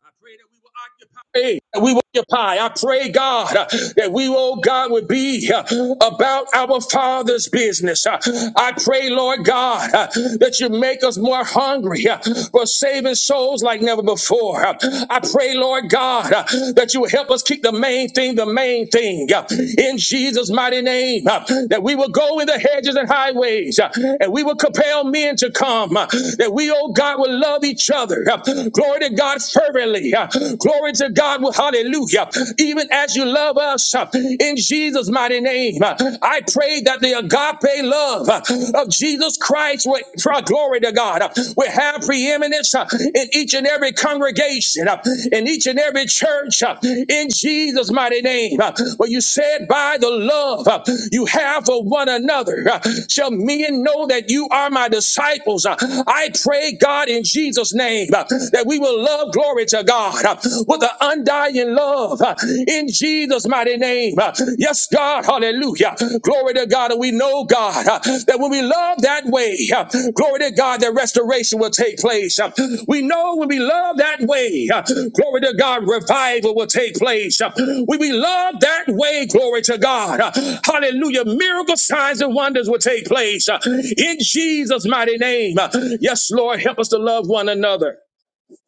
Speaker 12: I pray that we will occupy. Hey, that we will occupy. I pray, God, uh, that we, oh God, would be uh, about our Father's business. Uh, I pray, Lord God, uh, that you make us more hungry uh, for saving souls like never before. Uh, I pray, Lord God, uh, that you will help us keep the main thing the main thing. Uh, In Jesus' mighty name, uh, that we will go in the hedges and highways uh, and we will compel men to come. Uh, That we, oh God, will love each other. Uh, Glory to God. God fervently. Uh, Glory to God. Well, Hallelujah. Even as you love us uh, in Jesus' mighty name, uh, I pray that the agape love uh, of Jesus Christ, will, for glory to God, uh, will have preeminence uh, in each and every congregation, uh, in each and every church, uh, in Jesus' mighty name. Uh, Well, you said, by the love uh, you have for one another, uh, shall men know that you are my disciples. Uh, I pray, God, in Jesus' name, uh, that we that we will love glory to God uh, with an undying love uh, in Jesus' mighty name. Uh, Yes, God, hallelujah. Glory to God. And we know, God, uh, that when we love that way, uh, glory to God, that restoration will take place. Uh, We know when we love that way, uh, glory to God, revival will take place. Uh, When we love that way, glory to God, uh, hallelujah, miracle signs and wonders will take place uh, in Jesus' mighty name. Uh, Yes, Lord, help us to love one another.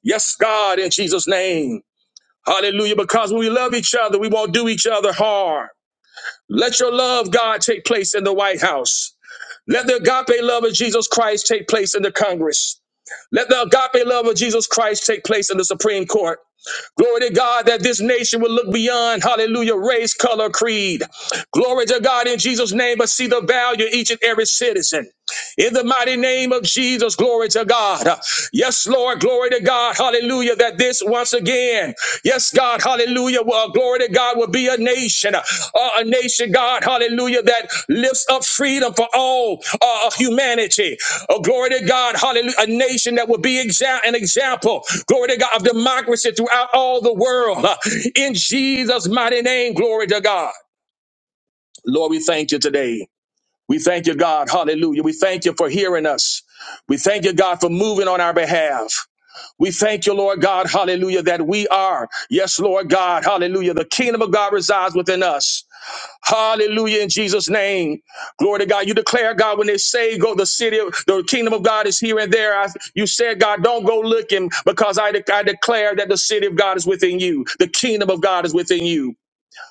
Speaker 12: Yes, God, in Jesus' name. Hallelujah. Because when we love each other, we won't do each other harm. Let your love, God, take place in the White House. Let the agape love of Jesus Christ take place in the Congress. Let the agape love of Jesus Christ take place in the Supreme Court. Glory to God that this nation will look beyond, hallelujah, race, color, creed. Glory to God in Jesus' name, but see the value of each and every citizen. In the mighty name of Jesus, glory to God. Yes, Lord, glory to God. Hallelujah. That this once again, yes, God, hallelujah. Well, glory to God will be a nation, uh, a nation, God, hallelujah, that lifts up freedom for all uh, humanity. Oh, glory to God, hallelujah. A nation that will be exa- an example, glory to God, of democracy throughout all the world. In Jesus' mighty name, glory to God. Lord, we thank you today. We thank you, God. Hallelujah. We thank you for hearing us. We thank you, God, for moving on our behalf. We thank you, Lord God. Hallelujah. That we are, yes, Lord God. Hallelujah. The kingdom of God resides within us. Hallelujah. In Jesus' name. Glory to God. You declare, God, when they say go, the city of the kingdom of God is here and there. I, you said, God, don't go looking because I, de- I declare that the city of God is within you. The kingdom of God is within you.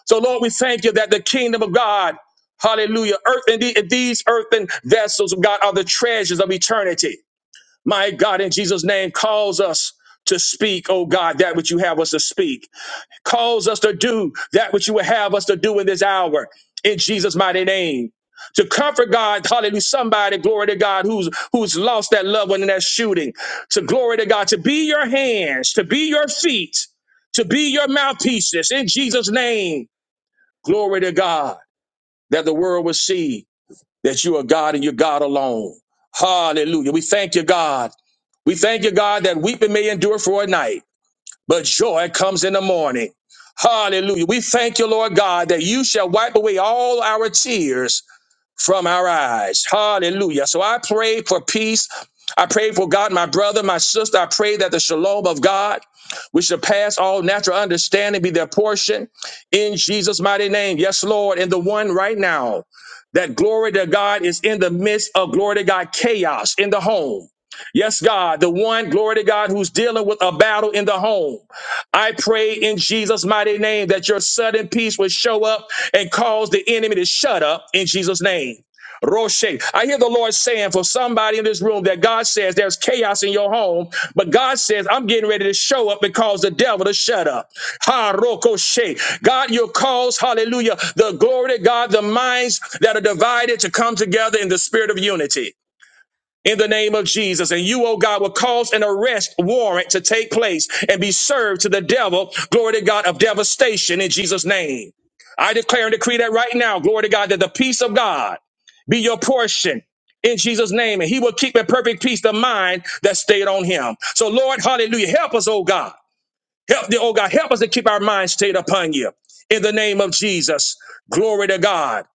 Speaker 12: So, Lord, we thank you that the kingdom of God, hallelujah, earth and the- these earthen vessels of God are the treasures of eternity. My God, in Jesus' name, calls us to speak, oh God, that which you have us to speak. Calls us to do that which you would have us to do in this hour, in Jesus' mighty name. To comfort God, hallelujah, somebody, glory to God, who's who's lost that loved one in that shooting. To glory to God, to be your hands, to be your feet, to be your mouthpieces in Jesus' name Glory to God that the world will see that you are God and you're God alone. Hallelujah. We thank you, God. We thank you, God, that weeping may endure for a night, but joy comes in the morning. Hallelujah. We thank you, Lord God, that you shall wipe away all our tears from our eyes. Hallelujah. So I pray for peace. I pray for God, my brother, my sister. I pray that the shalom of God, which surpass all natural understanding, be their portion in Jesus' mighty name. Yes, Lord. And the one right now, that glory to God is in the midst of glory to God chaos in the home. Yes, God, the one glory to God who's dealing with a battle in the home. I pray in Jesus' mighty name that your sudden peace will show up and cause the enemy to shut up in Jesus' name. Roche. I hear the Lord saying for somebody in this room that God says there's chaos in your home, but God says, I'm getting ready to show up and cause the devil to shut up. Ha Rokoshe. God, you'll cause, hallelujah, the glory to God, the minds that are divided to come together in the spirit of unity in the name of Jesus. And you, oh God, will cause an arrest warrant to take place and be served to the devil, glory to God, of devastation in Jesus' name. I declare and decree that right now, glory to God, that the peace of God be your portion in Jesus' name. And he will keep in perfect peace the mind that stayed on him. So, Lord, hallelujah, help us, oh God. Help the oh God, help us to keep our minds stayed upon you. In the name of Jesus, glory to God.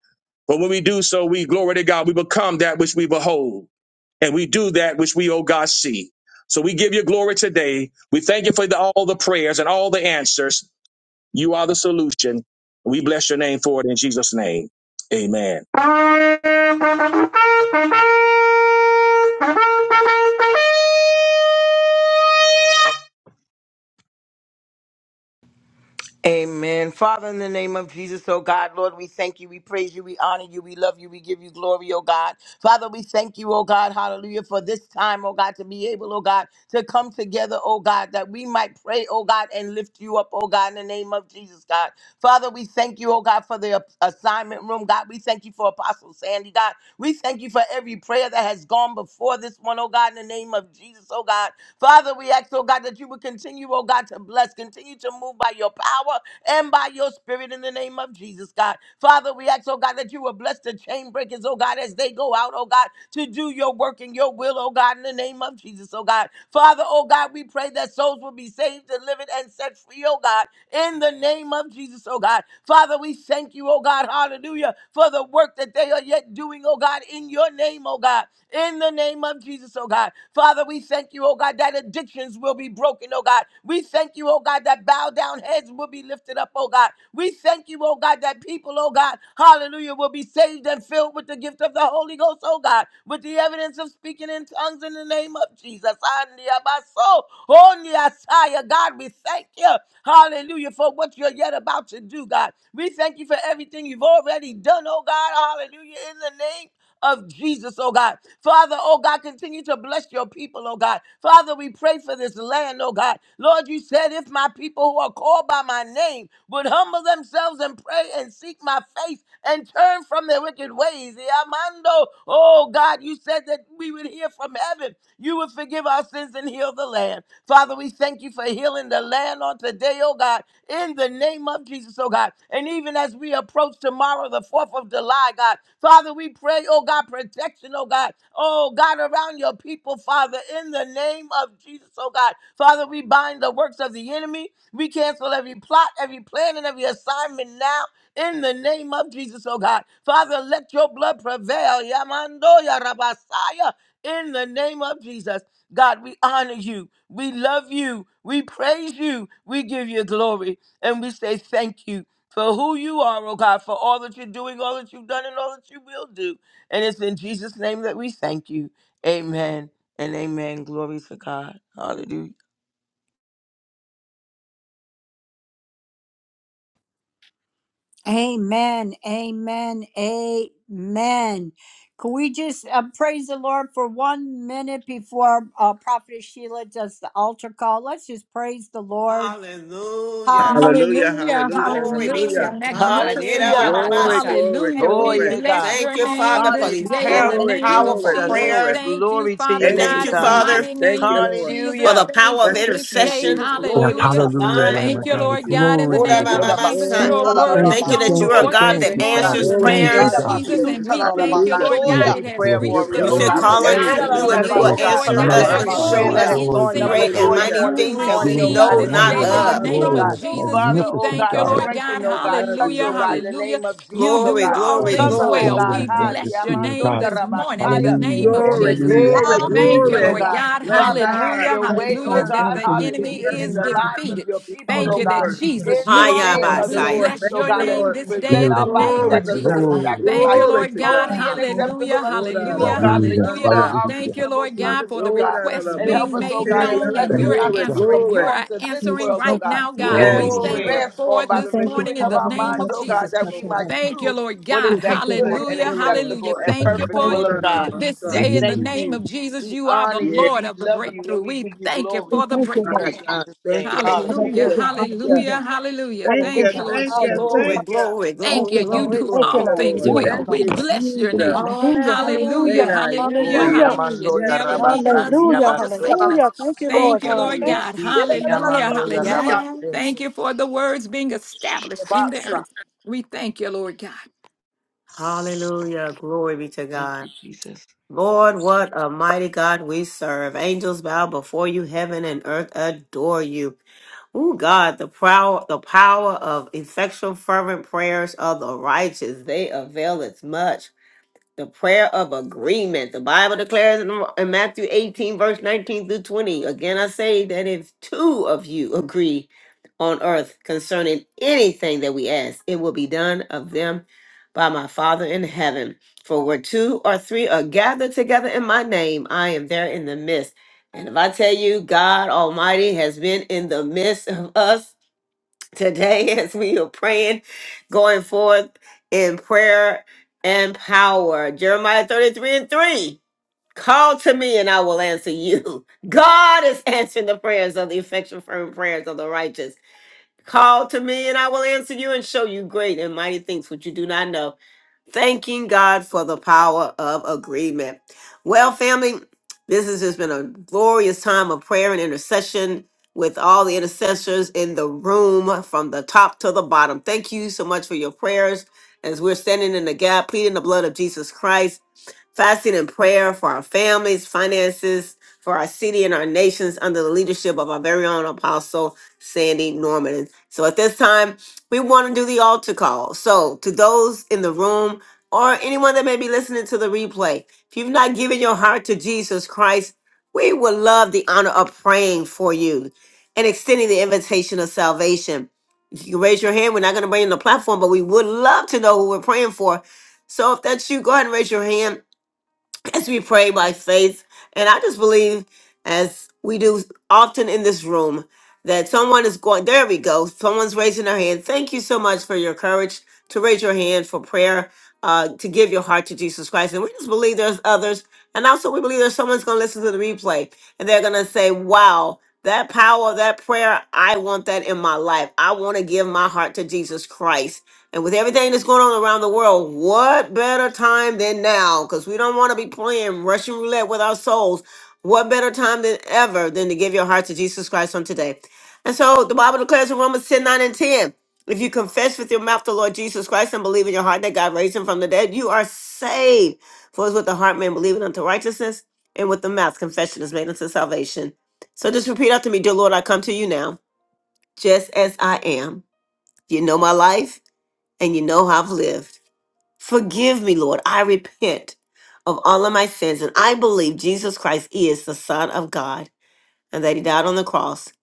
Speaker 12: But when we do so, we glory to God, we become that which we behold and we do that which we, oh God, see. So we give you glory today. We thank you for the, all the prayers and all the answers. You are the solution. We bless your name for it in Jesus' name. Amen.
Speaker 9: Yes,
Speaker 7: Amen. Father, in the name of Jesus, oh God, Lord, we thank you, we praise you, we honor you, we love you, we give you glory, oh God. Father, we thank you, oh God, hallelujah, for this time, oh God, to be able, oh God, to come together, oh God, that we might pray, oh God, and lift you up, oh God, in the name of Jesus, God. Father, we thank you, oh God, for the assignment room, God. We thank you for Apostle Sandy, God. We thank you for every prayer that has gone before this one, oh God, in the name of Jesus, oh God. Father, we ask, oh God, that you would continue, oh God, to bless, continue to move by your power and by your spirit in the name of Jesus, God. Father, we ask, oh God, that you will bless the chain breakers, oh God, as they go out, oh God, to do your work and your will, oh God, in the name of Jesus, oh God. Father, oh God, we pray that souls will be saved, delivered, and set free, oh God, in the name of Jesus, oh God. Father, we thank you, oh God, hallelujah, for the work that they are yet doing, oh God, in your name, oh God, in the name of Jesus, oh God. Father, we thank you, oh God, that addictions will be broken, oh God. We thank you, oh God, that bow down down heads will be lifted up, oh God. We thank you, oh God, that people, oh God, hallelujah, will be saved and filled with the gift of the Holy Ghost, oh God, with the evidence of speaking in tongues in the name of Jesus. Andiabaso, ondiasaya. God, we thank you, hallelujah, for what you're yet about to do, God. We thank you for everything you've already done, oh God, hallelujah, in the name of Jesus, oh God. Father, oh God, continue to bless your people, oh God. Father, we pray for this land, oh God. Lord, you said if my people who are called by my name would humble themselves and pray and seek my face and turn from their wicked ways. Amando, oh God, you said that we would hear from heaven. You would forgive forgive our sins and heal the land. Father, we thank you for healing the land on today, oh God, in the name of Jesus, oh God. And even as we approach tomorrow, the 4th of July, God, Father, we pray, oh God, protection, oh God, oh God, around your people, Father, in the name of Jesus, oh God. Father, we bind the works of the enemy. We cancel every plot, every plan, and every assignment now in the name of Jesus, oh God. Father, let your blood prevail. Yamando ya rabasaya. In the name of Jesus. God, we honor you. We love you. We praise you. We give you glory. And we say thank you for who you are, oh God, for all that you're doing, all that you've done, and all that you will do. And it's in Jesus' name that we thank you. Amen and amen. Glory to God. Hallelujah.
Speaker 6: Amen. Amen. Amen. Can we just uh, praise the Lord for one minute before uh, Prophet Sheila does the altar call? Let's just praise the Lord.
Speaker 4: Hallelujah.
Speaker 6: Hallelujah.
Speaker 3: Hallelujah,
Speaker 10: Hallelujah,
Speaker 6: Come
Speaker 3: hallelujah,
Speaker 4: Glory
Speaker 6: on.
Speaker 4: be
Speaker 10: hallelujah,
Speaker 4: to
Speaker 3: hallelujah.
Speaker 4: God.
Speaker 6: We
Speaker 10: magnificent
Speaker 6: have a
Speaker 7: Hallelujah.
Speaker 10: God,
Speaker 6: lot
Speaker 3: Glory,
Speaker 6: to
Speaker 4: Yidabababasa.
Speaker 3: glory,
Speaker 6: thank
Speaker 10: hallelujah.
Speaker 6: you
Speaker 7: Oh,
Speaker 10: We
Speaker 3: glory,
Speaker 7: yeah,
Speaker 6: for.
Speaker 10: bless
Speaker 7: God.
Speaker 4: Thank
Speaker 10: your
Speaker 4: you,
Speaker 10: name
Speaker 4: Father, for
Speaker 7: Hallelujah.
Speaker 10: this
Speaker 4: these
Speaker 6: Hallelujah.
Speaker 10: day in
Speaker 4: power,
Speaker 10: the
Speaker 6: Hallelujah.
Speaker 7: Thank
Speaker 3: glory,
Speaker 10: name
Speaker 7: you,
Speaker 10: of
Speaker 3: glory,
Speaker 4: powerful
Speaker 7: Jesus.
Speaker 10: Jesus.
Speaker 6: Hallelujah.
Speaker 3: glory.
Speaker 4: prayers.
Speaker 10: Thank you,
Speaker 7: Glory to
Speaker 10: Father
Speaker 7: your
Speaker 3: Thank
Speaker 4: Thank
Speaker 3: you,
Speaker 7: name,
Speaker 10: God,
Speaker 4: you,
Speaker 10: in the
Speaker 7: God.
Speaker 4: Father,
Speaker 3: Jesus.
Speaker 10: mighty
Speaker 3: Thank
Speaker 10: name
Speaker 3: you,
Speaker 10: of
Speaker 3: Lord.
Speaker 6: Thank you,
Speaker 4: for
Speaker 6: Lord.
Speaker 10: Jesus.
Speaker 4: the
Speaker 7: Hallelujah.
Speaker 4: power
Speaker 10: Thank
Speaker 4: of
Speaker 10: you
Speaker 3: Bless your
Speaker 10: this
Speaker 3: name,
Speaker 6: Thank
Speaker 10: day,
Speaker 4: intercession.
Speaker 3: Jesus.
Speaker 6: you.
Speaker 4: Glory be
Speaker 10: hallelujah.
Speaker 4: to
Speaker 9: hallelujah,
Speaker 4: God.
Speaker 3: Bless
Speaker 9: Lamb
Speaker 3: your
Speaker 10: Thank
Speaker 9: of
Speaker 10: you,
Speaker 9: God.
Speaker 3: name,
Speaker 10: Lord God, in
Speaker 3: Jesus.
Speaker 9: Glory
Speaker 10: the
Speaker 9: be to
Speaker 10: name of
Speaker 9: God.
Speaker 10: Jesus.
Speaker 4: Wodabababasa.
Speaker 10: Your
Speaker 2: Yerabasuta
Speaker 3: Oh,
Speaker 2: la la
Speaker 6: Hallelujah.
Speaker 10: word
Speaker 2: la
Speaker 9: Thank
Speaker 3: bless
Speaker 10: is
Speaker 3: your
Speaker 4: Thank you
Speaker 9: you,
Speaker 4: that
Speaker 10: gone
Speaker 3: name.
Speaker 4: you
Speaker 9: thank
Speaker 4: are a
Speaker 9: you,
Speaker 10: forth
Speaker 2: basoya.
Speaker 4: God
Speaker 9: thank
Speaker 10: this
Speaker 7: Yeah,
Speaker 4: that
Speaker 9: you,
Speaker 10: morning
Speaker 7: God.
Speaker 10: in
Speaker 9: Father.
Speaker 4: answers
Speaker 10: the
Speaker 3: Glory to
Speaker 9: Thank
Speaker 3: your
Speaker 10: name
Speaker 9: you,
Speaker 10: of
Speaker 4: prayers.
Speaker 3: name,
Speaker 9: God.
Speaker 7: Hallelujah.
Speaker 10: Jesus,
Speaker 7: We
Speaker 10: and
Speaker 3: Jesus.
Speaker 2: Yerabasuta
Speaker 7: thank
Speaker 2: la
Speaker 10: we
Speaker 2: la la
Speaker 7: you, oh
Speaker 10: thank you,
Speaker 7: God,
Speaker 3: Hallelujah.
Speaker 10: Lord
Speaker 7: for
Speaker 10: God.
Speaker 2: basoya.
Speaker 10: It
Speaker 7: every
Speaker 9: Beautiful,
Speaker 10: has
Speaker 7: prayer
Speaker 9: glory,
Speaker 3: You're
Speaker 10: reached
Speaker 7: warrior,
Speaker 10: the
Speaker 4: You
Speaker 3: good.
Speaker 9: praise
Speaker 7: oh
Speaker 4: said,
Speaker 7: God,
Speaker 10: throne
Speaker 9: you,
Speaker 3: You're
Speaker 7: for
Speaker 10: of
Speaker 4: call
Speaker 7: every
Speaker 3: great.
Speaker 10: God,
Speaker 4: unto
Speaker 10: and
Speaker 2: Yerabasuta
Speaker 3: You're
Speaker 4: you,
Speaker 10: we
Speaker 4: and you
Speaker 7: intercessor,
Speaker 4: will
Speaker 10: thank
Speaker 7: oh
Speaker 3: wonderful.
Speaker 9: worship
Speaker 10: you,
Speaker 9: you,
Speaker 7: God,
Speaker 10: Lord
Speaker 2: la
Speaker 4: answer
Speaker 3: You're
Speaker 2: la la basuta la la
Speaker 10: God,
Speaker 7: for
Speaker 2: la
Speaker 4: us
Speaker 2: la
Speaker 10: for
Speaker 4: and
Speaker 7: every
Speaker 10: this
Speaker 9: magnify
Speaker 3: mighty.
Speaker 6: Oh,
Speaker 4: show
Speaker 7: prayer
Speaker 9: you,
Speaker 10: sweet
Speaker 7: that
Speaker 4: us
Speaker 7: has
Speaker 9: adore
Speaker 7: gone
Speaker 10: incense
Speaker 9: you,
Speaker 7: up
Speaker 9: oh
Speaker 4: great
Speaker 6: Sheila,
Speaker 4: and
Speaker 9: God.
Speaker 7: before
Speaker 10: that
Speaker 7: you
Speaker 4: mighty
Speaker 7: on
Speaker 3: Hallelujah.
Speaker 10: you
Speaker 7: this
Speaker 4: things that
Speaker 6: Mahana.
Speaker 7: morning,
Speaker 4: we
Speaker 7: oh
Speaker 9: Beautiful,
Speaker 10: receive
Speaker 7: God,
Speaker 4: know
Speaker 7: in the
Speaker 10: this
Speaker 7: name
Speaker 4: not
Speaker 7: of
Speaker 10: day
Speaker 3: Hallelujah.
Speaker 10: in
Speaker 9: wonderful,
Speaker 6: God,
Speaker 10: the
Speaker 4: of.
Speaker 7: Jesus,
Speaker 3: Love you,
Speaker 6: you're
Speaker 7: oh
Speaker 10: name
Speaker 6: on
Speaker 10: of
Speaker 7: God.
Speaker 9: glorious,
Speaker 3: Lord.
Speaker 6: the
Speaker 10: Jesus.
Speaker 6: move.
Speaker 7: Father,
Speaker 10: We
Speaker 7: oh
Speaker 9: magnificent
Speaker 10: thank you,
Speaker 7: God,
Speaker 3: Yes,
Speaker 9: God.
Speaker 6: Hallelujah,
Speaker 10: Lord God.
Speaker 7: strengthen, oh
Speaker 3: I
Speaker 7: God,
Speaker 3: love
Speaker 7: touch,
Speaker 3: you.
Speaker 10: Hallelujah.
Speaker 7: oh
Speaker 3: Love
Speaker 7: God, in
Speaker 3: you.
Speaker 7: the
Speaker 10: Hallelujah.
Speaker 7: name of
Speaker 10: You
Speaker 7: Jesus,
Speaker 6: Lord.
Speaker 7: oh
Speaker 6: We
Speaker 4: Glory,
Speaker 10: do
Speaker 7: God.
Speaker 10: all
Speaker 4: glory,
Speaker 6: worship.
Speaker 7: Cover,
Speaker 9: Wonderful,
Speaker 10: things
Speaker 7: oh
Speaker 4: glory.
Speaker 10: well.
Speaker 7: God,
Speaker 10: We
Speaker 9: wondering,
Speaker 7: Han,
Speaker 10: bless your
Speaker 9: majesty, oh
Speaker 7: Yamando,
Speaker 10: name
Speaker 9: God.
Speaker 10: this morning in the
Speaker 7: Yarabasaya
Speaker 9: Hallelujah,
Speaker 10: name of
Speaker 7: in the
Speaker 3: Glory,
Speaker 10: Jesus.
Speaker 9: hallelujah,
Speaker 7: name
Speaker 3: glory,
Speaker 7: of
Speaker 6: Hallelujah.
Speaker 10: Thank
Speaker 7: Jesus,
Speaker 9: hallelujah.
Speaker 10: you,
Speaker 7: oh
Speaker 3: glory.
Speaker 10: Lord
Speaker 7: God.
Speaker 10: God.
Speaker 3: Bless
Speaker 7: Father, have
Speaker 3: God.
Speaker 10: Hallelujah.
Speaker 7: your
Speaker 8: Thank
Speaker 3: Bless
Speaker 8: you,
Speaker 7: way,
Speaker 8: Father
Speaker 10: Hallelujah.
Speaker 7: oh
Speaker 3: God.
Speaker 10: That
Speaker 7: God,
Speaker 8: God,
Speaker 10: the
Speaker 8: for your
Speaker 10: enemy
Speaker 8: goodness
Speaker 7: hallelujah,
Speaker 8: and
Speaker 3: Bless
Speaker 7: in
Speaker 10: is
Speaker 7: the
Speaker 3: God.
Speaker 8: mercy.
Speaker 7: lives
Speaker 8: Thank you,
Speaker 7: of
Speaker 10: defeated.
Speaker 7: your
Speaker 3: Yes,
Speaker 7: people,
Speaker 10: Thank
Speaker 7: oh
Speaker 10: you that
Speaker 7: God.
Speaker 8: thank
Speaker 3: Lord.
Speaker 8: you, God,
Speaker 10: Jesus,
Speaker 7: In
Speaker 10: you
Speaker 7: the
Speaker 10: are
Speaker 8: for
Speaker 3: Thank
Speaker 7: name
Speaker 8: being
Speaker 10: Lord.
Speaker 7: of
Speaker 8: with
Speaker 3: you,
Speaker 10: We
Speaker 4: Hayabasaya.
Speaker 3: Lord.
Speaker 7: Jesus,
Speaker 10: bless
Speaker 3: Thank
Speaker 7: oh
Speaker 10: your
Speaker 8: us. Thank
Speaker 3: you,
Speaker 7: God, as
Speaker 10: name
Speaker 3: Lord.
Speaker 7: we
Speaker 8: you for
Speaker 10: this day
Speaker 7: present
Speaker 10: in the
Speaker 7: our
Speaker 9: Beautiful
Speaker 7: bodies
Speaker 10: name
Speaker 9: God,
Speaker 3: Glory
Speaker 10: of
Speaker 7: as a
Speaker 8: praying
Speaker 3: to
Speaker 8: for my
Speaker 3: God.
Speaker 10: Jesus.
Speaker 7: living
Speaker 8: body, for
Speaker 9: glorious.
Speaker 10: Thank
Speaker 7: sacrifice,
Speaker 10: you,
Speaker 3: Glory
Speaker 10: Lord
Speaker 3: to
Speaker 10: God.
Speaker 3: God.
Speaker 7: holy and
Speaker 8: family,
Speaker 6: Thank
Speaker 8: Father.
Speaker 6: you.
Speaker 10: Hallelujah.
Speaker 7: acceptable
Speaker 8: I
Speaker 7: unto
Speaker 8: feel
Speaker 3: Ora
Speaker 7: you,
Speaker 8: that
Speaker 3: la
Speaker 7: O
Speaker 10: Hallelujah.
Speaker 8: the
Speaker 7: God, for
Speaker 9: Hallelujah.
Speaker 7: you
Speaker 10: Hallelujah.
Speaker 7: are
Speaker 3: basanda.
Speaker 7: our
Speaker 10: Thank
Speaker 9: Hallelujah.
Speaker 10: you,
Speaker 7: reasonable
Speaker 10: Lord
Speaker 8: Spirit
Speaker 10: God,
Speaker 7: service,
Speaker 10: for the
Speaker 7: O God.
Speaker 3: Ora
Speaker 8: of
Speaker 3: la
Speaker 10: requests
Speaker 3: la
Speaker 8: the
Speaker 7: And
Speaker 8: Lord
Speaker 7: help
Speaker 10: being
Speaker 7: us,
Speaker 8: has
Speaker 3: bosite.
Speaker 7: O
Speaker 10: made
Speaker 8: a word
Speaker 7: God, and
Speaker 10: known
Speaker 3: Yeah,
Speaker 10: and
Speaker 7: bless us
Speaker 9: Thank
Speaker 10: you're
Speaker 7: not to
Speaker 3: Glory,
Speaker 7: be
Speaker 10: answering. You
Speaker 3: glory.
Speaker 7: conformed
Speaker 10: are
Speaker 7: to this
Speaker 8: grace,
Speaker 10: answering
Speaker 7: world, O
Speaker 10: right
Speaker 8: mercy,
Speaker 7: God,
Speaker 10: now,
Speaker 8: and thank
Speaker 10: God.
Speaker 8: you for
Speaker 7: but to
Speaker 10: We
Speaker 3: Yes,
Speaker 8: this
Speaker 7: be
Speaker 10: thank
Speaker 8: night.
Speaker 3: Lord.
Speaker 10: you for
Speaker 7: transformed
Speaker 10: it
Speaker 7: by
Speaker 8: We
Speaker 7: the
Speaker 10: this
Speaker 8: thank you,
Speaker 10: morning
Speaker 7: renewing
Speaker 10: in
Speaker 7: of
Speaker 10: the
Speaker 8: Father, for
Speaker 7: our
Speaker 8: all
Speaker 10: name
Speaker 8: of
Speaker 7: minds,
Speaker 10: of
Speaker 8: us
Speaker 7: O
Speaker 8: that
Speaker 7: God,
Speaker 8: have
Speaker 10: Jesus.
Speaker 8: kept
Speaker 7: that
Speaker 8: our
Speaker 7: we
Speaker 8: sacred
Speaker 7: might
Speaker 3: Lord.
Speaker 10: Thank you,
Speaker 8: covenant.
Speaker 7: prove
Speaker 10: Lord
Speaker 7: what is
Speaker 10: God.
Speaker 8: We thank
Speaker 7: that
Speaker 8: you,
Speaker 7: good
Speaker 8: Lord
Speaker 3: Thank
Speaker 7: and
Speaker 10: Hallelujah.
Speaker 8: God,
Speaker 3: you, Lord.
Speaker 10: Hallelujah.
Speaker 7: acceptable and
Speaker 10: Thank
Speaker 8: for
Speaker 10: you
Speaker 7: perfect
Speaker 10: for
Speaker 8: calling us
Speaker 7: will of
Speaker 3: Ora la
Speaker 8: to
Speaker 3: la
Speaker 7: God.
Speaker 8: be in
Speaker 10: this
Speaker 7: We
Speaker 10: day
Speaker 3: basanda.
Speaker 8: sin.
Speaker 10: in the
Speaker 7: thank
Speaker 10: name
Speaker 7: you.
Speaker 10: of Jesus.
Speaker 7: We
Speaker 10: You are the
Speaker 7: honor you.
Speaker 3: Yes,
Speaker 10: Lord
Speaker 7: We
Speaker 10: of the
Speaker 7: love you
Speaker 10: breakthrough.
Speaker 7: and we
Speaker 10: We
Speaker 7: give you
Speaker 10: thank you
Speaker 7: glory.
Speaker 8: We
Speaker 10: for the
Speaker 8: thank you,
Speaker 7: In
Speaker 3: my
Speaker 8: Lord.
Speaker 10: breakthrough.
Speaker 8: God.
Speaker 3: God.
Speaker 7: Jesus'
Speaker 3: Thank you,
Speaker 7: name.
Speaker 3: Lord. Thank
Speaker 10: Hallelujah,
Speaker 7: Hallelujah.
Speaker 3: you,
Speaker 8: Hallelujah,
Speaker 3: thank you.
Speaker 10: hallelujah,
Speaker 8: hallelujah,
Speaker 10: hallelujah.
Speaker 3: Thank you,
Speaker 10: Thank you,
Speaker 8: hallelujah,
Speaker 10: Lord
Speaker 3: thank you,
Speaker 10: Jesus.
Speaker 8: hallelujah.
Speaker 3: thank you.
Speaker 8: Thank
Speaker 10: Thank
Speaker 4: Glory,
Speaker 10: you.
Speaker 8: you, Lord.
Speaker 10: You do
Speaker 8: Thank
Speaker 3: Thank
Speaker 8: you,
Speaker 4: glory.
Speaker 10: all
Speaker 3: you,
Speaker 8: Lord.
Speaker 10: things
Speaker 3: Lord.
Speaker 8: Thank you,
Speaker 10: well.
Speaker 3: Thank
Speaker 8: Lord.
Speaker 10: We
Speaker 3: you,
Speaker 10: bless your
Speaker 3: Jesus.
Speaker 10: name.
Speaker 8: Hallelujah,
Speaker 10: Hallelujah,
Speaker 3: Great
Speaker 8: hallelujah,
Speaker 4: Hallelujah.
Speaker 3: I
Speaker 7: Oh,
Speaker 10: hallelujah,
Speaker 3: am.
Speaker 7: yeah,
Speaker 8: hallelujah,
Speaker 7: man,
Speaker 10: hallelujah.
Speaker 7: do ya,
Speaker 3: Yes,
Speaker 10: Never
Speaker 7: rabba,
Speaker 3: God.
Speaker 10: leaving us
Speaker 7: sandy,
Speaker 8: hallelujah,
Speaker 10: nor
Speaker 7: basso.
Speaker 10: forsaking
Speaker 8: hallelujah. Thank
Speaker 10: us.
Speaker 8: you,
Speaker 2: basoya.
Speaker 8: Lord
Speaker 10: Thank you,
Speaker 7: Thank
Speaker 8: God.
Speaker 10: Lord
Speaker 8: Thank
Speaker 10: God. Hallelujah, hallelujah.
Speaker 4: Yes.
Speaker 10: Thank you for the words being established in the earth. We thank you, Lord God.
Speaker 4: Hallelujah. Glory be to God.
Speaker 7: you, Jesus.
Speaker 4: Lord, what a mighty God we serve. Angels bow before you. Heaven and earth adore you. Oh God, the power, the power of effectual fervent prayers of the righteous, they avail as much. the prayer of agreement. The Bible declares in, in Matthew 18, verse 19 through 20. Again, I say that if two of you agree on earth concerning anything that we ask, it will be done of them by my Father in heaven. For where two or three are gathered together in my name, I am there in the midst. And if I tell you, God Almighty has been in the midst of us today as we are praying, going forth in prayer and power. Jeremiah 33 and 3. Call to me and I will answer you. God is answering the prayers of the effectual firm prayers of the righteous. Call to me and I will answer you and show you great and mighty things which you do not know thanking God for the power of agreement. Well, family, this has just been a glorious time of prayer and intercession with all the intercessors in the room from the top to the bottom. Thank you so much for your prayers as we're standing in the gap, pleading the blood of Jesus Christ, fasting and prayer for our families, finances, for our city and our nations under the leadership of our very own apostle, Sandy Norman. And so at this time, we want to do the altar call. So, to those in the room or anyone that may be listening to the replay, if you've not given your heart to Jesus Christ, we would love the honor of praying for you and extending the invitation of salvation. If you can raise your hand, we're not going to bring you on the platform, but we would love to know who we're praying for. So, if that's you, go ahead and raise your hand as we pray by faith. And I just believe, as we do often in this room, that someone is going, there we go. Someone's raising their hand. Thank you so much for your courage to raise your hand for prayer, uh, to give your heart to Jesus Christ. And we just believe there's others and also, we believe that someone's going to listen to the replay and they're going to say, wow, that power, that prayer, I want that in my life. I want to give my heart to Jesus Christ. And with everything that's going on around the world, what better time than now? Because we don't want to be playing Russian roulette with our souls. What better time than ever than to give your heart to Jesus Christ on today? And so the Bible declares in Romans 10 9 and 10. If you confess with your mouth the Lord Jesus Christ and believe in your heart that God raised him from the dead, you are saved. For it's with the heart man believing unto righteousness, and with the mouth confession is made unto salvation. So just repeat after me, dear Lord, I come to you now, just as I am. You know my life, and you know how I've lived. Forgive me, Lord. I repent of all of my sins, and I believe Jesus Christ is the Son of God, and that he died on the cross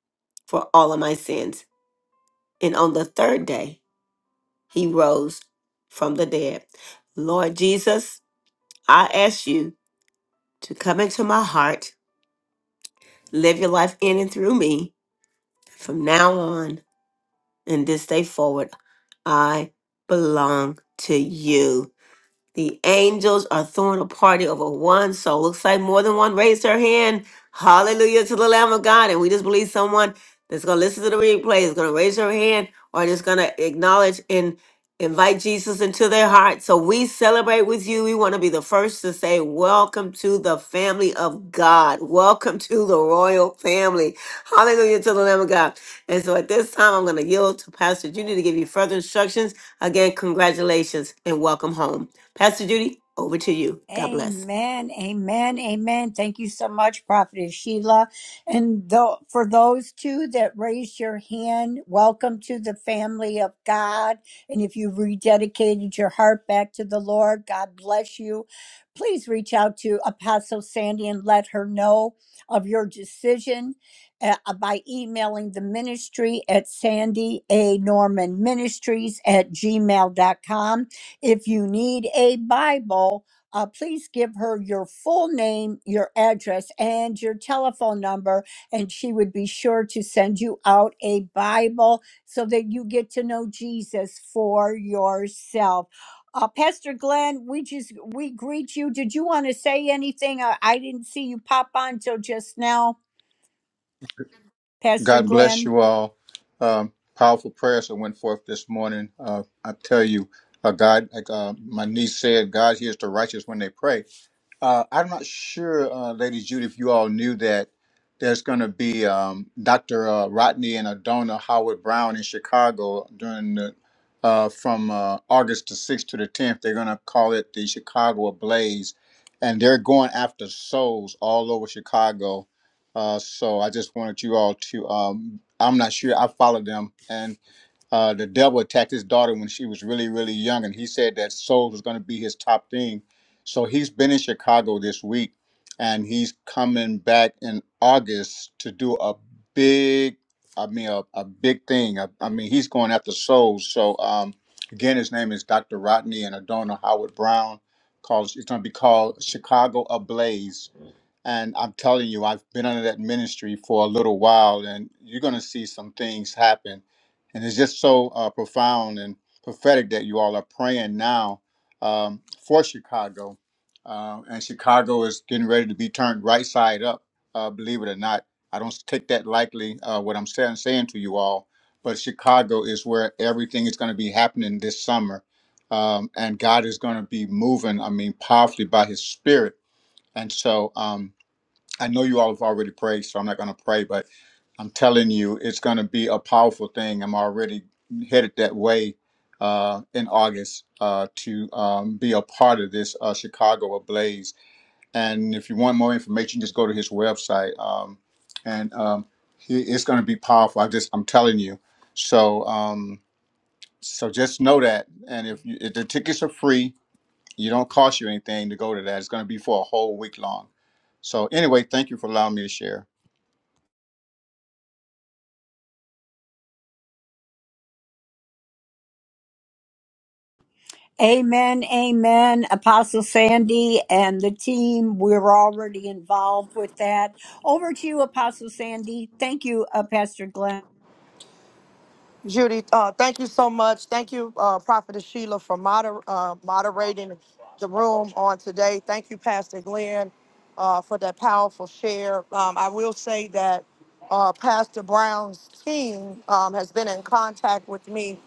Speaker 4: for all of my sins. And on the third day, he rose from the dead. Lord Jesus, I ask you to come into my heart, live your life in and through me. From now on and this day forward, I belong to you. The angels are throwing a party over one soul. Looks like more than one raised her hand. Hallelujah to the Lamb of God. And we just believe someone that's going to listen to the replay is going to raise her hand or just going to acknowledge and invite Jesus into their heart. So we celebrate with you. We want to be the first to say, Welcome to the family of God. Welcome to the royal family. Hallelujah to the Lamb of God. And so at this time, I'm going to yield to Pastor Junior to give you further instructions. Again, congratulations and welcome home. Pastor Judy, over to you. God bless.
Speaker 6: Amen, amen, amen. Thank you so much, Prophetess Sheila. And tho- for those two that raised your hand, welcome to the family of God. And if you've rededicated your heart back to the Lord, God bless you. Please reach out to Apostle Sandy and let her know of your decision uh, by emailing the ministry at sandy a norman ministries at gmail dot com. if you need a bible uh, please give her your full name, your address, and your telephone number, and she would be sure to send you out a Bible so that you get to know Jesus for yourself. Uh, Pastor Glenn, we just we greet you. Did you want to say anything? I, I didn't see you pop on till just now, Pastor
Speaker 13: God bless
Speaker 6: Glenn.
Speaker 13: you all. Um, powerful prayers that went forth this morning. Uh, I tell you, uh, God, like uh, my niece said, God hears the righteous when they pray. Uh, I'm not sure, uh, Lady Judy, if you all knew that there's going to be um, Dr. Uh, Rodney and Adona Howard Brown in Chicago during the, uh, from uh, August the 6th to the 10th. They're going to call it the Chicago Blaze, and they're going after souls all over Chicago. Uh, so I just wanted you all to. Um, I'm not sure. I followed them, and uh, the devil attacked his daughter when she was really, really young, and he said that souls was going to be his top thing. So he's been in Chicago this week, and he's coming back in August to do a big, I mean, a, a big thing. I, I mean, he's going after souls. So um, again, his name is Dr. Rodney and Adona Howard Brown. Calls it's going to be called Chicago Ablaze and I'm telling you, I've been under that ministry for a little while, and you're going to see some things happen. And it's just so uh, profound and prophetic that you all are praying now um, for Chicago. Um, and Chicago is getting ready to be turned right side up, uh, believe it or not. I don't take that lightly, uh, what I'm saying, saying to you all, but Chicago is where everything is going to be happening this summer. Um, and God is going to be moving, I mean, powerfully by his spirit. And so, um, I know you all have already prayed, so I'm not going to pray, but I'm telling you, it's going to be a powerful thing. I'm already headed that way uh, in August uh, to um, be a part of this uh, Chicago Ablaze. And if you want more information, just go to his website, um, and um, he, it's going to be powerful. I just, I'm telling you. So, um, so just know that. And if, you, if the tickets are free, you don't cost you anything to go to that. It's going to be for a whole week long. So, anyway, thank you for allowing me to share.
Speaker 6: Amen, amen. Apostle Sandy and the team, we're already involved with that. Over to you, Apostle Sandy. Thank you, uh, Pastor Glenn.
Speaker 1: Judy, uh, thank you so much. Thank you, uh, Prophetess Sheila, for moder- uh, moderating the room on today. Thank you, Pastor Glenn, uh, for that powerful share. Um, I will say that uh, Pastor Brown's team um, has been in contact with me.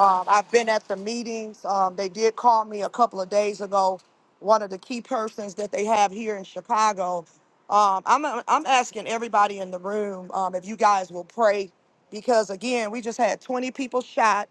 Speaker 1: Um, I've been at the meetings. Um, they did call me a couple of days ago. One of the key persons that they have here in Chicago. Um, I'm I'm asking everybody in the room um, if you guys will pray because again, we just had 20 people shot.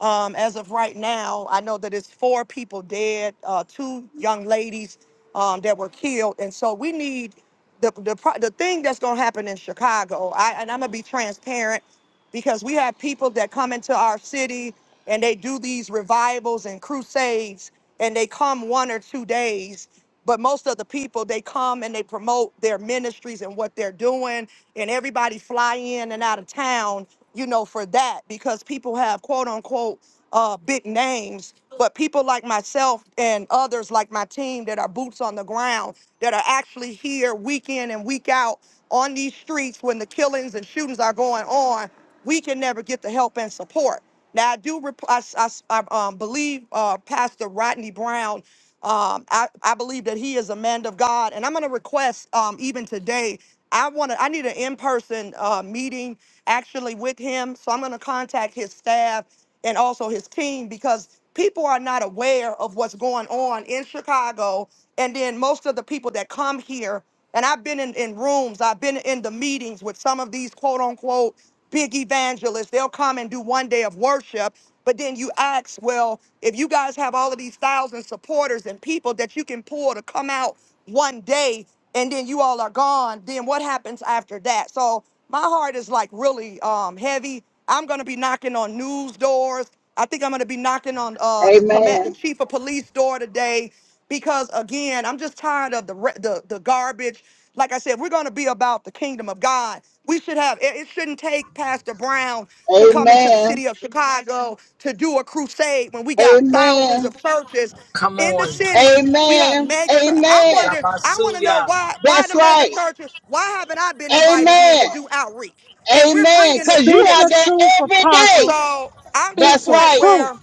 Speaker 1: Um, as of right now, I know that it's four people dead, uh, two young ladies um, that were killed, and so we need the the pro- the thing that's going to happen in Chicago. I and I'm gonna be transparent because we have people that come into our city and they do these revivals and crusades, and they come one or two days. But most of the people, they come and they promote their ministries and what they're doing, and everybody fly in and out of town you know, for that because people have quote unquote uh, big names. But people like myself and others like my team that are boots on the ground, that are actually here week in and week out on these streets when the killings and shootings are going on, we can never get the help and support. Now I do. Rep- I, s- I s- I, um, believe uh, Pastor Rodney Brown. Um, I, I believe that he is a man of God, and I'm going to request um, even today. I want to. I need an in-person uh, meeting actually with him. So I'm going to contact his staff and also his team because people are not aware of what's going on in Chicago, and then most of the people that come here. And I've been in, in rooms, I've been in the meetings with some of these quote unquote big evangelists. They'll come and do one day of worship. But then you ask, well, if you guys have all of these thousand supporters and people that you can pull to come out one day and then you all are gone, then what happens after that? So my heart is like really um, heavy. I'm going to be knocking on news doors. I think I'm going to be knocking on uh, the, comm- the
Speaker 14: Amen.
Speaker 1: chief of police door today because again, I'm just tired of the re- the the garbage. Like I said, we're going to be about the kingdom of God. We should have it it shouldn't take Pastor Brown to come into the
Speaker 14: Amen.
Speaker 1: city of Chicago to do a crusade when we got thousands
Speaker 14: Amen.
Speaker 1: of churches in the city. We have
Speaker 14: Amen.
Speaker 1: mega church. I
Speaker 14: Amen.
Speaker 1: wonder I want to know why why
Speaker 14: That's
Speaker 1: the mega
Speaker 14: right.
Speaker 1: churches why haven't I been invited in
Speaker 14: Amen.
Speaker 1: to do outreach? And we're
Speaker 14: Amen.
Speaker 1: bringing the
Speaker 14: Because you
Speaker 8: Speak
Speaker 14: are
Speaker 8: the
Speaker 14: there
Speaker 1: statistics.
Speaker 8: truth,
Speaker 14: every
Speaker 8: apostle.
Speaker 14: day.
Speaker 1: So, I'm to the
Speaker 8: Speak
Speaker 14: That's
Speaker 8: the
Speaker 1: point
Speaker 14: right.
Speaker 8: truth.
Speaker 1: where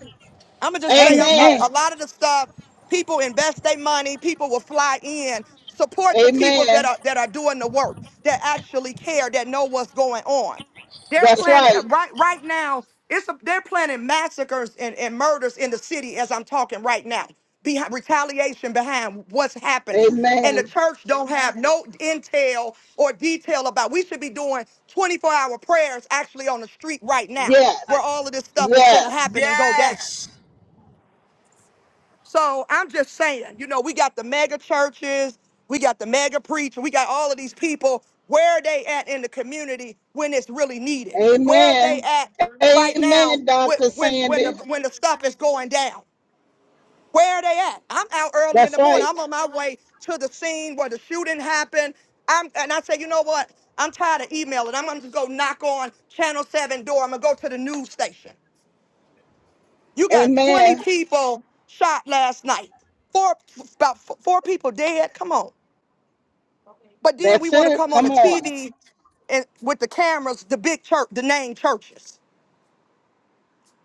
Speaker 1: I'm gonna just say, I'm, I'm-
Speaker 8: Amen.
Speaker 14: Amen.
Speaker 1: a lot of the stuff people invest their money, people will fly in. Support the people that
Speaker 14: Amen.
Speaker 1: are that are doing the work, that actually care, that know what's going on. They're
Speaker 14: That's
Speaker 1: planning
Speaker 14: right.
Speaker 1: uh, right right now. It's a, they're planning massacres and, and murders in the city as I'm talking right now. Behind retaliation behind what's happening, and the
Speaker 14: Amen.
Speaker 1: church don't have no intel or detail about. We should be doing 24-hour prayers actually on the street right now,
Speaker 14: Yes.
Speaker 1: where all of this stuff is going to
Speaker 14: Yes.
Speaker 1: happen and go down.
Speaker 2: Yes.
Speaker 1: So I'm just saying, you know, we got the mega churches, we got the mega preacher, we got all of these people. Where are they at in the community when it's really needed? Where are they
Speaker 14: Amen.
Speaker 1: at right now
Speaker 14: Amen,
Speaker 1: when
Speaker 14: Dr.
Speaker 1: when when the
Speaker 14: Sandy.
Speaker 1: when the stuff is going down? Where are they at? I'm out early in
Speaker 14: That's
Speaker 1: the morning.
Speaker 14: right.
Speaker 1: I'm on my way to the scene where the shooting happened. I'm and I say, you know what? I'm tired of emailing. I'm gonna just go knock on Channel 7 door. I'm gonna go to the news station. You got 20
Speaker 14: Amen.
Speaker 1: people shot last night. Four about f- four people dead. Come on. But then we
Speaker 14: That's
Speaker 1: want to
Speaker 14: it.
Speaker 1: come on the
Speaker 14: Come on.
Speaker 1: TV and with the cameras, the big church, the name churches.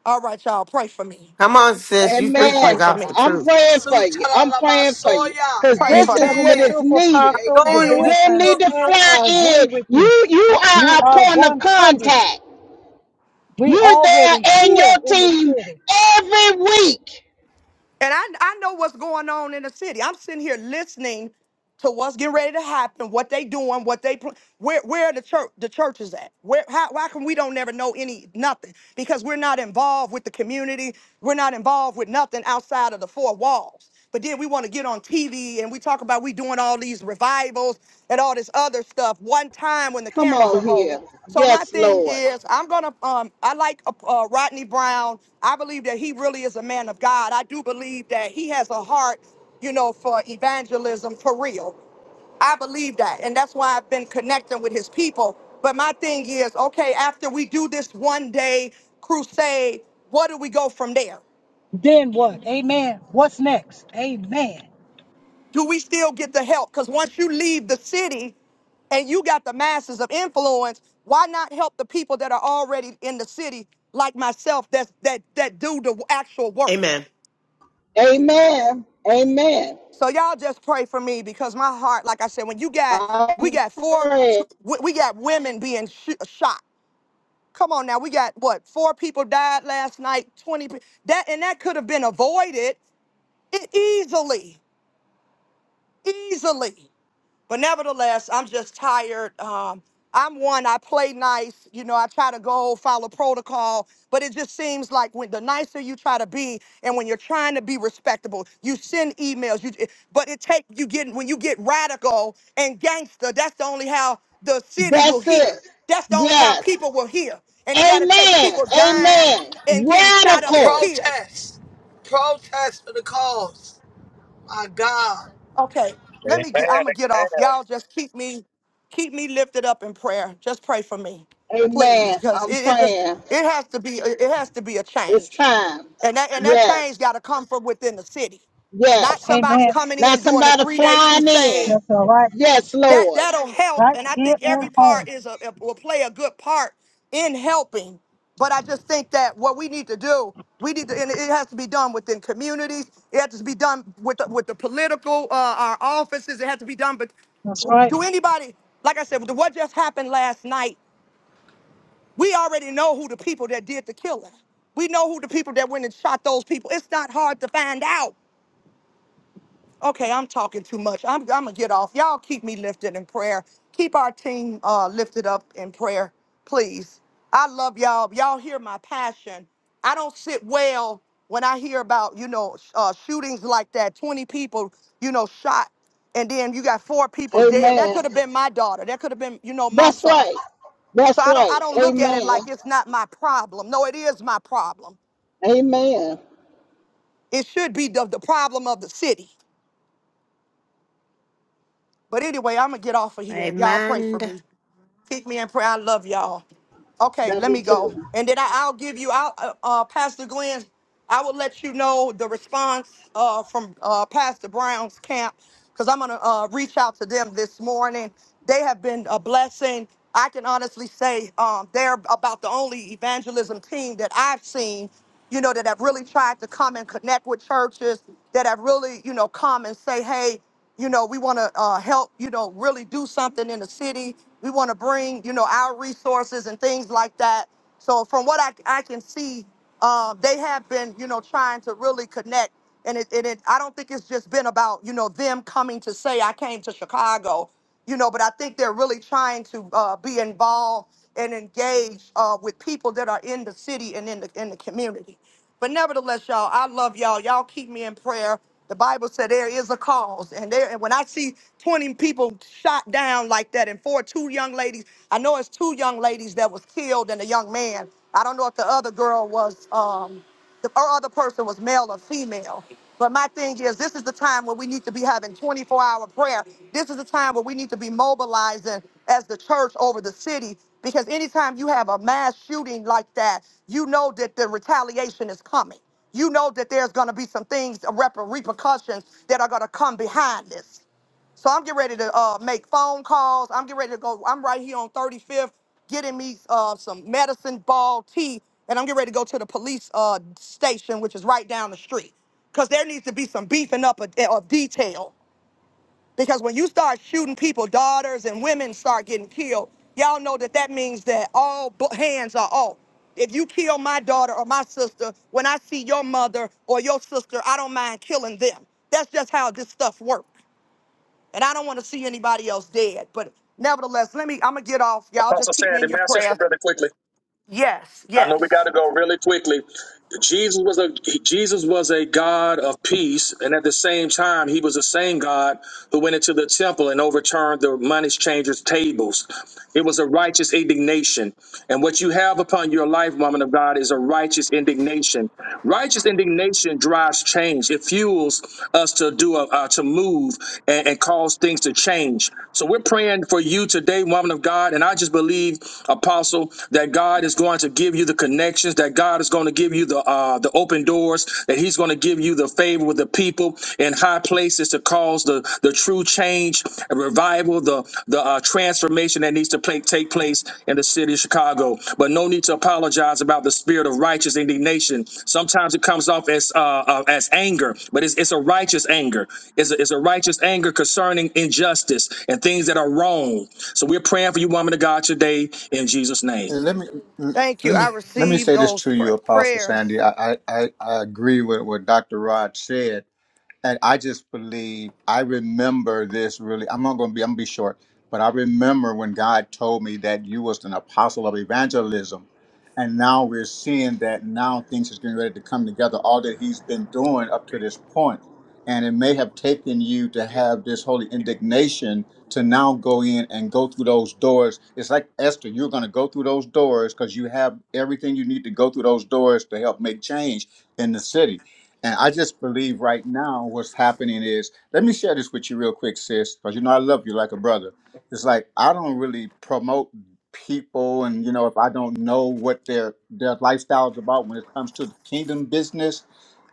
Speaker 1: All right, y'all, pray for me.
Speaker 4: Come on, sis. You
Speaker 1: Just
Speaker 4: preaching the
Speaker 1: pray
Speaker 14: Amen.
Speaker 1: for me.
Speaker 4: gospel
Speaker 14: I'm
Speaker 4: truth.
Speaker 14: praying for you. I'm praying for you
Speaker 2: Sutalabasoya.
Speaker 14: because
Speaker 1: Pray
Speaker 8: You're
Speaker 14: this
Speaker 1: for
Speaker 14: is
Speaker 1: me.
Speaker 8: telling
Speaker 14: what
Speaker 8: the
Speaker 2: Amen.
Speaker 14: is
Speaker 8: truth,
Speaker 14: needed.
Speaker 8: Apostle. You're
Speaker 6: Going
Speaker 2: Amen.
Speaker 8: being
Speaker 6: with
Speaker 14: They
Speaker 6: you.
Speaker 14: need to
Speaker 8: transparent.
Speaker 14: fly
Speaker 8: I
Speaker 14: in.
Speaker 8: agree with you.
Speaker 14: You you
Speaker 8: You
Speaker 14: are a
Speaker 8: are
Speaker 14: point of
Speaker 8: 100.
Speaker 14: contact.
Speaker 8: We
Speaker 14: You're there
Speaker 8: already
Speaker 14: and
Speaker 8: here
Speaker 14: your
Speaker 8: in the
Speaker 14: team
Speaker 8: city.
Speaker 14: every week.
Speaker 1: And I, I know what's going on in the city. I'm sitting here listening to what's getting ready to happen, what they doing, what they pl- where where the church the church is at. Where how why can we don't never know any nothing? Because we're not involved with the community. We're not involved with nothing outside of the four walls. But then we want to get on TV and we talk about we doing all these revivals and all this other stuff one time when the
Speaker 14: Come
Speaker 1: cameras
Speaker 14: on
Speaker 1: are rolling.
Speaker 14: here.
Speaker 1: So my
Speaker 14: Yes,
Speaker 1: thing
Speaker 14: Lord.
Speaker 1: is, I'm gonna. Um, I like uh, uh, Rodney Brown. I believe that he really is a man of God. I do believe that he has a heart, you know, for evangelism for real. I believe that. And that's why I've been connecting with his people. But my thing is, okay, after we do this one day crusade, what do we go from there?
Speaker 8: Then what? Amen. What's next? Amen.
Speaker 1: do we still get the help? Because once you leave the city and you got the masses of influence, why not help the people that are already in the city, like myself, that's, that that do the actual work?
Speaker 4: Amen.
Speaker 14: Amen. Amen.
Speaker 1: So y'all just pray for me because my heart, like I said, when you got we
Speaker 14: I'm
Speaker 1: got four,
Speaker 14: praying.
Speaker 1: we we got women being sh- shot. Come on now, we got what four people died last night, twenty pe- that and that could have been avoided it easily, easily. But nevertheless, I'm just tired. Um, I'm one, I play nice. You know, I try to go follow protocol, but it just seems like when the nicer you try to be and when you're trying to be respectable, you send emails, you but it take you get when you get radical and gangster, that's the only how the city will
Speaker 14: That's it.
Speaker 1: hear. That's the only how
Speaker 14: Yes.
Speaker 1: people will hear. And it gotta take
Speaker 14: Amen.
Speaker 1: people dying
Speaker 14: Amen.
Speaker 1: and getting shot up and
Speaker 14: Radical.
Speaker 1: killed.
Speaker 2: Protest. Protest for the cause. My God.
Speaker 1: Okay, let
Speaker 12: Amen.
Speaker 1: me get. I'm gonna get
Speaker 12: Amen.
Speaker 1: off. Y'all just keep me, keep me lifted up in prayer. Just pray for me, please,
Speaker 14: Amen.
Speaker 1: because
Speaker 14: I'm
Speaker 1: it, it just
Speaker 14: praying.
Speaker 1: it has to be it it has to be a
Speaker 14: It's
Speaker 1: change,
Speaker 14: time.
Speaker 1: and that and that
Speaker 14: Yes.
Speaker 1: change got to come from within the city,
Speaker 14: Yes.
Speaker 1: not somebody
Speaker 8: Amen.
Speaker 1: coming
Speaker 14: Now
Speaker 1: in doing a
Speaker 14: somebody
Speaker 1: three day
Speaker 14: flying in.
Speaker 1: crusade
Speaker 8: That's all right.
Speaker 14: Yes,
Speaker 1: that
Speaker 14: Lord.
Speaker 1: that'll help
Speaker 8: Right
Speaker 1: and i
Speaker 8: here
Speaker 1: think
Speaker 8: at
Speaker 1: every part
Speaker 8: home.
Speaker 1: is a, will play a good part in helping but i just think that what we need to do we need to and it has to be done within communities it has to be done with the, with the political uh, our offices it has to be done but
Speaker 8: That's right.
Speaker 1: do anybody like i said with what just happened last night we already know who the people that did the killing we know who the people that went and shot those people it's not hard to find out Okay, I'm talking too much. I'm, I'm gonna get off. Y'all keep me lifted in prayer. Keep our team uh, lifted up in prayer, please. I love y'all. Y'all hear my passion. I don't sit well when I hear about you know sh- uh, shootings like that. Twenty people, you know, shot, and then you got four people dead. That could
Speaker 14: Amen.
Speaker 1: have been my daughter. That could have been you know my
Speaker 14: That's
Speaker 1: son.
Speaker 14: right.
Speaker 1: So
Speaker 14: That's
Speaker 1: I don't I
Speaker 14: right.
Speaker 1: don't look at it
Speaker 14: Amen.
Speaker 1: like it's not my problem. No, it is my problem.
Speaker 14: Amen.
Speaker 1: It should be the, the problem of the city. But anyway, I'm going to get off of here. Y'all pray for
Speaker 4: Amen.
Speaker 1: me. Keep me in prayer. I love y'all. Okay,
Speaker 14: Love
Speaker 1: let
Speaker 14: you
Speaker 1: me
Speaker 14: too.
Speaker 1: go. And then I, I'll give you, I'll, uh, uh, Pastor Glenn, I will let you know the response uh, from uh, Pastor Brown's camp because I'm going to uh, reach out to them this morning. They have been a blessing. I can honestly say um, they're about the only evangelism team that I've seen you know, that have really tried to come and connect with churches, that have really, you know, come and say, hey, you know, we want to uh, help, you know, really do something in the city. We want to bring, you know, our resources and things like that. So from what I, I can see, uh, they have been, you know, trying to really connect. And it, and it, I don't think it's just been about, you know, them coming to say, I came to Chicago you know, but I think they're really trying to uh, be involved and engage uh, with people that are in the city and in the in the community. But nevertheless, y'all, I love y'all. Y'all keep me in prayer. The Bible said there is a cause, and there. And when I see 20 people shot down like that, and four two young ladies, I know it's two young ladies that was killed, and a young man. I don't know if the other girl was. Um, the or other person was male or female. But my thing is, this is the time where we need to be having 24 hour prayer. This is the time where we need to be mobilizing as the church over the city. Because anytime you have a mass shooting like that, you know that the retaliation is coming. You know that there's going to be some things, uh, rep- repercussions that are going to come behind this. So I'm getting ready to uh, make phone calls. I'm getting ready to go. I'm right here on 35th getting me uh, some medicine ball tea, and I'm getting ready to go to the police uh, station, which is right down the street. Because there needs to be some beefing up of, of detail. Because when you start shooting people, daughters and women start getting killed, y'all know that that means that all bu- hands are off. If you kill my daughter or my sister, when I see your mother or your sister, I don't mind killing them. That's just how this stuff works. And I don't want to see anybody else dead. But nevertheless, let me, I'm going to get off. Y'all just
Speaker 12: Apostle said
Speaker 1: keep me in
Speaker 12: the
Speaker 1: your
Speaker 12: message
Speaker 1: prayers.
Speaker 12: really quickly.
Speaker 1: Yes,
Speaker 12: I know we got
Speaker 1: yes.
Speaker 12: to go really quickly. Jesus was a Jesus was a God of peace, and at the same time, he was the same God who went into the temple and overturned the money changers' tables. It was a righteous indignation, and what you have upon your life, woman of God, is a righteous indignation. Righteous indignation drives change. It fuels us to do a, uh, to move and, and cause things to change. So we're praying for you today, woman of God, and I just believe apostle, that God is going to give you the connections, that God is going to give you the uh, the open doors, that He's going to give you the favor with the people in high places to cause the the true change, revival, the the uh, transformation that needs to pla- take place in the city of Chicago. But no need to apologize about the spirit of righteous indignation. Sometimes it comes off as uh, uh, as anger, but it's, it's a righteous anger. It's a, it's a righteous anger concerning injustice and things that are wrong. So we're praying for you, woman of God, today in Jesus' name.
Speaker 13: And let me let
Speaker 1: Thank you.
Speaker 13: me
Speaker 1: I
Speaker 13: let me
Speaker 1: received
Speaker 13: say this
Speaker 1: those
Speaker 13: to
Speaker 1: pr-
Speaker 13: you, Apostle
Speaker 1: prayers.
Speaker 13: Sandy. I I, I I agree with what Dr. Rod said and I just believe I remember this really. I'm not going to be. I'm gonna be short, but I remember when God told me that you was an apostle of evangelism, and now we're seeing that now things is getting ready to come together. All that He's been doing up to this point, and it may have taken you to have this holy indignation to now go in and go through those doors. It's like Esther, you're going to go through those doors because you have everything you need to go through those doors to help make change in the city and I just believe right now what's happening is, let me share this with you real quick, sis, because you know I love you like a brother. It's like I don't really promote people, and you know if I don't know what their their lifestyles about when it comes to the kingdom business.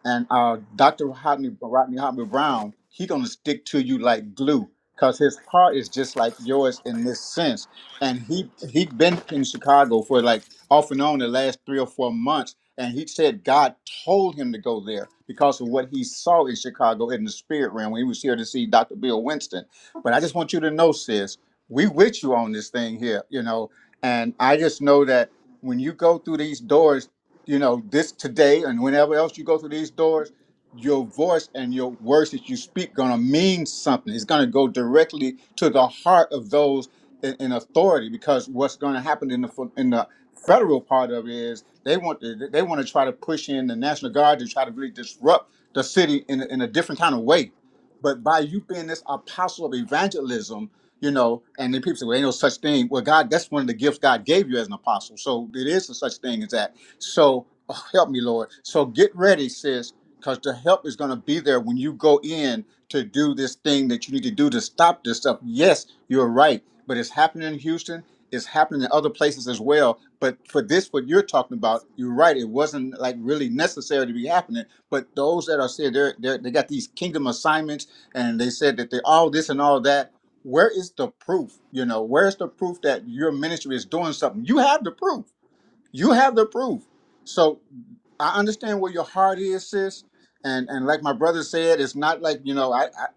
Speaker 13: And uh, Dr. Rodney Rodney Hodney Brown, he gonna stick to you like glue, cause his heart is just like yours in this sense. And he he been in Chicago for like off and on the last three or four months and he said God told him to go there because of what he saw in Chicago in the spirit realm when he was here to see Dr. Bill Winston. But I just want you to know, sis, we with you on this thing here, you know. And I just know that when you go through these doors, you know, this today and whenever else you go through these doors, your voice and your words that you speak gonna mean something. It's gonna go directly to the heart of those in, in authority because what's gonna happen in the fu- in the federal part of it is they want to, they want to try to push in the National Guard to try to really disrupt the city in, in a different kind of way. But by you being this apostle of evangelism, you know, and then people say, well, ain't no such thing. Well, God, that's one of the gifts God gave you as an apostle. So it is a such thing as that. So oh, help me, Lord. So get ready, sis, because the help is going to be there when you go in to do this thing that you need to do to stop this stuff. Yes, you're right, but it's happening in Houston is happening in other places as well. But for this, what you're talking about, you're right. It wasn't like really necessary to be happening. But those that are said they're, they're they got these kingdom assignments, and they said that they're all this and all that. Where is the proof? You know, where's the proof that your ministry is doing something? You have the proof. You have the proof. So I understand where your heart is, sis. And and like my brother said, it's not like you know I I,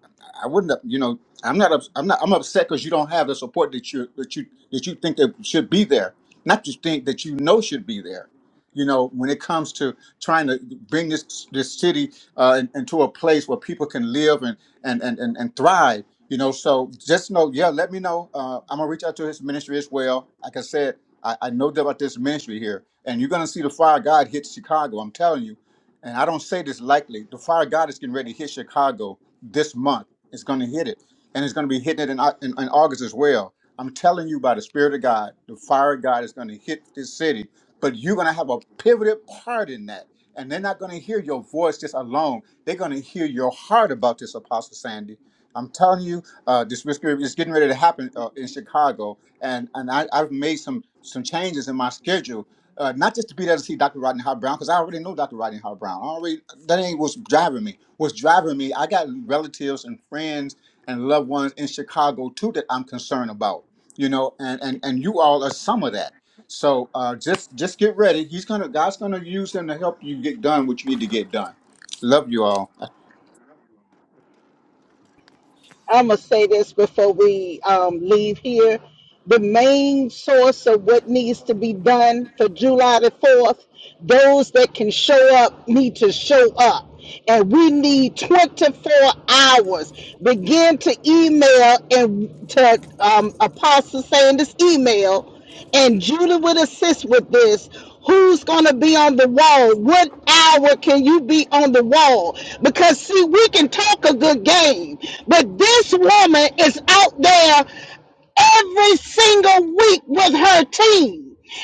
Speaker 13: I wouldn't have- you know I'm not ups- I'm not I'm upset because you don't have the support that you that you that you think that should be there, not just think that you know should be there. You know when it comes to trying to bring this this city uh, in- into a place where people can live and and and and, and thrive. You know, so just know, yeah. Let me know. Uh, I'm gonna reach out to his ministry as well. Like I said, I, I know about this ministry here, and you're going to see the fire of God hit Chicago. I'm telling you. And I don't say this lightly. The fire of God is getting ready to hit Chicago this month. It's going to hit it, and it's going to be hitting it in, Au- in, in August as well. I'm telling you by the Spirit of God, the fire of God is going to hit this city, but you're going to have a pivoted part in that. And they're not going to hear your voice just alone. They're going to hear your heart about this, Apostle Sandy. I'm telling you, uh, this mystery is getting ready to happen uh, in Chicago and and I, I've made some some changes in my schedule, uh, not just to be there to see Dr. Rodney Howard Brown because I already know Dr. Rodney Howard Brown. I already that ain't what's driving me. What's driving me? I got relatives and friends and loved ones in Chicago too that I'm concerned about. You know, and and and you all are some of that. So uh, just just get ready. He's gonna God's gonna use him to help you get done what you need to get done. Love you all.
Speaker 14: I'm gonna say this before we um, leave here. The main source of what needs to be done for July the 4th, those that can show up need to show up. And we need 24 hours. Begin to email and to um, Apostle Sanders' email and Judah would assist with this. Who's going to be on the wall? What hour can you be on the wall? Because, see, we can talk a good game, but this woman is out there every single week with her team.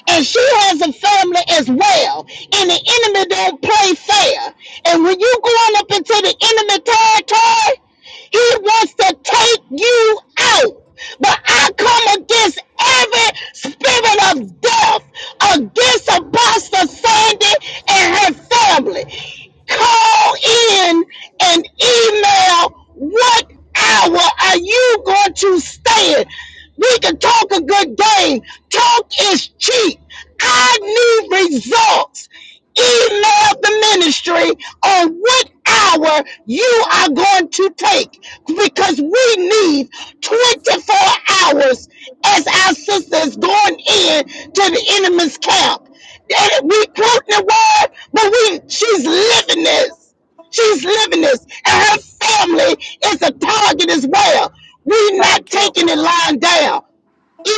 Speaker 14: And she has a family as well. And the enemy don't play fair. And when you going up into the enemy territory, he wants to take you out. But I come against every spirit of death against Apostle Sandy and her family. Call in and email what hour are you going to stay in? We can talk a good game. Talk is cheap. I need results. Email the ministry on what hour you are going to take because we need 24 hours as our sister is going in to the enemy's camp. That we quote the word, but we she's living this. She's living this. And her family is a target as well. We're not
Speaker 1: Thank you.
Speaker 14: taking it lying down.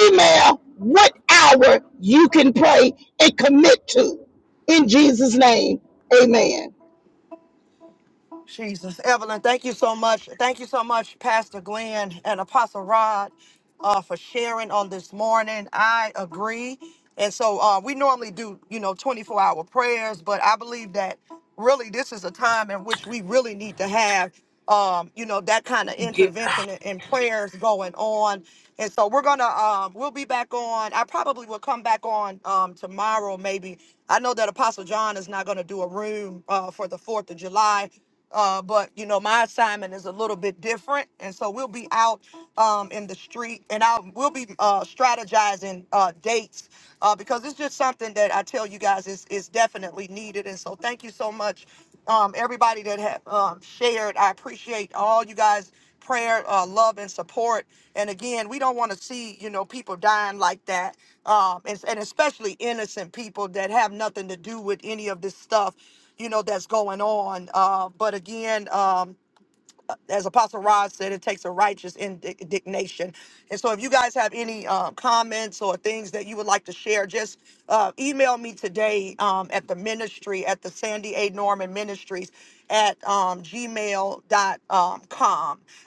Speaker 14: Email what hour you can pray and commit to. In Jesus' name. Amen.
Speaker 1: Jesus. Evelyn, thank you so much. Thank you so much, Pastor Glenn and Apostle Rod, uh, for sharing on this morning. I agree. And so uh, we normally do, you know, 24 hour prayers, but I believe that really this is a time in which we really need to have. um, you know, that kind of
Speaker 2: Get,
Speaker 1: intervention and, and prayers going on. And so we're gonna um we'll be back on. I probably will come back on um tomorrow maybe. I know that Apostle John is not gonna do a room uh for the fourth of July. Uh, but you know my assignment is a little bit different, and so we'll be out um, in the street, and I will we'll be uh, strategizing uh, dates uh, because it's just something that I tell you guys is, is definitely needed. And so thank you so much, um, everybody that have um, shared. I appreciate all you guys' prayer, uh, love, and support. And again, we don't want to see, you know, people dying like that. Um, and, and especially innocent people that have nothing to do with any of this stuff, you know, that's going on. Uh, but again, um, as Apostle Rod said, it takes a righteous indignation. And so, if you guys have any um, comments or things that you would like to share, just uh, email me today um, at the ministry at the Sandy A. Norman Ministries at um, gmail.com.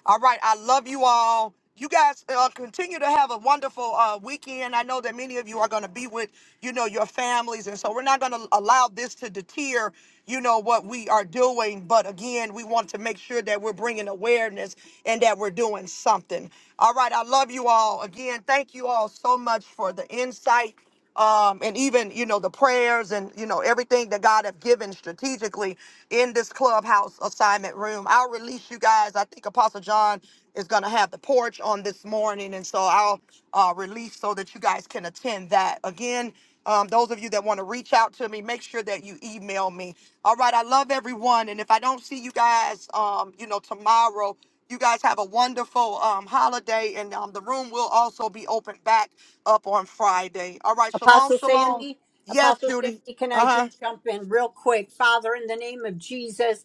Speaker 1: All right. I love you all you guys uh, continue to have a wonderful uh, weekend. I know that many of you are going to be with, you know, your families. And so we're not going to allow this to deter, you know, what we are doing. But again, we want to make sure that we're bringing awareness and that we're doing something. All right. I love you all. Again, thank you all so much for the insight um, and even you know the prayers and you know everything that God have given strategically in this clubhouse assignment room. I'll release you guys. I think Apostle John is going to have the porch on this morning, and so I'll uh, release so that you guys can attend that again. Um, those of you that want to reach out to me, make sure that you email me. All right, I love everyone, and if I don't see you guys, um, you know tomorrow. You guys have a wonderful um, holiday, and um, the room will also be open back up on Friday. All right, shalom,
Speaker 6: Apostle
Speaker 1: shalom.
Speaker 6: Sandy,
Speaker 1: Yes,
Speaker 6: Apostle
Speaker 1: Judy.
Speaker 6: Sandy, can I
Speaker 1: Uh
Speaker 6: just
Speaker 1: huh.
Speaker 6: jump in real quick? Father, in the name of Jesus,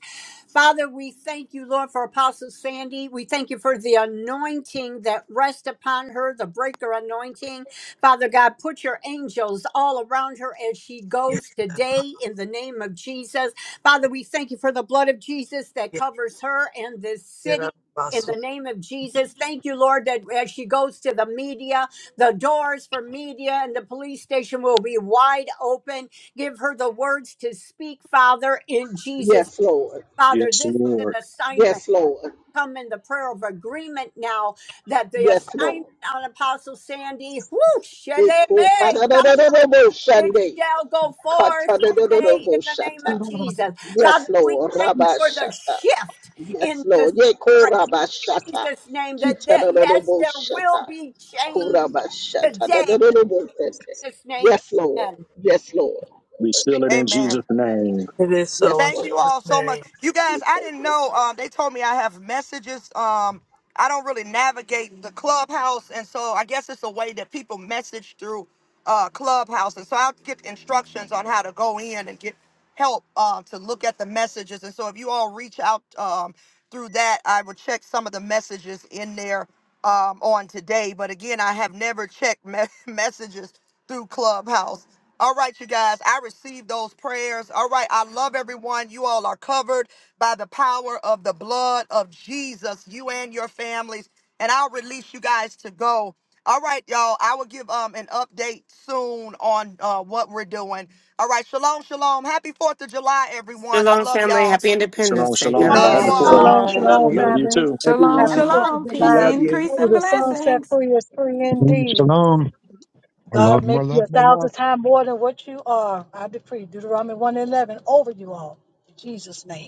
Speaker 6: Father, we thank you, Lord, for Apostle Sandy. We thank you for the anointing that rests upon her, the breaker anointing. Father God, put your angels all around her as she
Speaker 2: yes,
Speaker 6: goes
Speaker 2: yes,
Speaker 6: today in the name of Jesus. Father,
Speaker 2: yes,
Speaker 6: we thank you for the blood of Jesus that
Speaker 2: yes,
Speaker 6: covers her and this
Speaker 2: yes,
Speaker 6: city. In
Speaker 2: yes, yes.
Speaker 6: the name of Jesus, thank you, Lord, that as she goes to the media, the doors for media and the police station will be wide open. Give her the words to speak, Father, in Jesus.
Speaker 14: Yes, Lord.
Speaker 6: Father,
Speaker 12: Yes,
Speaker 6: this is an assignment.
Speaker 14: Yes, Lord.
Speaker 6: Come in the prayer of agreement now that the
Speaker 14: Yes,
Speaker 6: assignment
Speaker 14: Lord.
Speaker 6: on Apostle Sandy, whoo, sheleme,
Speaker 14: Eko
Speaker 6: kando,
Speaker 14: tadadadadadabo
Speaker 6: it
Speaker 14: shande.
Speaker 6: shall go forth today in
Speaker 14: Katadadadadabo
Speaker 6: the name
Speaker 14: shata.
Speaker 6: of
Speaker 8: Shalom,
Speaker 6: Jesus.
Speaker 14: Yes,
Speaker 6: Father, we
Speaker 14: Lord.
Speaker 6: thank you for the
Speaker 14: rabashata.
Speaker 6: shift
Speaker 14: Yes,
Speaker 6: in the
Speaker 14: Lord.
Speaker 6: spirit
Speaker 14: Yeko Rabba Shata.
Speaker 6: Jesus' name that,
Speaker 14: Kita
Speaker 6: that yes,
Speaker 14: Robo
Speaker 6: there
Speaker 14: Shata.
Speaker 6: will be change
Speaker 14: Kuraba Shata. Da
Speaker 6: today.
Speaker 14: da da da bo
Speaker 6: In
Speaker 14: tete.
Speaker 6: Jesus' name,
Speaker 14: Yes, Lord.
Speaker 6: amen.
Speaker 14: Yes, Lord.
Speaker 12: we
Speaker 1: Amen.
Speaker 2: it is so
Speaker 14: Yes,
Speaker 2: in
Speaker 1: Thank
Speaker 2: Jesus'
Speaker 1: you
Speaker 14: Lord.
Speaker 1: all so
Speaker 2: name.
Speaker 1: much. You guys,
Speaker 14: Yes,
Speaker 1: I didn't
Speaker 14: Lord.
Speaker 1: know. Um, they told me I have messages. Um, I don't really navigate the clubhouse, and so I guess it's a way that people message through uh, clubhouse. And so I'll get instructions on how to go in and get help uh, to look at the messages. And so if you all reach out um, through that, I will check some of the messages in there um, on today. But again, I have never checked me- messages through Clubhouse. All right, you guys, I received those prayers. All right, I love everyone. You all are covered by the power of the blood of Jesus, you and your families. And I'll release you guys to go. All right, y'all. I will give um an update soon on uh, what we're doing. All right, shalom, shalom. Happy Fourth of July, everyone. I love y'all.
Speaker 6: Oh,
Speaker 3: Yeah,
Speaker 1: Love you
Speaker 7: Shalom,
Speaker 1: all.
Speaker 6: oh,
Speaker 7: shalom.
Speaker 14: Amen.
Speaker 7: Love
Speaker 8: shalom,
Speaker 3: yeah.
Speaker 7: you.
Speaker 12: do.
Speaker 8: family.
Speaker 10: Shalom,
Speaker 6: have
Speaker 8: Happy
Speaker 6: a
Speaker 3: everyone.
Speaker 8: 4th
Speaker 6: blessed
Speaker 8: of
Speaker 10: shalom.
Speaker 6: day.
Speaker 3: We
Speaker 10: Peace,
Speaker 8: July.
Speaker 3: love you.
Speaker 10: increase,
Speaker 8: Who
Speaker 10: and
Speaker 8: the sun set
Speaker 10: blessings.
Speaker 8: free is free
Speaker 9: you.
Speaker 8: indeed.
Speaker 9: Shalom. More
Speaker 8: God
Speaker 9: love,
Speaker 8: make
Speaker 9: more
Speaker 8: you
Speaker 9: love,
Speaker 8: a
Speaker 9: more love.
Speaker 8: thousand times more than what you are. I decree Deuteronomy 111 over you all. In Jesus' name.